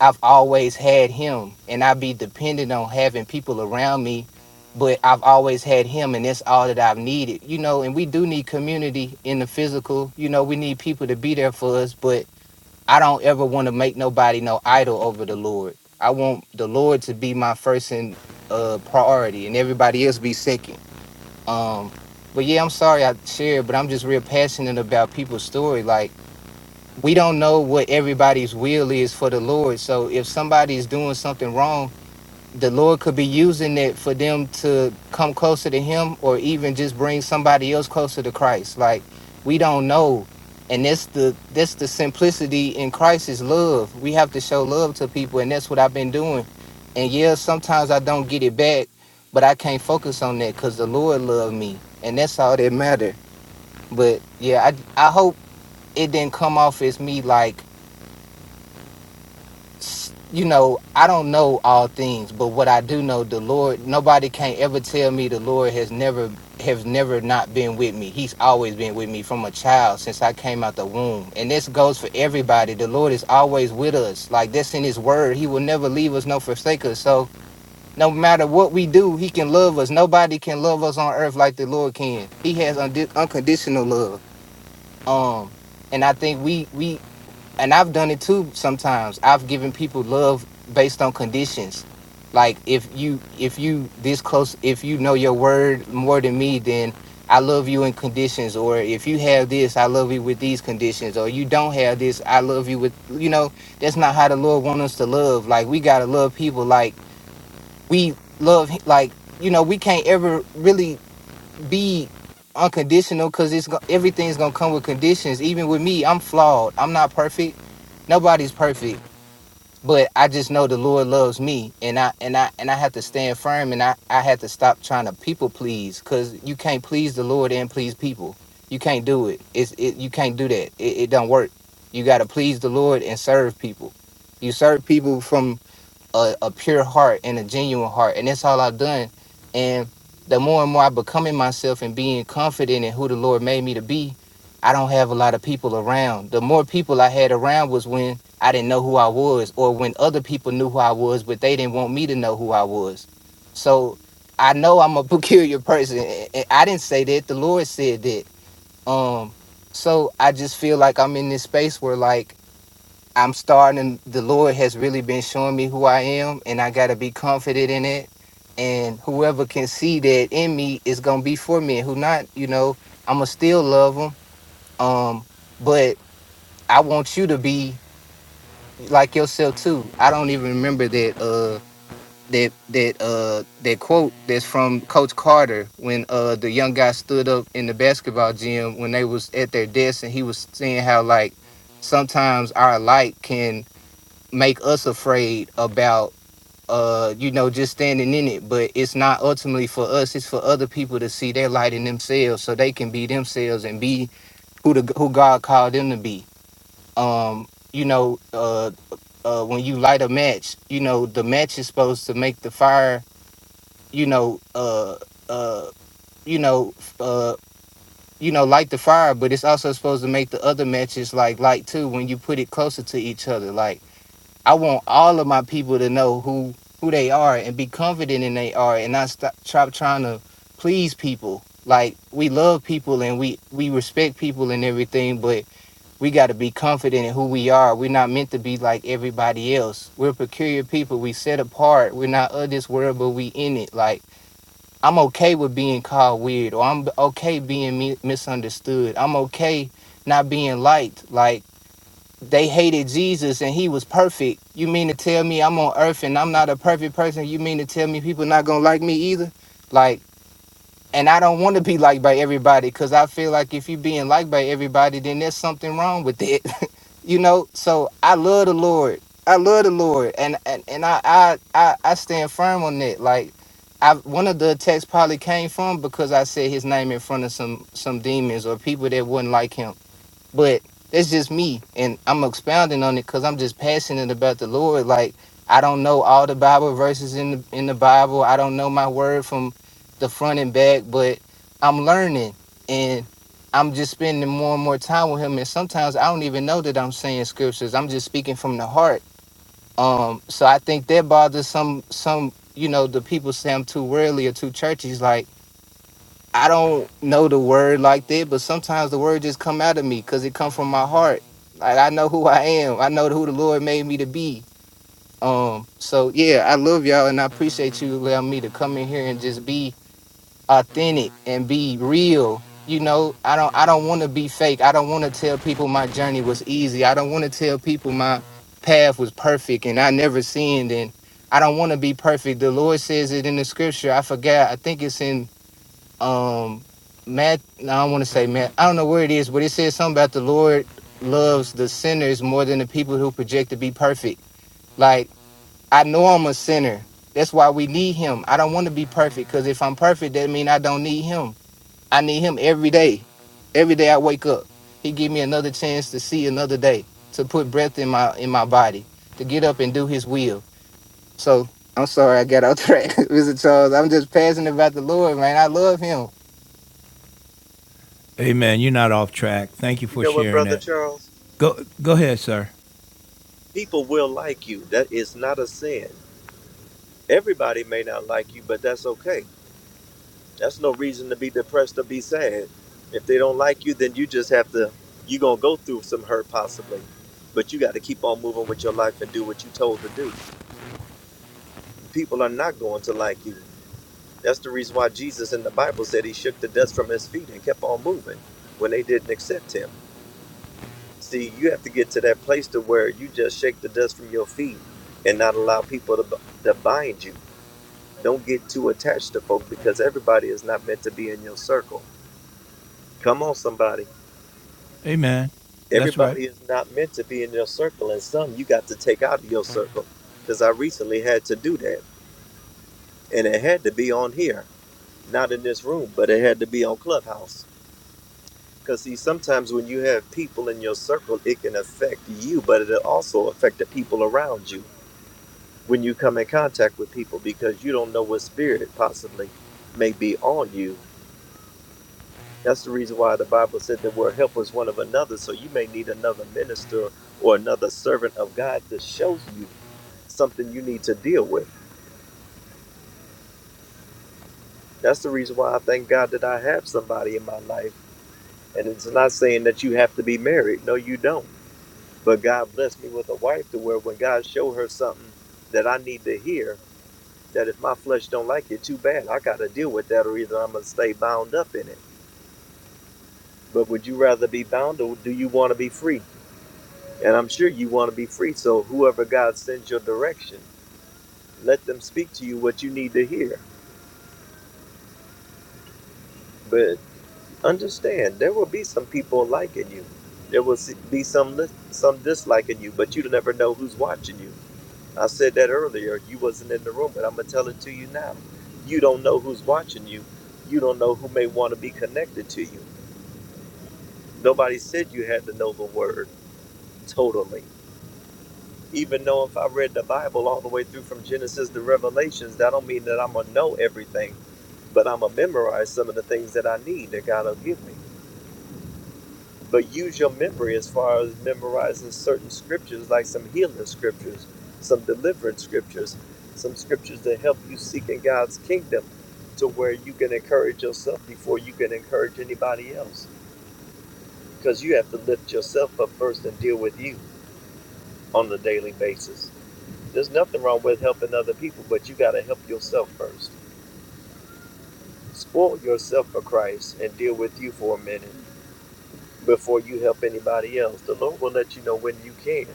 I've always had Him, and I be dependent on having people around me. But I've always had him, and that's all that I've needed, you know. And we do need community in the physical, you know. We need people to be there for us, but I don't ever want to make nobody no idol over the Lord. I want the Lord to be my first and uh priority, and everybody else be second um, but yeah, I'm sorry I shared, but I'm just real passionate about people's story. Like we don't know what everybody's will is for the Lord. So if somebody's doing something wrong, the Lord could be using it for them to come closer to Him or even just bring somebody else closer to Christ. Like we don't know. And that's the that's the simplicity in Christ is love. We have to show love to people, and that's what I've been doing. And yeah, sometimes I don't get it back, but I can't focus on that because the Lord loved me, and that's all that matter. But yeah, I I hope it didn't come off as me like s- you know, I don't know all things, but what I do know, the Lord, nobody can ever tell me the Lord has never have never not been with me. He's always been with me from a child since I came out the womb. And this goes for everybody. The Lord is always with us. Like that's in his word. He will never leave us nor forsake us. So no matter what we do, he can love us. Nobody can love us on earth like the Lord can. He has undi- unconditional love. Um and I think we we and I've done it too sometimes. I've given people love based on conditions. Like if you if you this close if you know your word more than me, then I love you in conditions. Or if you have this, I love you with these conditions. Or you don't have this, I love you with you know, that's not how the Lord wants us to love. Like we gotta love people like we love hi- like you know, we can't ever really be unconditional because it's go- everything's gonna come with conditions. Even with me, I'm flawed. I'm not perfect. Nobody's perfect, but I just know the Lord loves me, and I and I and I have to stand firm, and I I have to stop trying to people please because you can't please the Lord and please people. You can't do it. It's it, you can't do that. It, it don't work. You gotta please the Lord and serve people. You serve people from a, a pure heart and a genuine heart. And that's all I've done. And the more and more I become in myself and being confident in who the Lord made me to be, I don't have a lot of people around. The more people I had around was when I didn't know who I was, or when other people knew who I was, but they didn't want me to know who I was. So I know I'm a peculiar person. a- a- I didn't say that. The Lord said that. Um, so I just feel like I'm in this space where like I'm starting, the Lord has really been showing me who I am, and I got to be confident in it. And whoever can see that in me is going to be for me. And who not, you know, I'm going to still love them. Um, but I want you to be like yourself too. I don't even remember that, uh, that that uh that quote that's from Coach Carter when uh the young guy stood up in the basketball gym when they was at their desk and he was saying how like sometimes our light can make us afraid about uh you know just standing in it but it's not ultimately for us it's for other people to see their light in themselves so they can be themselves and be who the who God called them to be um you know uh uh when you light a match you know the match is supposed to make the fire you know uh uh you know f- uh you know light the fire but it's also supposed to make the other matches like light too when you put it closer to each other like I want all of my people to know who who they are and be confident in they are and not stop stop trying to please people. Like we love people and we we respect people and everything, but we got to be confident in who we are. We're not meant to be like everybody else. We're peculiar people. We set apart. We're not of this world, but we in it. Like I'm okay with being called weird, or I'm okay being mi- misunderstood. I'm okay not being liked. Like they hated Jesus and he was perfect. You mean to tell me I'm on earth and I'm not a perfect person? You mean to tell me people not gonna like me either? Like, and I don't want to be liked by everybody because I feel like if you being liked by everybody, then there's something wrong with it. you know? So I love the Lord. I love the Lord. And and, and I, I I I stand firm on that. Like I one of the attacks probably came from because I said his name in front of some some demons or people that wouldn't like him but that's just me and i'm expounding on it because i'm just passionate about the lord like i don't know all the bible verses in the in the bible i don't know my word from the front and back but i'm learning and i'm just spending more and more time with him and sometimes i don't even know that i'm saying scriptures i'm just speaking from the heart um so i think that bothers some some you know the people say i'm too worldly or too churchy like I don't know the word like that, but sometimes the word just come out of me because it come from my heart. Like I know who I am. I know who the Lord made me to be. Um, so yeah, I love y'all and I appreciate you allowing me to come in here and just be authentic and be real. You know, I don't I don't want to be fake. I don't want to tell people my journey was easy. I don't want to tell people my path was perfect and I never sinned and I don't want to be perfect. The Lord says it in the scripture. I forgot. I think it's in um Matt Now I want to say Matt I don't know where it is but it says something about the Lord loves the sinners more than the people who project to be perfect like I know I'm a sinner that's why we need him I don't want to be perfect because if I'm perfect that means I don't need him I need him every day every day I wake up he give me another chance to see another day to put breath in my in my body to get up and do his will so I'm sorry I got off track Mr. Charles I'm just passionate about the Lord man I love him Amen. You're not off track. Thank you You for know what, sharing Brother that. Charles? Go go ahead, sir. People will like you. That is not a sin. Everybody may not like you, but that's okay. That's no reason to be depressed or be sad. If they don't like you, then you just have to, you're going to go through some hurt possibly. But you got to keep on moving with your life and do what you're told to do. People are not going to like you. That's the reason why Jesus in the Bible said he shook the dust from his feet and kept on moving when they didn't accept him. See, you have to get to that place to where you just shake the dust from your feet and not allow people to, to bind you. Don't get too attached to folk because everybody is not meant to be in your circle. Come on, somebody. Amen. That's right. Everybody is not meant to be in your circle, and some you got to take out of your circle. Because I recently had to do that, and it had to be on here, not in this room, but it had to be on Clubhouse. Because see, sometimes when you have people in your circle, it can affect you, but it'll also affect the people around you when you come in contact with people because you don't know what spirit possibly may be on you That's the reason why the Bible said that we're helpers one of another. So you may need another minister or another servant of God to show you something you need to deal with. That's the reason why I thank God that I have somebody in my life. And it's not saying that you have to be married. No, you don't. But God blessed me with a wife to where when God showed her something that I need to hear, that if my flesh don't like it, too bad. I got to deal with that or either I'm going to stay bound up in it. But would you rather be bound or do you want to be free? And I'm sure you want to be free. So whoever God sends your direction, let them speak to you what you need to hear. But understand, there will be some people liking you. There will be some lis- some disliking you, but you will never know who's watching you. I said that earlier. You wasn't in the room, but I'm gonna tell it to you now. You don't know who's watching you. You don't know who may want to be connected to you. Nobody said you had to know the word totally. even though if I read the Bible all the way through from Genesis to Revelations, that don't mean that I'm gonna know everything, but I'm gonna memorize some of the things that I need that God will give me. But use your memory as far as memorizing certain scriptures, like some healing scriptures, some deliverance scriptures, some scriptures that help you seek in God's kingdom to where you can encourage yourself before you can encourage anybody else. Because you have to lift yourself up first and deal with you on a daily basis. There's nothing wrong with helping other people, but you got to help yourself first. Spoil yourself for Christ and deal with you for a minute before you help anybody else. The Lord will let you know when you can.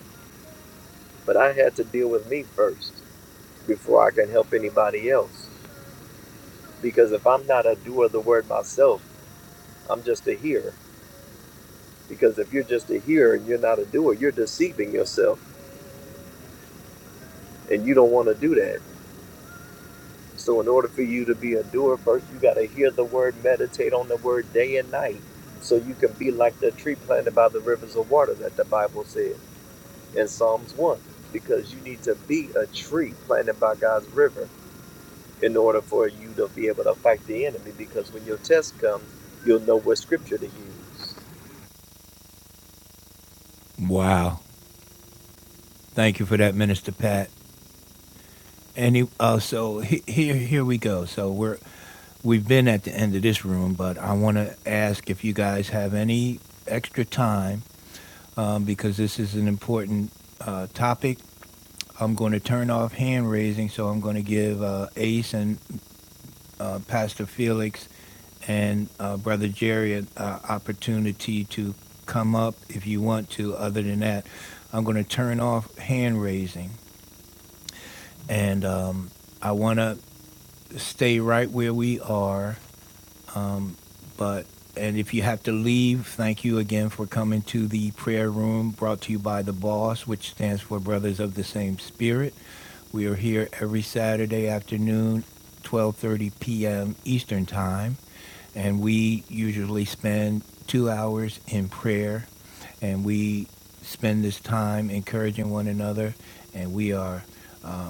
But I had to deal with me first before I can help anybody else. Because if I'm not a doer of the word myself, I'm just a hearer. Because if you're just a hearer and you're not a doer, you're deceiving yourself. And you don't want to do that. So, in order for you to be a doer, first you got to hear the word, meditate on the word day and night, so you can be like the tree planted by the rivers of water that the Bible said in Psalms 1. Because you need to be a tree planted by God's river in order for you to be able to fight the enemy. Because when your test comes, you'll know what scripture to use. Wow. Thank you for that, Minister Pat. And he, uh, so he, here here we go. So we're we've been at the end of this room, but I want to ask if you guys have any extra time um, because this is an important uh, topic. I'm going to turn off hand raising, so I'm going to give uh, Ace and uh, Pastor Felix and uh, Brother Jerry an uh, opportunity to come up if you want to. Other than that, I'm going to turn off hand raising and um, I want to stay right where we are But and if you have to leave, thank you again for coming to the prayer room brought to you by the boss, which stands for Brothers of the Same Spirit. We are here every Saturday afternoon, 12:30 p.m. Eastern Time, and we usually spend 2 hours in prayer and we spend this time encouraging one another and we are uh,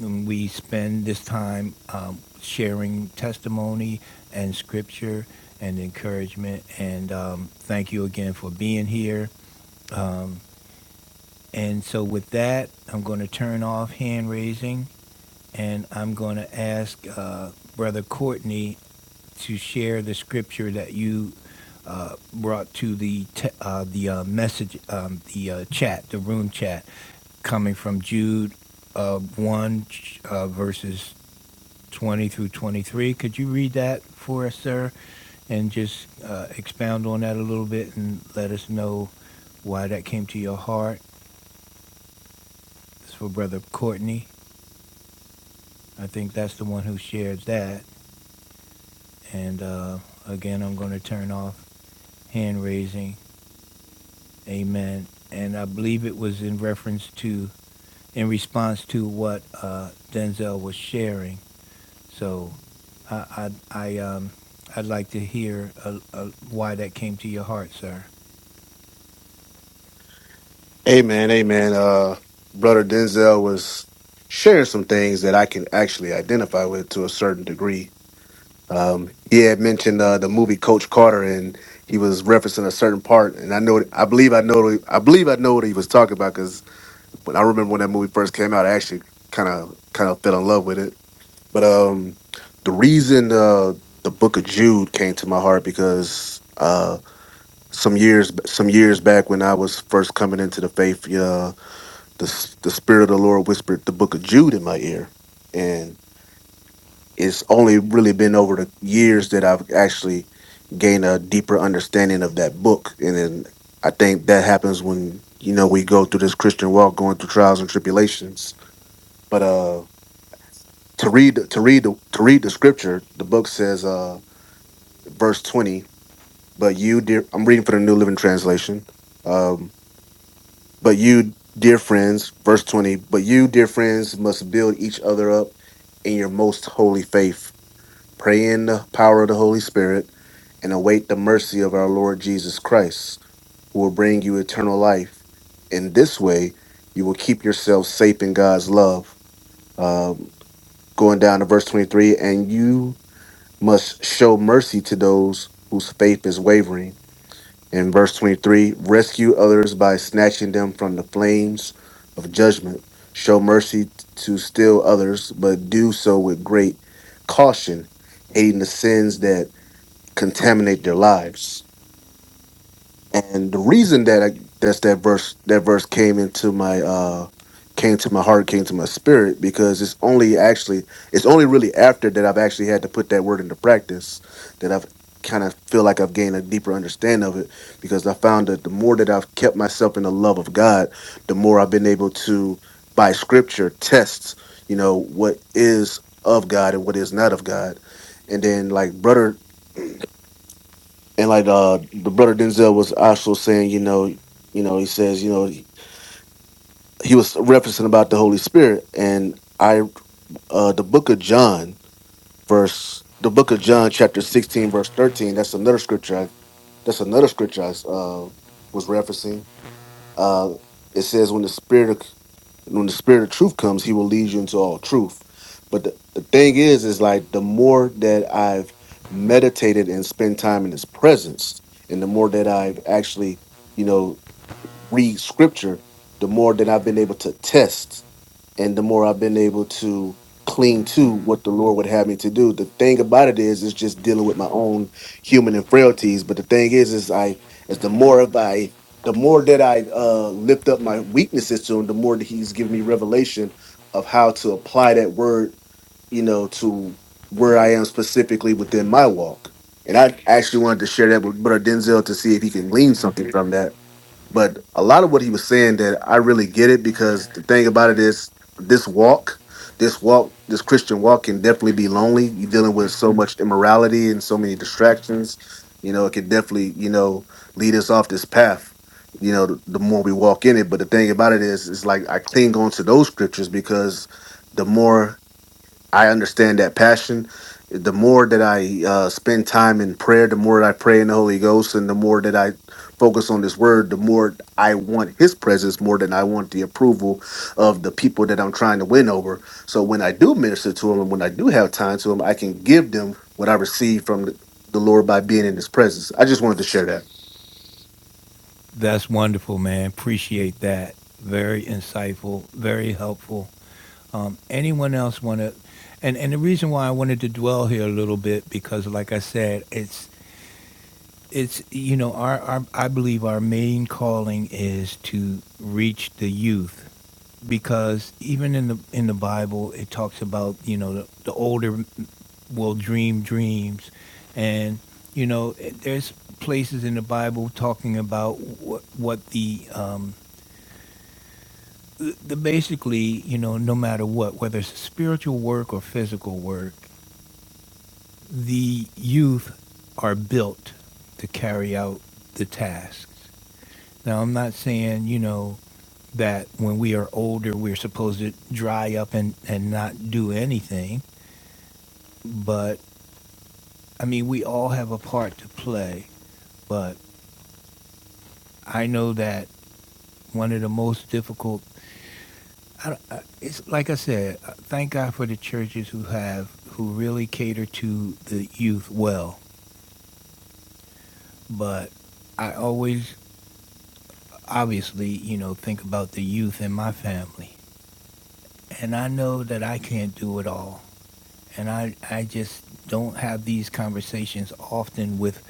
and we spend this time um, sharing testimony and scripture and encouragement. And um, thank you again for being here. And so, with that, I'm going to turn off hand raising and I'm going to ask uh, Brother Courtney to share the scripture that you uh, brought to the te- uh, the uh, message, um, the uh, chat, the room chat, coming from Jude uh, one uh, verses 20 through 23. Could you read that for us, sir, and just uh, expound on that a little bit and let us know why that came to your heart? It's for Brother Courtney. I think that's the one who shared that. And uh, again, I'm going to turn off hand raising. Amen. And I believe it was in reference to, in response to what uh, Denzel was sharing So, I I, I um I'd like to hear uh uh why that came to your heart, sir. Amen. Amen. Uh brother Denzel was sharing some things that I can actually identify with to a certain degree Um, he had mentioned uh, the movie Coach Carter, and he was referencing a certain part. And I know, I believe, I know, I believe, I know what he was talking about because when I remember when that movie first came out, I actually kind of, kind of fell in love with it. But um, the reason uh, the Book of Jude came to my heart because uh, some years, some years back when I was first coming into the faith, uh, the the Spirit of the Lord whispered the Book of Jude in my ear, and it's only really been over the years that I've actually gained a deeper understanding of that book. And then I think that happens when, you know, we go through this Christian walk, going through trials and tribulations. But uh to read to read the to read the scripture, the book says uh verse 20, but you dear I'm reading for the New Living Translation. Um but you dear friends, verse 20, but you dear friends must build each other up in your most holy faith Pray in the power of the Holy Spirit and await the mercy of our Lord Jesus Christ, who will bring you eternal life. In this way, you will keep yourself safe in God's love. Um, going down to verse 23, and you must show mercy to those whose faith is wavering. In verse 23, rescue others by snatching them from the flames of judgment. Show mercy to still others, but do so with great caution, hating the sins that contaminate their lives. And the reason that I, that's that verse that verse came into my uh came to my heart, came to my spirit because it's only actually it's only really after that I've actually had to put that word into practice that I've kind of feel like I've gained a deeper understanding of it because I found that the more that I've kept myself in the love of God, the more I've been able to by scripture test, you know, what is of God and what is not of God. And then like brother and like uh the brother Denzel was also saying, you know, you know, he says, you know, he was referencing about the Holy Spirit, and I uh the book of John, verse the book of John, chapter sixteen, verse thirteen. That's another scripture. I, that's another scripture I uh was referencing uh, it says when the spirit of when the spirit of truth comes, he will lead you into all truth. But the, the thing is, is like the more that I've meditated and spent time in his presence, and the more that I've actually, you know, read scripture, the more that I've been able to test and the more I've been able to cling to what the Lord would have me to do. The thing about it is, it's just dealing with my own human and frailties. But the thing is, is I, is the more of I, the more that I uh, lift up my weaknesses to Him, the more that He's given me revelation of how to apply that word, you know, to where I am specifically within my walk. And I actually wanted to share that with Brother Denzel to see if he can glean something from that but a lot of what he was saying that I really get it because the thing about it is this walk, this walk, this Christian walk can definitely be lonely. You're dealing with so much immorality and so many distractions. You know, it can definitely, you know, lead us off this path, you know, the, the more we walk in it. But the thing about it is, it's like I cling on to those scriptures because the more I understand that passion. The more that I uh, spend time in prayer, the more I pray in the Holy Ghost, and the more that I focus on His Word, the more I want His presence more than I want the approval of the people that I'm trying to win over. So when I do minister to them, and when I do have time to them, I can give them what I receive from the the Lord by being in His presence. I just wanted to share that. That's wonderful, man. Appreciate that. Very insightful. Very helpful. Um, anyone else want to? And and the reason why I wanted to dwell here a little bit because, like I said, it's It's you know our, our I believe our main calling is to reach the youth because even in the in the Bible it talks about you know the, the older will dream dreams and you know it- there's places in the Bible talking about what, what the um the, the basically you know no matter what whether it's spiritual work or physical work the youth are built to carry out the tasks Now, I'm not saying, you know, that when we are older, we're supposed to dry up and, and not do anything. But I mean, we all have a part to play. But I know that one of the most difficult, I, don't- I- it's like I said, uh, thank God for the churches who have, who really cater to the youth well. But I always, obviously, you know, think about the youth in my family. And I know that I can't do it all and I, I just don't have these conversations often with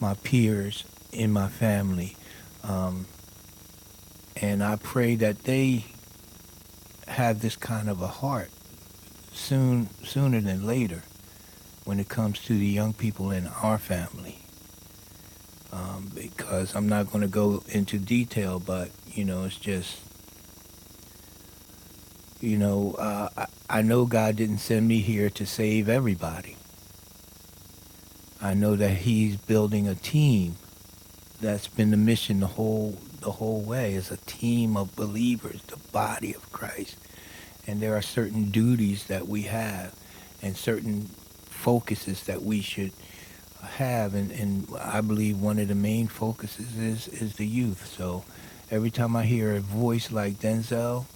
my peers in my family. Um, and I pray that they have this kind of a heart soon, sooner than later when it comes to the young people in our family. Um, because I'm not going to go into detail, but, you know, it's just, you know, uh, I, I know God didn't send me here to save everybody. I know that He's building a team That's been the mission the whole the whole way is a team of believers, the body of Christ. And there are certain duties that we have and certain focuses that we should have and, and I believe one of the main focuses is is the youth. So every time I hear a voice like Denzel,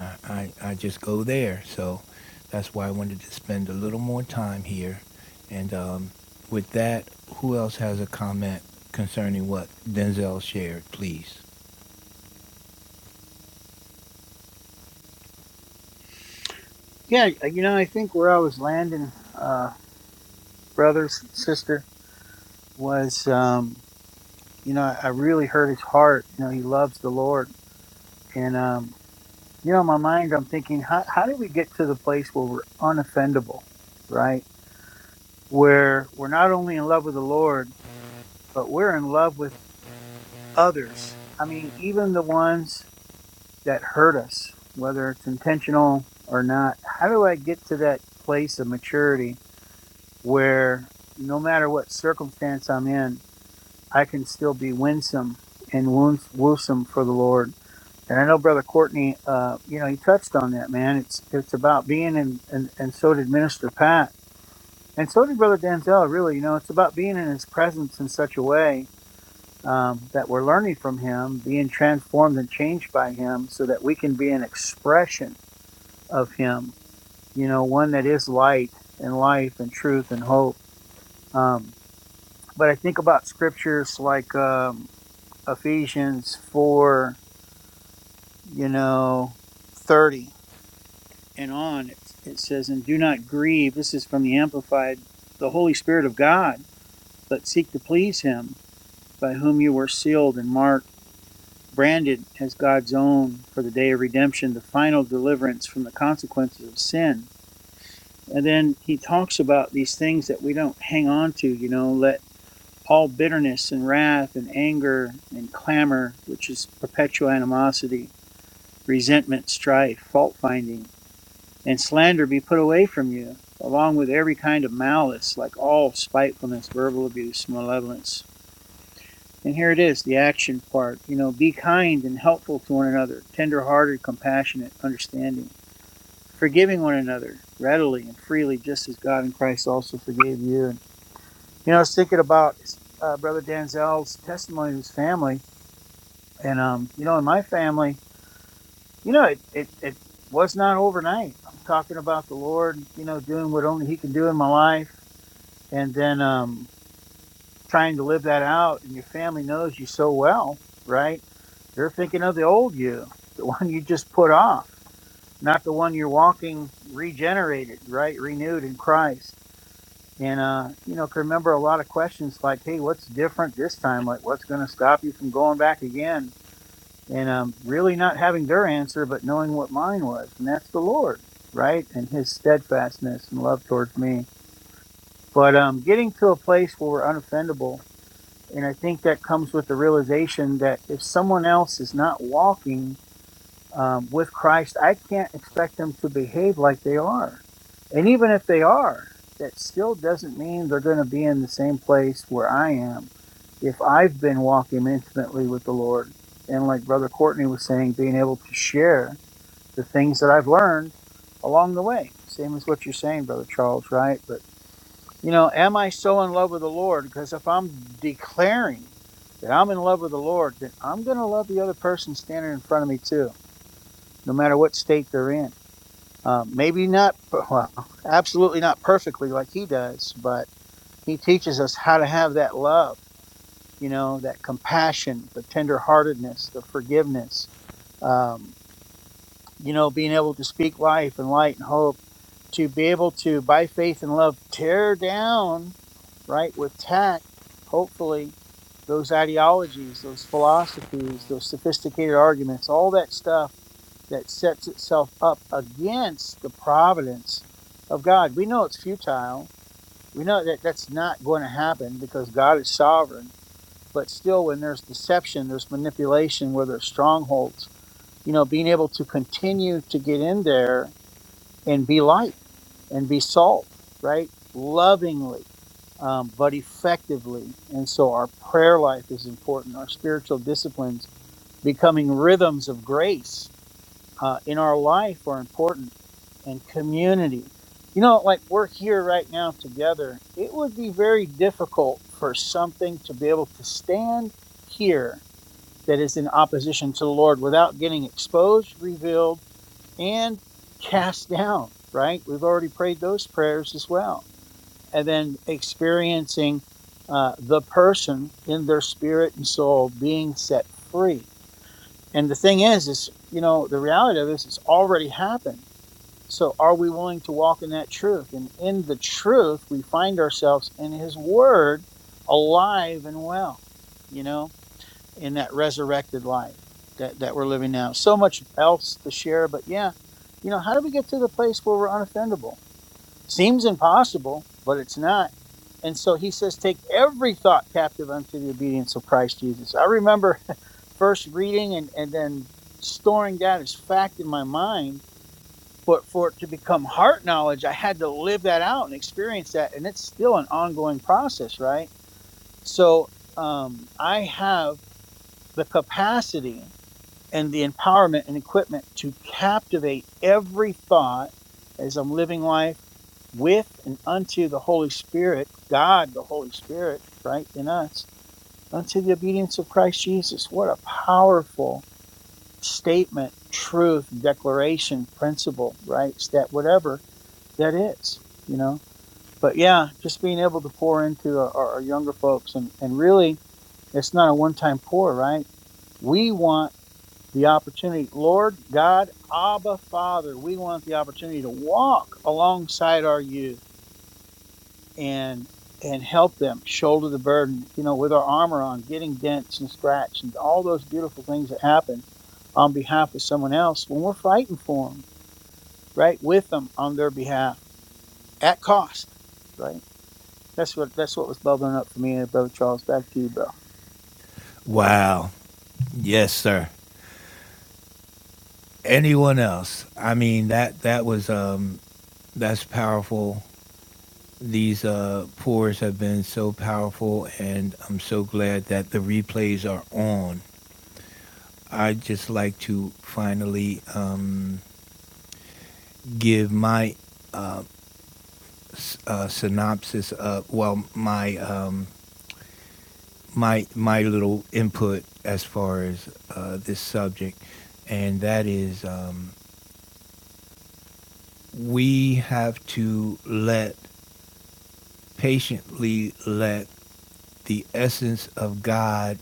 I, I, I just go there. So that's why I wanted to spend a little more time here. And um, with that, who else has a comment concerning what Denzel shared, please? Yeah, you know, I think where I was landing, uh, brothers, sisters. was, um, you know, I really hurt his heart. You know, he loves the Lord. And, um, you know, in my mind, I'm thinking, how, how do we get to the place where we're unoffendable, right? Where we're not only in love with the Lord, but we're in love with others. I mean, even the ones that hurt us, whether it's intentional or not. How do I get to that place of maturity where no matter what circumstance I'm in, I can still be winsome and woos- woosome for the Lord. And I know Brother Courtney, uh, you know, he touched on that, man. It's it's about being in, and, and so did Minister Pat. And so did Brother Denzel, really. You know, it's about being in his presence in such a way um, that we're learning from him, being transformed and changed by him so that we can be an expression of him, you know, one that is light and life and truth and hope. Um, but I think about scriptures like, um, Ephesians 4, you know, 30 and on, it, it says, And do not grieve, this is from the Amplified, the Holy Spirit of God, but seek to please Him, by whom you were sealed and marked, branded as God's own for the day of redemption, the final deliverance from the consequences of sin. And then he talks about these things that we don't hang on to, you know, let all bitterness and wrath and anger and clamor, which is perpetual animosity, resentment, strife, fault finding, and slander be put away from you, along with every kind of malice, like all spitefulness, verbal abuse, malevolence. And here it is, the action part. You know, be kind and helpful to one another, tender hearted, compassionate, understanding, forgiving one another readily and freely, just as God in Christ also forgave you. And, you know, I was thinking about uh, Brother Danzel's testimony of his family. And, um, you know, in my family, You know, it, it, it was not overnight. I'm talking about the Lord, you know, doing what only He can do in my life and then um, trying to live that out. And your family knows you so well, right? They're thinking of the old you, the one you just put off, not the one you're walking regenerated, right? Renewed in Christ. And, uh, you know, can remember a lot of questions like, hey, what's different this time? Like, what's going to stop you from going back again? and um, really not having their answer, but knowing what mine was, and that's the Lord, right, and His steadfastness and love towards me. But um, getting to a place where we're unoffendable, and I think that comes with the realization that if someone else is not walking um, with Christ, I can't expect them to behave like they are. And even if they are, that still doesn't mean they're going to be in the same place where I am if I've been walking intimately with the Lord. And like Brother Courtney was saying, being able to share the things that I've learned along the way. Same as what you're saying, Brother Charles, right? But, you know, am I so in love with the Lord? Because if I'm declaring that I'm in love with the Lord, then I'm going to love the other person standing in front of me too no matter what state they're in. Um, maybe not, well, absolutely not perfectly like he does, but he teaches us how to have that love, you know, that compassion, the tenderheartedness, the forgiveness. um, you know, being able to speak life and light and hope, to be able to, by faith and love, tear down, right, with tact, hopefully, those ideologies, those philosophies, those sophisticated arguments, all that stuff that sets itself up against the providence of God. We know it's futile. We know that that's not going to happen because God is sovereign. But still, when there's deception, there's manipulation, where there's strongholds you know, being able to continue to get in there and be light and be salt, right? Lovingly, um, but effectively. And so our prayer life is important, our spiritual disciplines, becoming rhythms of grace uh, in our life are important, and community. You know, like we're here right now together, it would be very difficult for something to be able to stand here that is in opposition to the Lord without getting exposed, revealed, and cast down, right? We've already prayed those prayers as well. And then experiencing uh, the person in their spirit and soul being set free. And the thing is, is, you know, the reality of this is already happened. So are we willing to walk in that truth? And in the truth, we find ourselves in his word alive and well, you know? in that resurrected life that, that we're living now. So much else to share, but yeah, you know, how do we get to the place where we're unoffendable? Seems impossible, but it's not. And so he says, take every thought captive unto the obedience of Christ Jesus. I remember first reading and, and then storing that as fact in my mind, but for it to become heart knowledge, I had to live that out and experience that. And it's still an ongoing process, right? So um, I have the capacity and the empowerment and equipment to captivate every thought as I'm living life with and unto the Holy Spirit, God, the Holy Spirit, right in us, unto the obedience of Christ Jesus. What a powerful statement, truth, declaration, principle, right? Stat, whatever that is, you know. But yeah, just being able to pour into our, our younger folks and, and really, it's not a one time pour, right? We want the opportunity, Lord God, Abba Father, we want the opportunity to walk alongside our youth and and help them shoulder the burden, you know, with our armor on, getting dents and scratch and all those beautiful things that happen on behalf of someone else when we're fighting for them, right? With them on their behalf at cost, right? That's what that's what was bubbling up for me, and Brother Charles. Back to you, bro. Wow. Yes, sir. Anyone else? I mean that that was um that's powerful. These uh pours have been so powerful and I'm so glad that the replays are on. I'd just like to finally um give my uh, synopsis of well my um, my my little input as far as uh, this subject, and that is um, we have to let patiently let the essence of God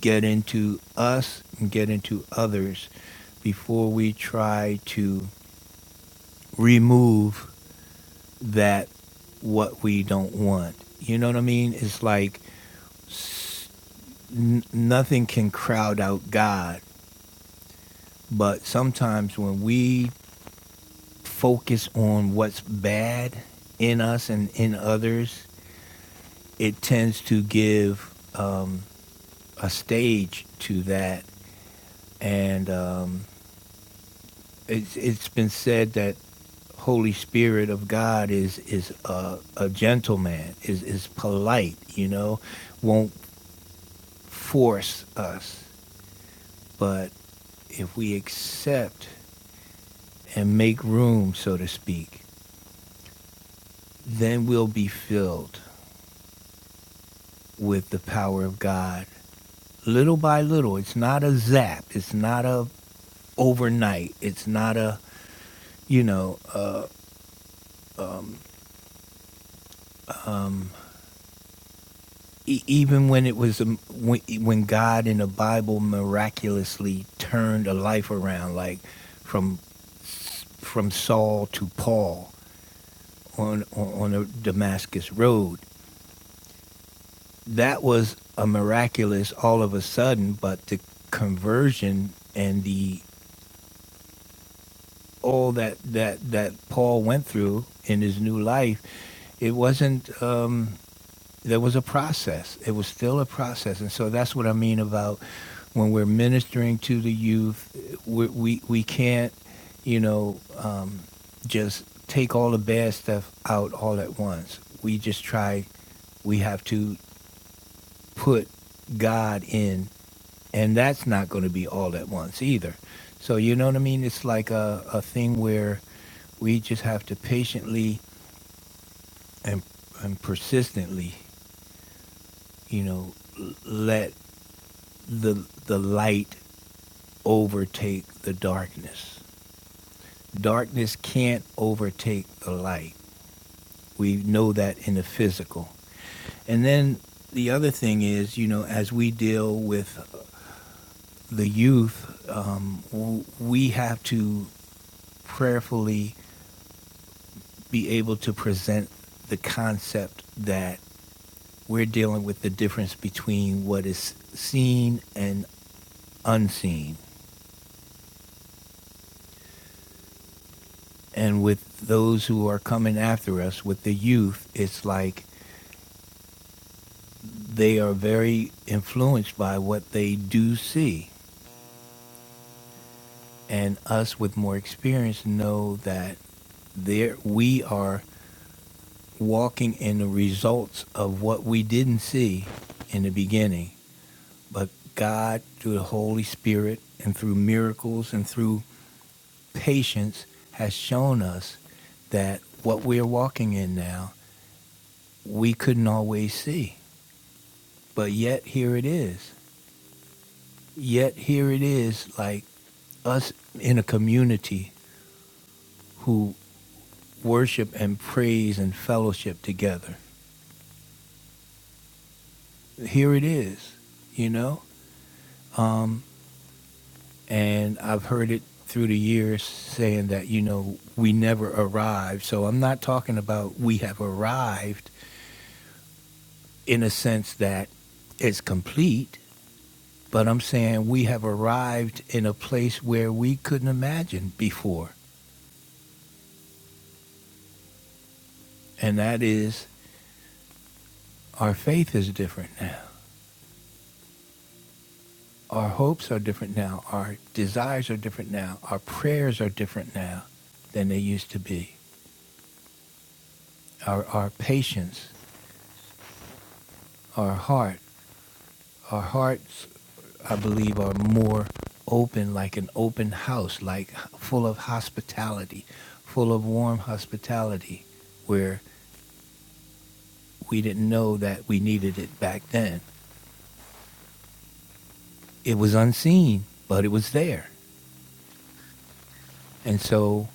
get into us and get into others before we try to remove that what we don't want. You know what I mean? It's like n- nothing can crowd out God. But sometimes when we focus on what's bad in us and in others, it tends to give um, a stage to that. And um, it's, it's been said that Holy Spirit of God is is a, a gentleman, is is polite, you know, won't force us. But if we accept and make room, so to speak, then we'll be filled. with the power of God. Little by little, it's not a zap. It's not a overnight. It's not a you know. uh, e- even when it was um, when, when God in the Bible miraculously turned a life around, like from from Saul to Paul on on the Damascus road, that was a miraculous all of a sudden. But the conversion and the all that that that Paul went through in his new life, it wasn't. Um, there was a process. It was still a process, and so that's what I mean about when we're ministering to the youth, we we, we can't, you know, um, just take all the bad stuff out all at once. We just try. We have to put God in and that's not going to be all at once either. So you know what I mean? It's like a, a thing where we just have to patiently and and persistently, you know, l- let the the light overtake the darkness. Darkness can't overtake the light. We know that in the physical. And then the other thing is, you know, as we deal with the youth, um, w- we have to prayerfully be able to present the concept that we're dealing with the difference between what is seen and unseen. And with those who are coming after us, with the youth, it's like they are very influenced by what they do see. And us with more experience know that there we are walking in the results of what we didn't see in the beginning But God, through the Holy Spirit and through miracles and through patience, has shown us that what we're walking in now, we couldn't always see. But yet here it is. Yet here it is, like us in a community who worship and praise and fellowship together. Here it is, you know? And I've heard it through the years saying that, you know, we never arrived. So I'm not talking about we have arrived. in a sense that it's complete, but I'm saying we have arrived in a place where we couldn't imagine before. And that is our faith is different now. Our hopes are different now. Our desires are different now. Our prayers are different now than they used to be. Our, our patience, our heart, our hearts, I believe, are more open, like an open house, like full of hospitality, full of warm hospitality, where We didn't know that we needed it back then. It was unseen, but it was there. And so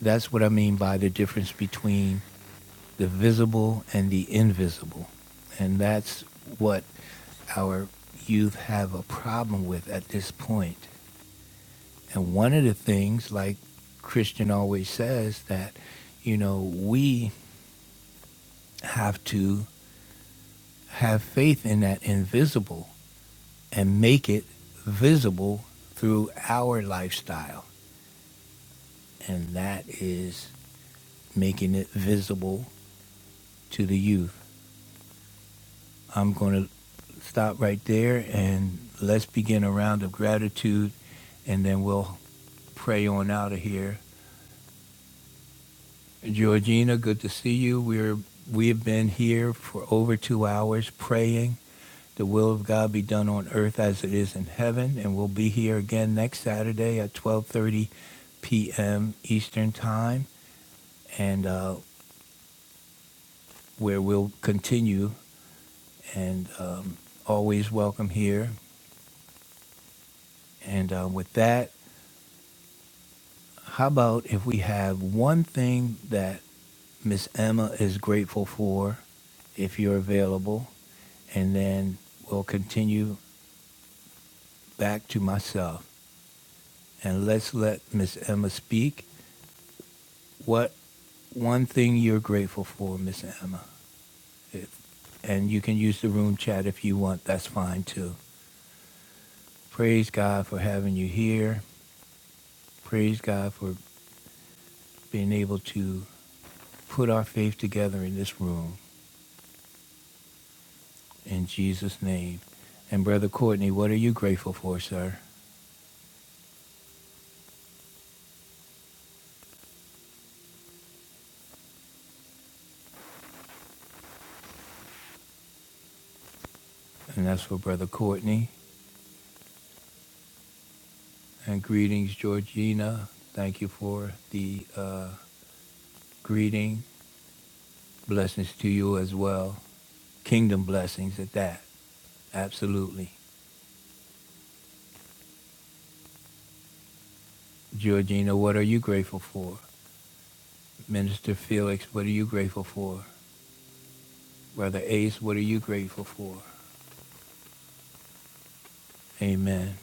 that's what I mean by the difference between the visible and the invisible. And that's what our youth have a problem with at this point. And one of the things, like Christian always says, that, you know, we have to have faith in that invisible and make it visible through our lifestyle. and that is making it visible to the youth. I'm going to stop right there and let's begin a round of gratitude and then we'll pray on out of here. Georgina, good to see you. We're we have been here for over 2 hours praying the will of God be done on earth as it is in heaven and we'll be here again next Saturday at 12:30 p.m. Eastern Time and uh, where we'll continue and um, always welcome here. And uh, with that, how about if we have one thing that Miss Emma is grateful for, if you're available, and then we'll continue back to myself. And let's let Miss Emma speak. What one thing you're grateful for, Miss Emma? And you can use the room chat if you want. That's fine too. Praise God for having you here. Praise God for being able to put our faith together in this room in Jesus' name. And Brother Courtney, what are you grateful for, sir? And that's for Brother Courtney. And greetings, Georgina. Thank you for the uh, greeting. Blessings to you as well. Kingdom blessings at that. Absolutely. Georgina, what are you grateful for? Minister Felix, what are you grateful for? Brother Ace, what are you grateful for? Amen.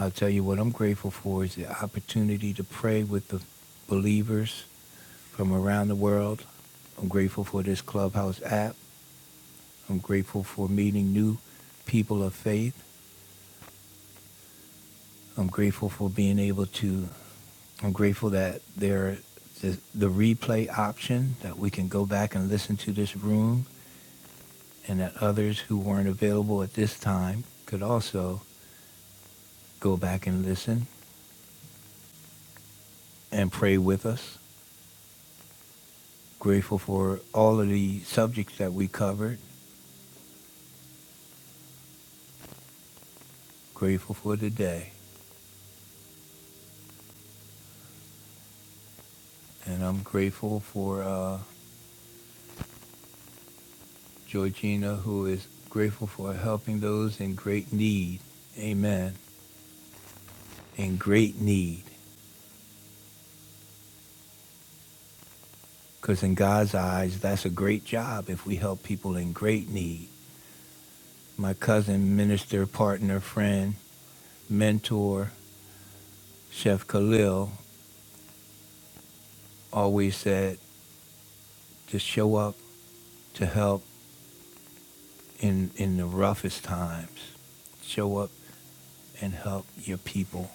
I'll tell you what I'm grateful for is the opportunity to pray with the believers from around the world. I'm grateful for this Clubhouse app. I'm grateful for meeting new people of faith. I'm grateful for being able to, I'm grateful that there the, the replay option that we can go back and listen to this room and that others who weren't available at this time could also go back and listen and pray with us. Grateful for all of the subjects that we covered. Grateful for today. And I'm grateful for uh, Georgina, who is grateful for helping those in great need. Amen. In great need. Because in God's eyes, that's a great job if we help people in great need. My cousin, minister, partner, friend, mentor, Chef Khalil, always said, just show up to help in, in the roughest times. Show up. and help your people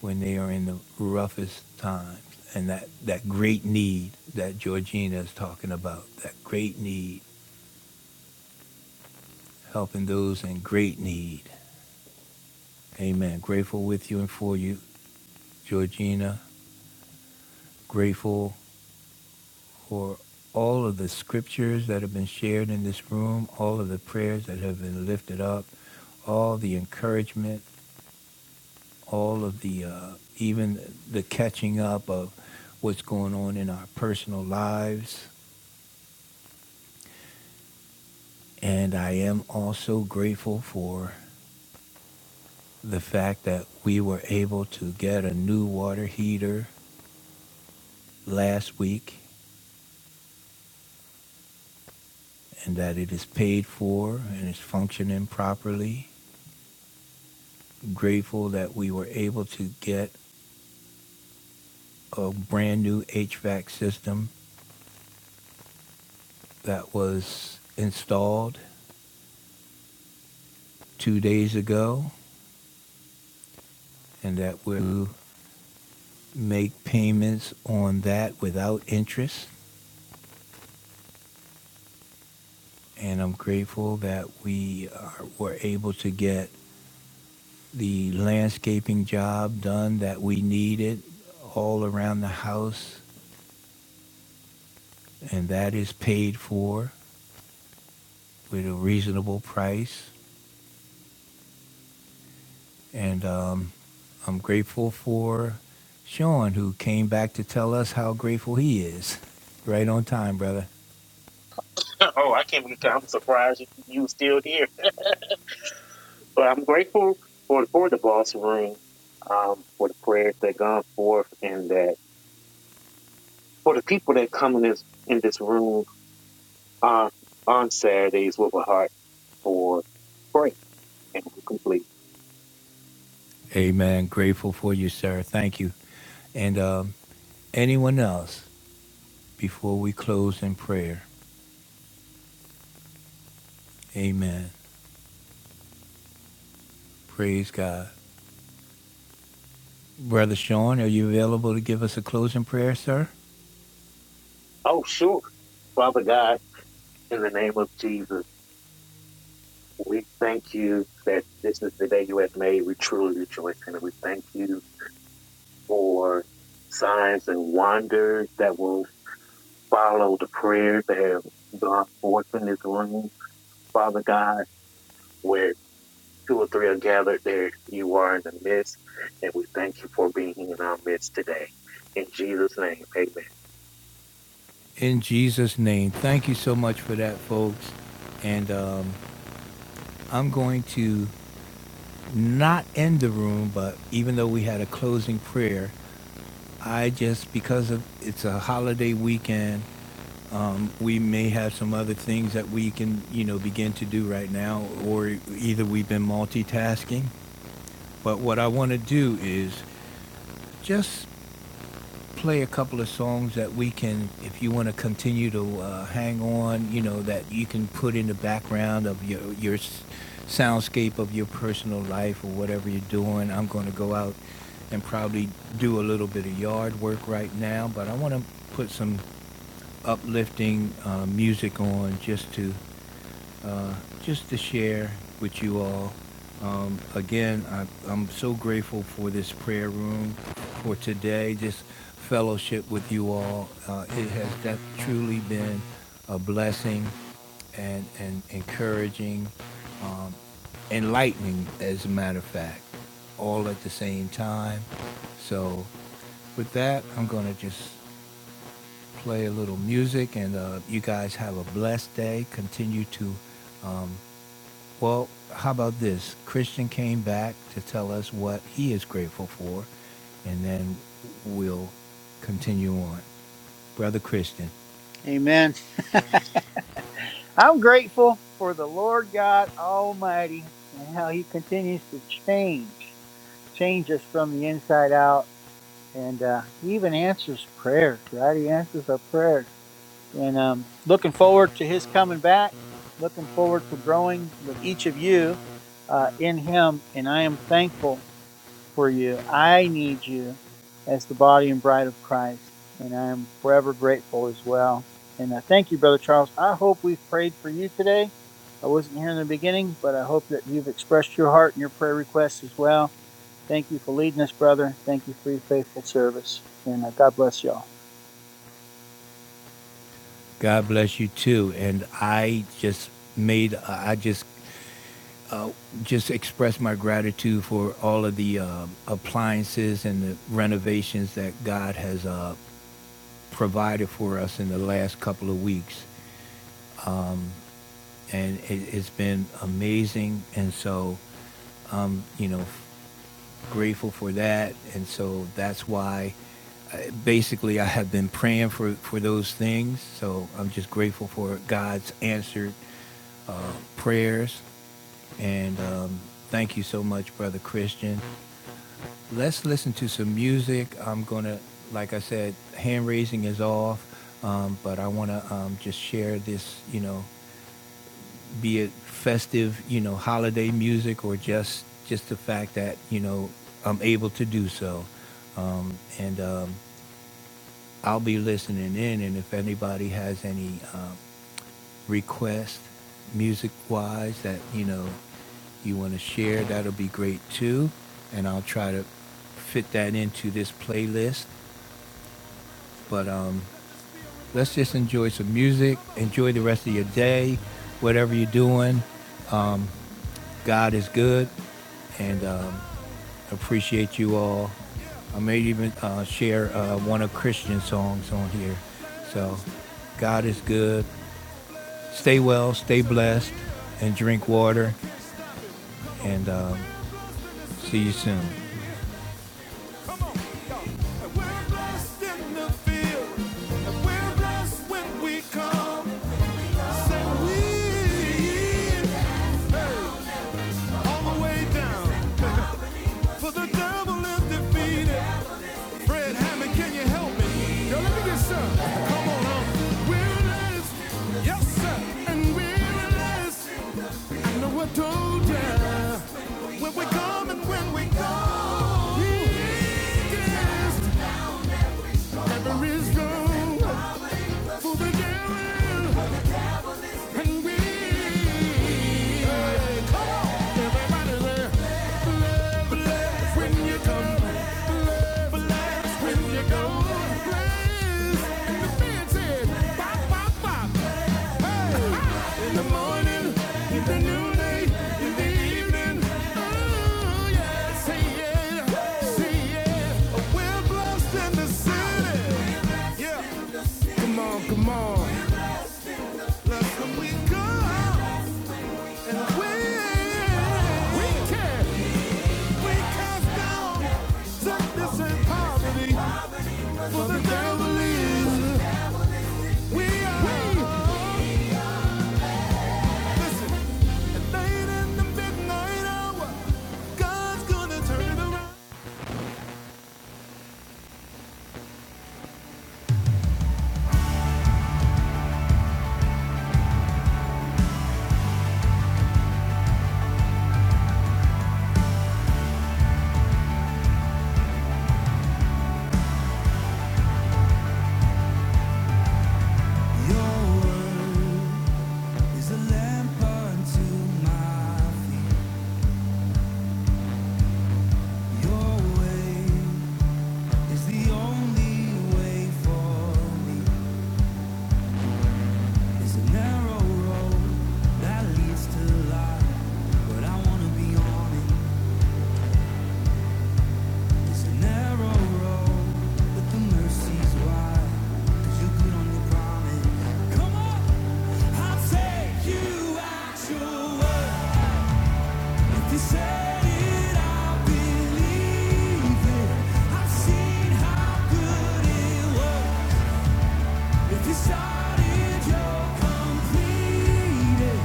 when they are in the roughest times. And that, that great need that Georgina is talking about, that great need, helping those in great need. Amen. Grateful with you and for you, Georgina. Grateful for all of the scriptures that have been shared in this room, all of the prayers that have been lifted up, all the encouragement, all of the, uh, even the catching up of what's going on in our personal lives And I am also grateful for the fact that we were able to get a new water heater last week and that it is paid for and is functioning properly. Grateful that we were able to get a brand new HVAC system that was installed two days ago and that we'll make payments on that without interest. And I'm grateful that we are, were able to get the landscaping job done that we needed all around the house, and that is paid for with a reasonable price. And um, I'm grateful for Sean, who came back to tell us how grateful he is. Right on time, brother. Oh, I can't believe I'm surprised you you still here. But I'm grateful for for the boss room, um, for the prayers that gone forth, and that for the people that come in this in this room on on Saturdays with a heart for pray and we complete. Amen. Grateful for you, sir. Thank you. And um, anyone else before we close in prayer? Amen. Praise God. Brother Sean, are you available to give us a closing prayer, sir? Oh, sure, Father God, in the name of Jesus, we thank you that this is the day you have made. We truly rejoice, and we thank you for signs and wonders that will follow the prayers that have gone forth in this room, Father God, where two or three are gathered, there you are in the midst, and we thank you for being in our midst today. In Jesus' name, amen. in Jesus' name. Thank you so much for that, folks. And um, I'm going to not end the room, but even though we had a closing prayer, I just because of it's a holiday weekend, we may have some other things that we can you know begin to do right now, or either we've been multitasking. But what I want to do is just play a couple of songs that we can, if you want to continue to uh, hang on, you know, that you can put in the background of your your soundscape of your personal life or whatever you're doing. I'm going to go out and probably do a little bit of yard work right now, but I want to put some uplifting uh, music on just to uh, just to share with you all. Um, again, I, I'm so grateful for this prayer room for today, this fellowship with you all. Uh, it has that truly been a blessing and, and encouraging, enlightening, as a matter of fact, all at the same time. So, with that, I'm going to just play a little music and uh, you guys have a blessed day. Continue to Well, how about this? Christian came back to tell us what he is grateful for, and then we'll continue on. Brother Christian, Amen. I'm grateful for the Lord God Almighty and how He continues to change, change us from the inside out. And uh, He even answers prayers, right? He answers our prayers. And um, looking forward to His coming back, looking forward to growing with each of you uh, in Him. And I am thankful for you. I need you as the body and bride of Christ, and I am forever grateful as well. And I thank you, Brother Charles. I hope we've prayed for you today. I wasn't here in the beginning, but I hope that you've expressed your heart and your prayer requests as well. Thank you for leading us, brother. Thank you for your faithful service. And uh, God bless y'all. God bless you too. And I just made, I just just expressed my gratitude for all of the um appliances and the renovations that God has uh, provided for us in the last couple of weeks, and it, it's been amazing. And so, you know. grateful for that. And so that's why uh, basically I have been praying for, for those things. So I'm just grateful for God's answered prayers. And um, thank you so much, Brother Christian. Let's listen to some music. I'm going to, like I said, hand raising is off. Um, but I want to um, just share this, you know, be it festive, you know, holiday music or just just the fact that you know I'm able to do so. Um, and um, I'll be listening in, and if anybody has any um, requests, music-wise, that you know you want to share, that'll be great too. And I'll try to fit that into this playlist. But um, let's just enjoy some music. Enjoy the rest of your day, whatever you're doing. God is good, and um, Appreciate you all. I may even uh, share uh, one of Christian songs on here. So, God is good. Stay well, stay blessed, and drink water. And um, see you soon. hey, for the devil is defeated. Fred Hammond, can you help me? Yo, let me get some. Come on, on. Weariness, yes, sir. And weariness, I know I told ya. When we come and when we go. Yes, ever is wrong for the devil and we. yeah, Everybody there. love When you come, love laughs. When you go, praise. And Hey, in the morning, in the noonday, in the evening. Oh, yeah, say yeah, say yeah. Oh, we're blessed in the city. Yeah, come on, come on. we go. And we, can, we cast down sickness and poverty. for the devil is. We are. Listen, at night in the midnight hour, God's gonna turn it around. Your word is a lamp unto my feet. Your way is the only way for me. It's a narrow road that leads to life, but I wanna be on it. It's a narrow road, but the mercy's wide. 'Cause you're good on your promise. Come on, I'll take you. You started, you bleeding.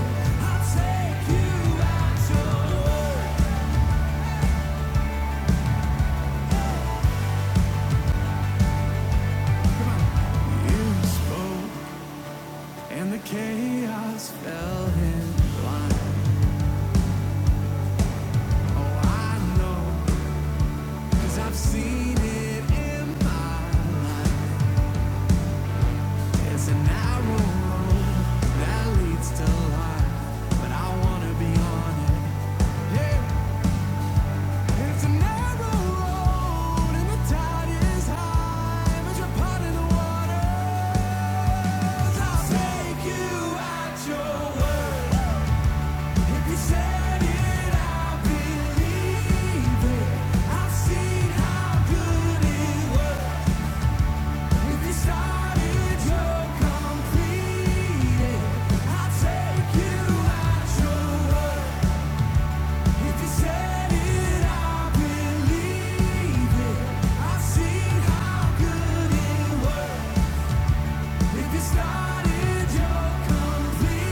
You spoke, and the chaos fell in. I know, i I've seen it It's a narrow road that leads to life, but I wanna be on it. Yeah, it's a narrow road, and the tide is high. Take you out, you- if you started, you complete. Take you out, you said it. Started, you're complete.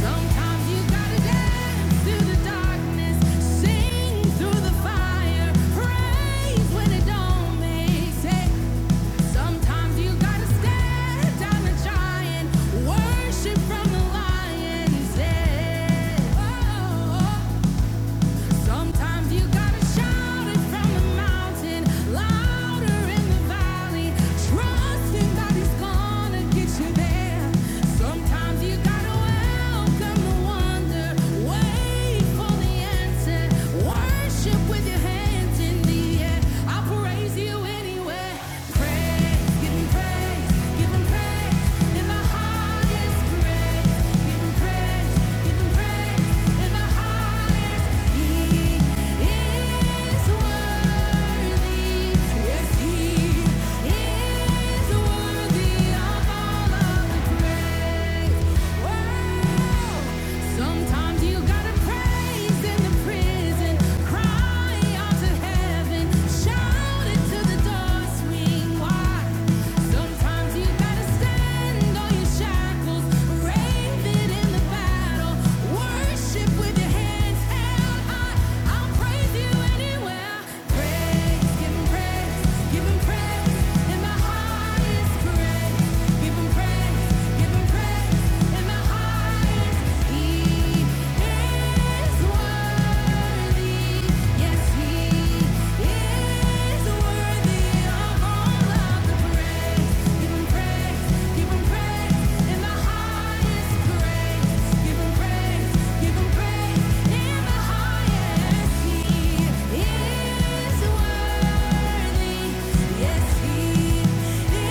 Sometimes you gotta dance through the darkness, sing through the fire, praise when it don't make sense. Sometimes you gotta stand down the giant, worship from the lion's den. Oh, oh, oh. Sometimes you gotta shout it from the mountain, louder in the valley, trusting that he's gonna get you there. Sometimes you gotta welcome the wonder, wait for the answer, worship with your hands in the air. I'll praise you anyway. Praise, give him praise, give him praise in the highest praise. Sometimes you gotta praise in the prison, cry out to heaven, shout into the door, Sometimes you gotta stand on your shackles, raving in the battle, worship with your hands held high. I'll praise you anywhere. Praise, praise, give 'em praise in my highest praise. Give 'em praise, give 'em praise in my highest. is worthy. Yes, He is worthy of all of the praise. Give Him praise, give Him praise in the highest praise. Give Him praise, give Him praise in the highest. He is worthy. Yes, He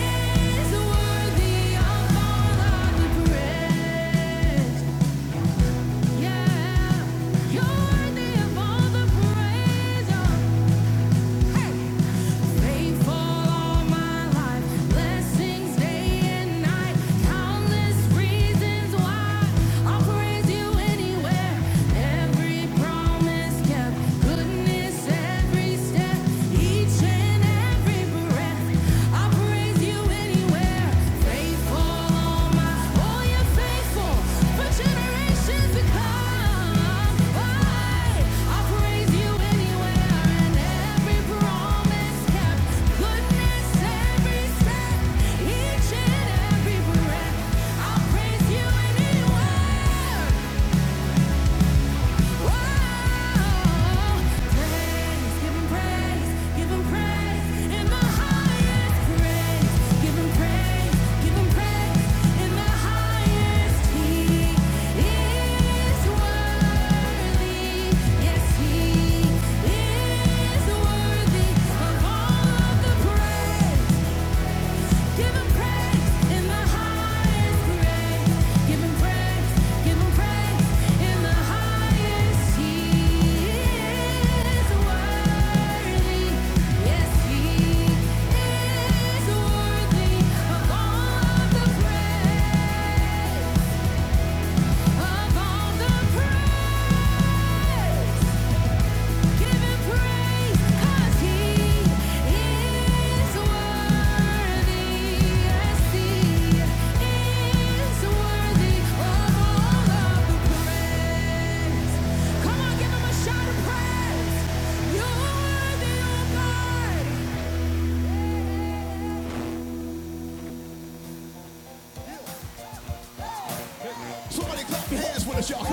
is worthy of all of the praise. Yeah, You're worthy of all the praise. Faithful all my life, blessings day and night, countless reasons why I'll praise you anywhere. Every promise kept, goodness every step, each and every breath. I'll praise you anywhere. Each and every breath, I'll praise you anywhere. Yes, he is worthy of all of the praise. Give him praise in the highest grade. Give him praise, give him praise in the highest. He is worthy. Yes, he is worthy of all the praise, of all the praise. Y'all,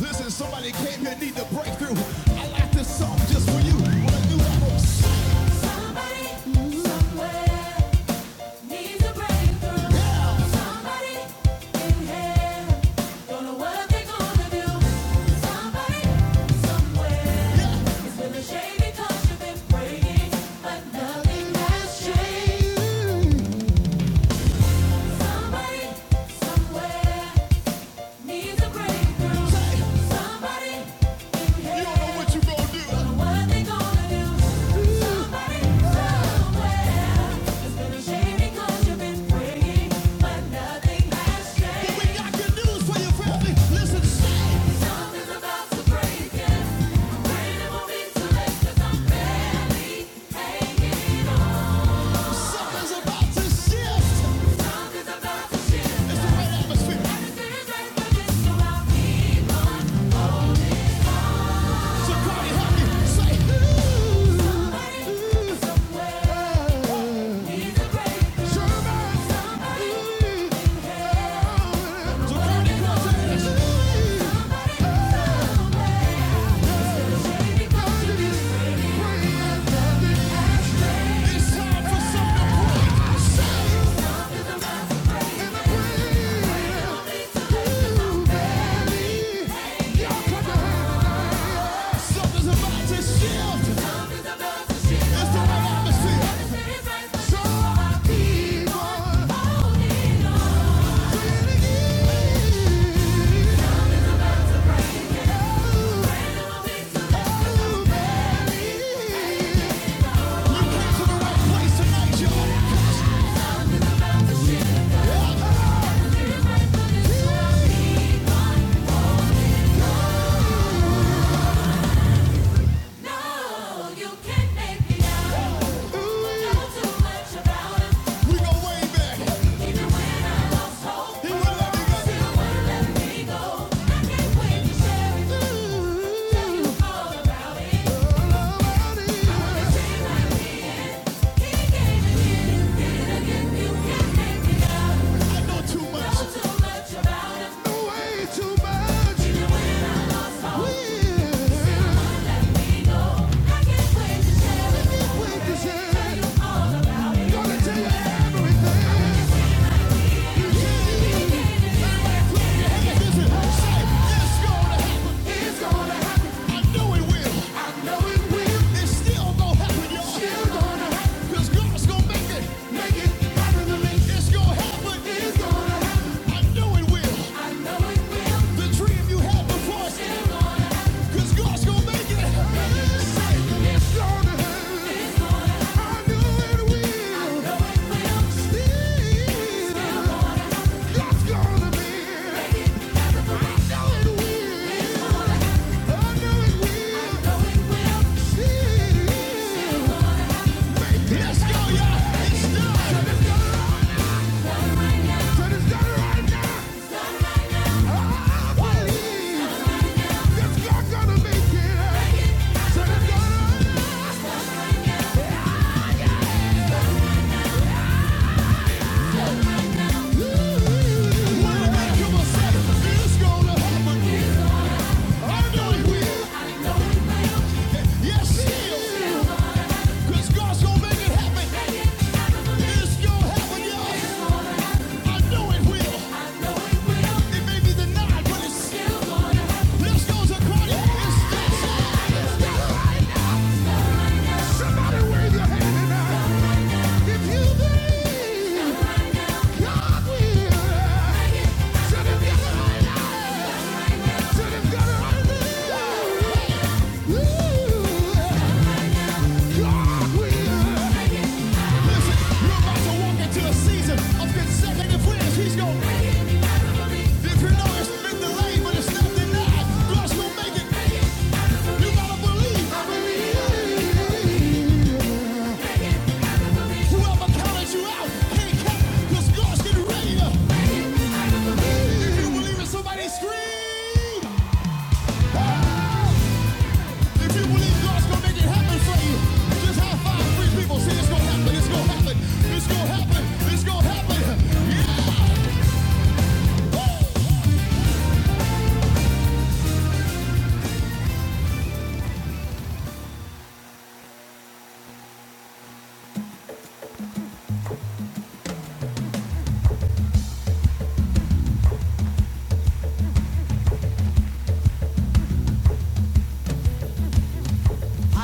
listen, somebody came here, need a breakthrough. I like this song just for you. Wanna do that? Somebody, somewhere. Needs a breakthrough. Yeah. Somebody in hell. Don't know what they're gonna do. Somebody somewhere is feeling shady 'cause you've been praying, but nothing has changed. Somebody somewhere Needs a breakthrough. You don't know what you gonna do. what they gonna do? Somebody, somewhere. It's been a because you've been praying, but nothing has changed. we got good news for your family. Listen, Something's about to break I'm praying it won't be too late 'cause I'm barely hanging on. Something's about to shift. It's the right atmosphere. So Cardi, somebody, ooh, oh. So Cardi, come Y'all. No, you can't make me know. Know too much about him. We go way back. He wouldn't let me go. I can't wait to share it. Tell you he gave it you. Did it again. You can't make me know. I know too much. Know too much about him. Way too much. Even when I'm alone, Yeah. I can't wait to share it. Wait to gonna tell you everything. You can't It's gonna be. Yes, she is. Cause God's gonna make it happen. It's gonna happen, y'all. I know it will. It may be denied, but it's still gonna happen. Lips goes according. It's still right. right Somebody wave your hand tonight. If you believe, God will. Should right right God will. Listen, you're about to walk into a season of consecutive wins. He's gonna. If you know it's been delayed, but it's not denied, God's gonna make it. You gotta believe. I believe. Whoever counted you out can't count, 'cause God's getting ready to. If you believe somebody scream. Hey! If you believe God's gonna make it happen for you, just high five three people. Say it's gonna happen. It's gonna happen. It's gonna happen. It's gonna happen.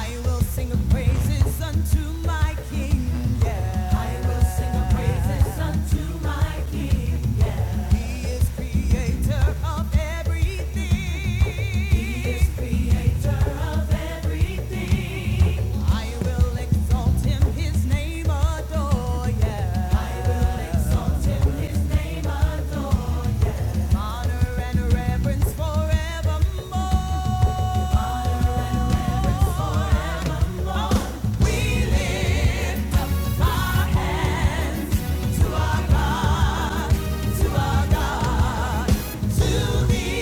I will sing praises unto my King. Yeah. I will sing praises unto my King. He is creator of everything. He is creator of everything. I will exalt him, his name adore, yeah. I will exalt him, his name adore, yeah. Honor and reverence forevermore. Honor and reverence forevermore. To our God, to the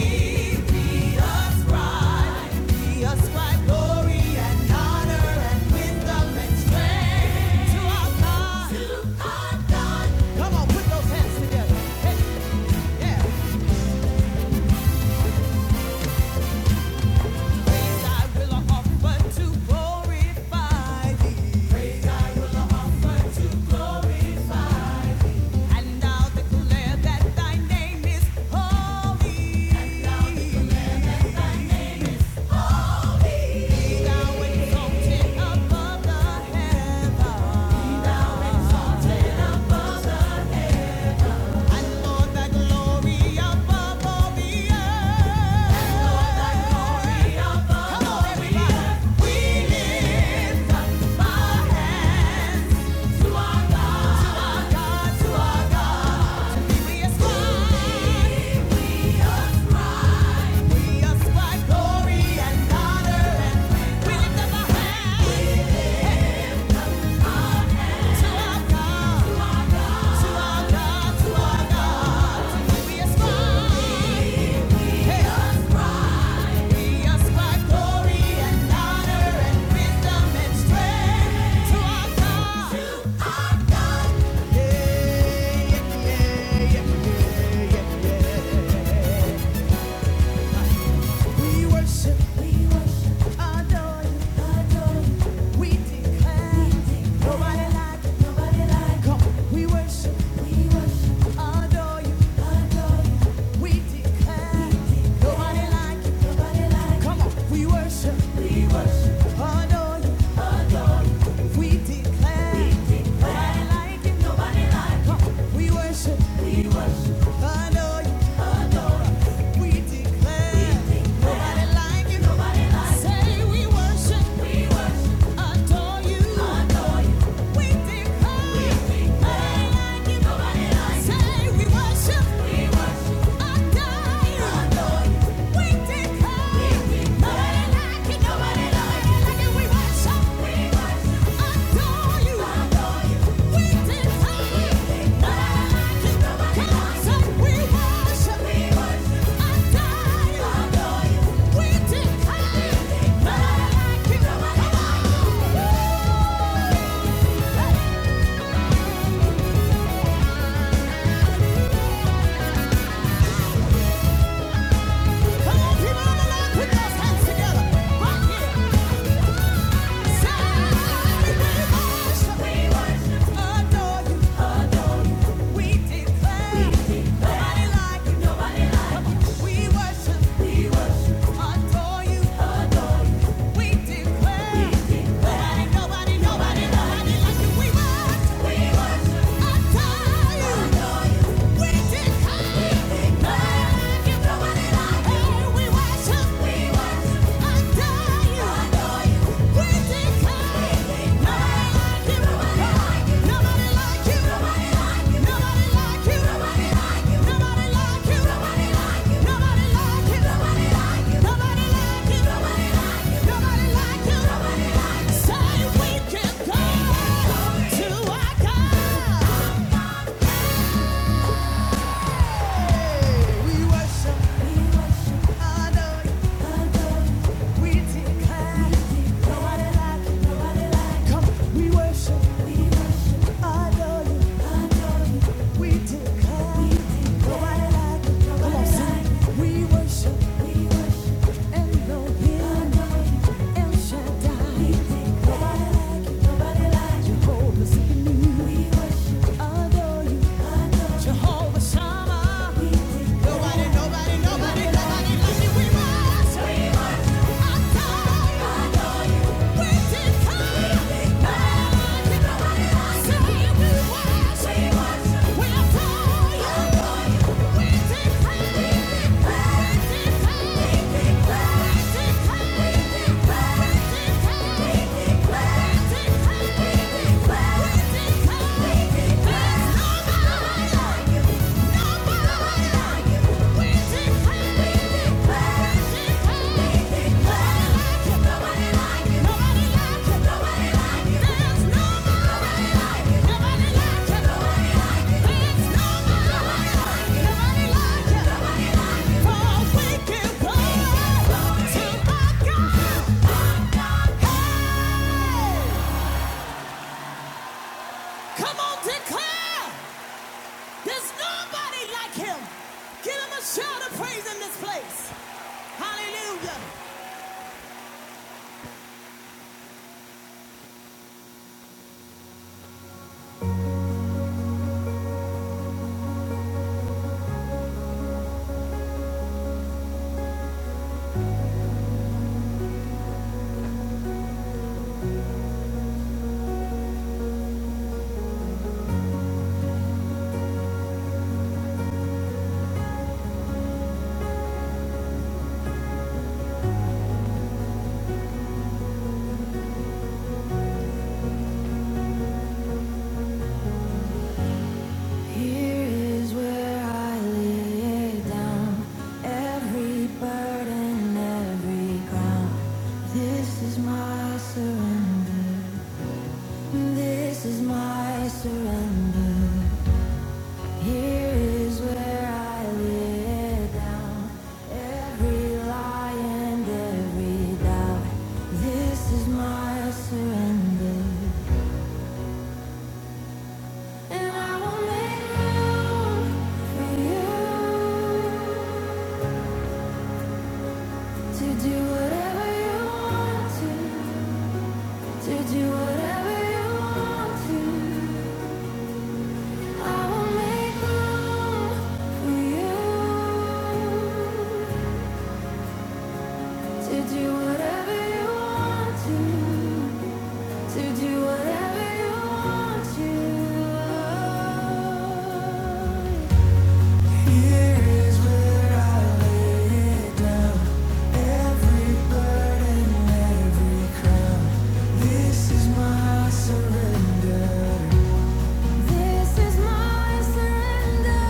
And I'll declare that thy name is holy. above the heaven. We ascribe glory and honor and we lift up our hands. Yeah. yeah. yeah, yeah, yeah, yeah, yeah. We worship, we worship, adore you, adore you. We declare, nobody like nobody like you. Come, we worship, we worship, adore you, adore you. We declare, nobody like nobody like Come on, we worship, we worship, adore you, adore you. We declare, we declare. Nobody like you. Nobody like you. We worship. We worship. Adore you. Adore you. We declare. We declare. Nobody like you. Nobody like you. Say we worship. We worship. Adore you. Adore you. We declare. We declare. Nobody like you. Nobody like you. Say we worship. We worship. Adore you. Hey! Come on, people of the put those hands together. Right here. we worship, adore you, adore you. We declare, nobody like you, nobody like you. We worship, we worship, adore you, adore you. We declare, we declare, nobody, nobody, nobody like you. We worship, we worship, adore you, adore you. We declare. Say we can go to our God. I in you. We worship, adore. Jehovah Shammah. Nobody, nobody, nobody, nobody like you. We rise. We rise. Adore Adore you. We declare. We declare. We declare. We declare. We declare. We declare. Shout a praise in this place. Hallelujah. Here is where I lay down every burden, every ground. This is my surrender. This is my surrender. Here is where I lay down every lie and every doubt. This is my surrender. And I will make room for you. To do whatever you want to. To do, to, to do whatever you want to. It's my heart, so this is my surrender.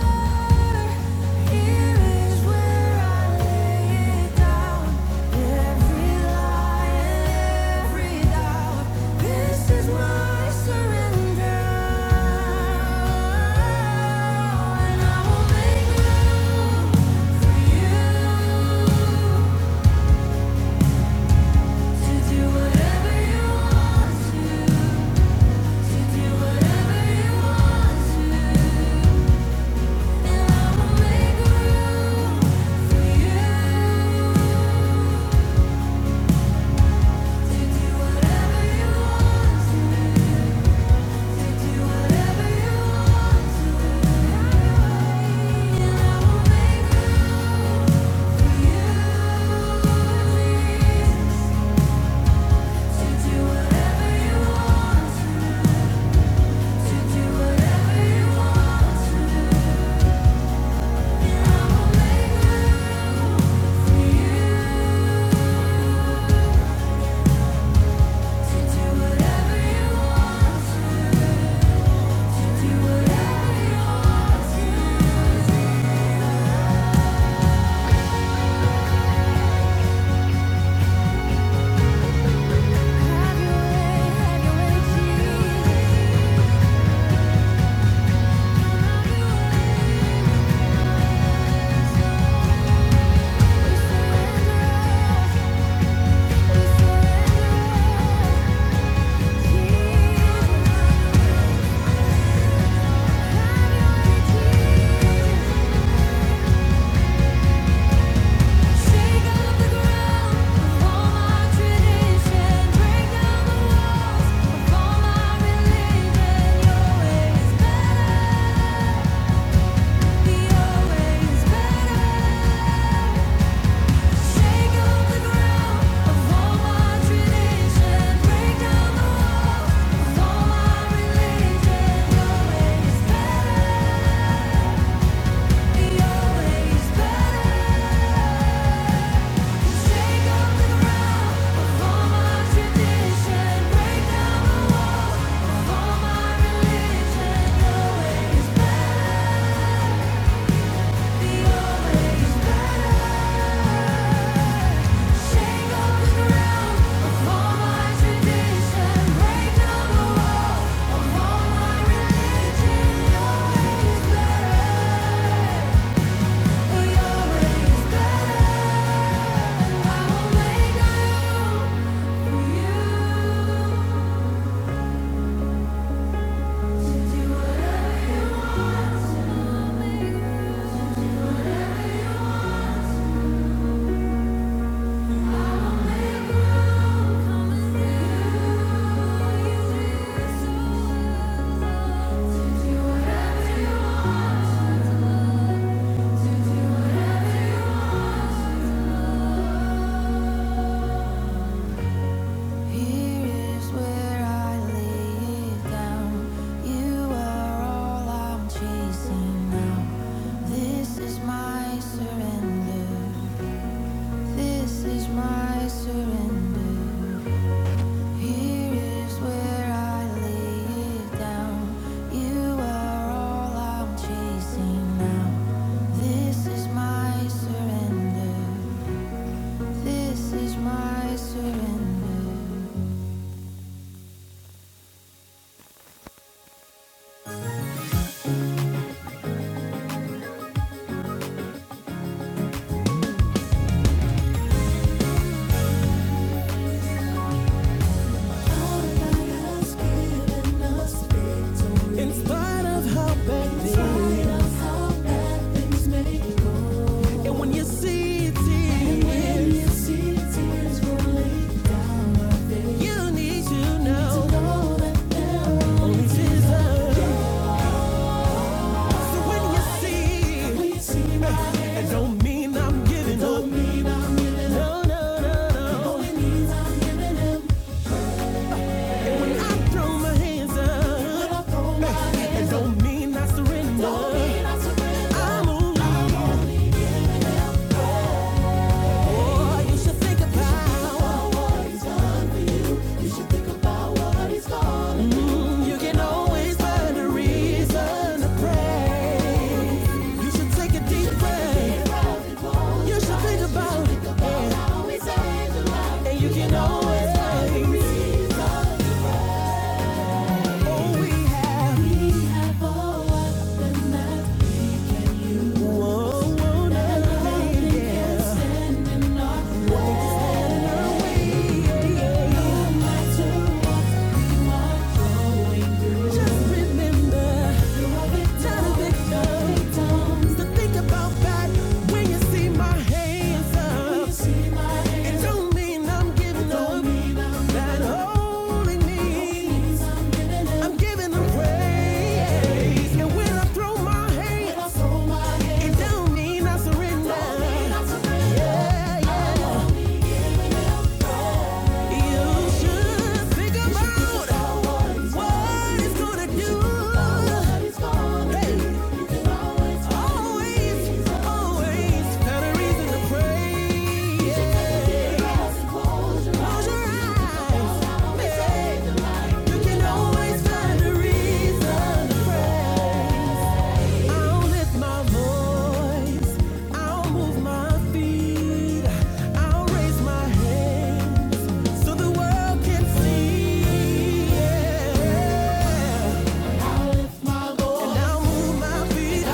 Here is where I lay it down. Every lie and every doubt. This is my surrender. And I will make room for you. To do whatever you want to Thank you Shake up the ground of all my tradition. Break down the walls of all my religion. Your way is better. Your way is better. Shake up the ground of all my tradition. Break down the walls of all my religion. Your way is better. Your way is better. Better, I will make a new for you. Here is where I lay it down. You are all I'm chasing now. This is my surrender. This is my surrender. Here is where I lay it down. You are all I'm chasing now. This is my surrender. This is my surrender. I need to know only Jesus. So when you see, when don't mean I'm giving up. No, no, no, no. I throw my hands up. That don't mean I surrender. I move like the power. Mm, You can always find a reason to pray. You should take a deep breath. You should think about you can always find a reason. Oh, we have. we have all up in that. Praise. And when I throw my hands up, praise. I'll lift my voice. I'll move my feet. I'll raise my hands so the world can see. Yeah. And I'll move my feet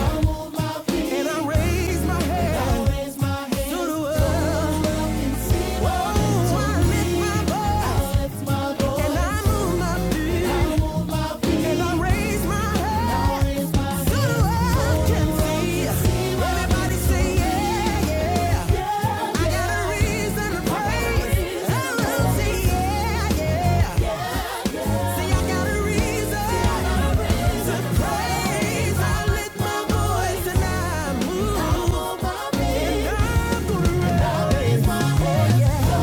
and I'll raise my hands so the world. Whoa, I lift my voice. And I move my feet. And I raise my head. So the world can see. Everybody say, yeah, yeah. yeah." I got a reason to praise. I will say, yeah, yeah. yeah." See, I got a reason. I lift my voice and I move. my feet. I'm my voice Yeah. so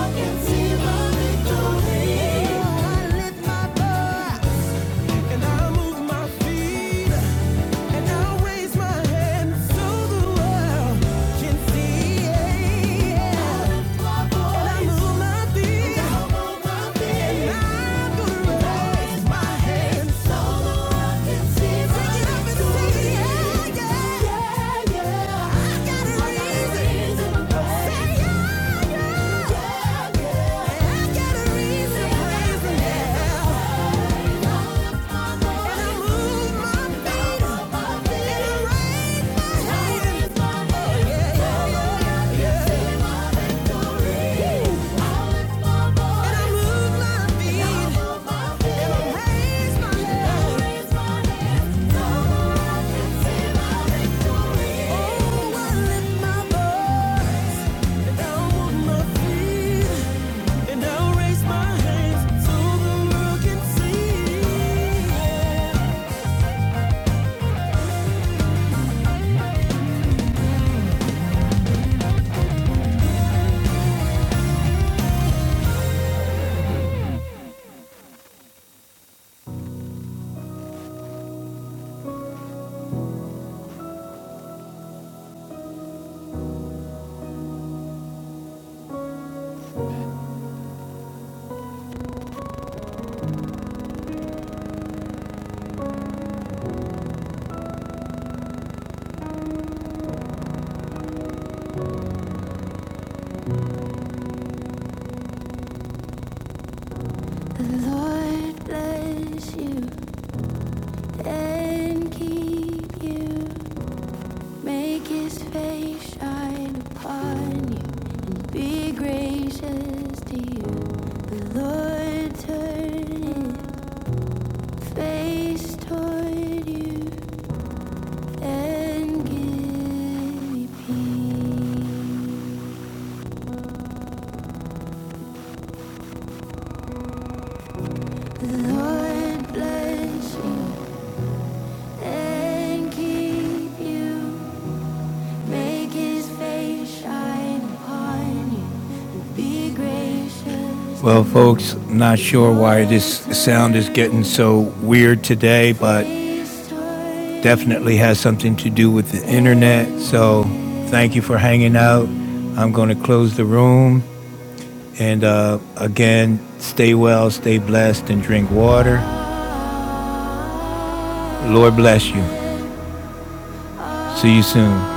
I can see my victory. I lift my voice and I move my feet. And I'll raise my hand so the world can see. yeah. And I move my feet. And I'm gonna raise my hand so the world can see. Take it up and say, yeah, yeah, yeah, yeah. I got a reason. Say, yeah, yeah, yeah, yeah. I got a reason, raising hell. And I'll raise my hands so the world can see. Lord bless you and keep you. Make his face shine upon you. Be gracious to you. The Lord turn his face toward you and give you peace. The Lord bless you and keep you. Make his face shine upon you. Well, folks, not sure why this sound is getting so weird today, but definitely has something to do with the internet. So, thank you for hanging out. I'm going to close the room. And uh, again, stay well, stay blessed, and drink water. Lord bless you. See you soon.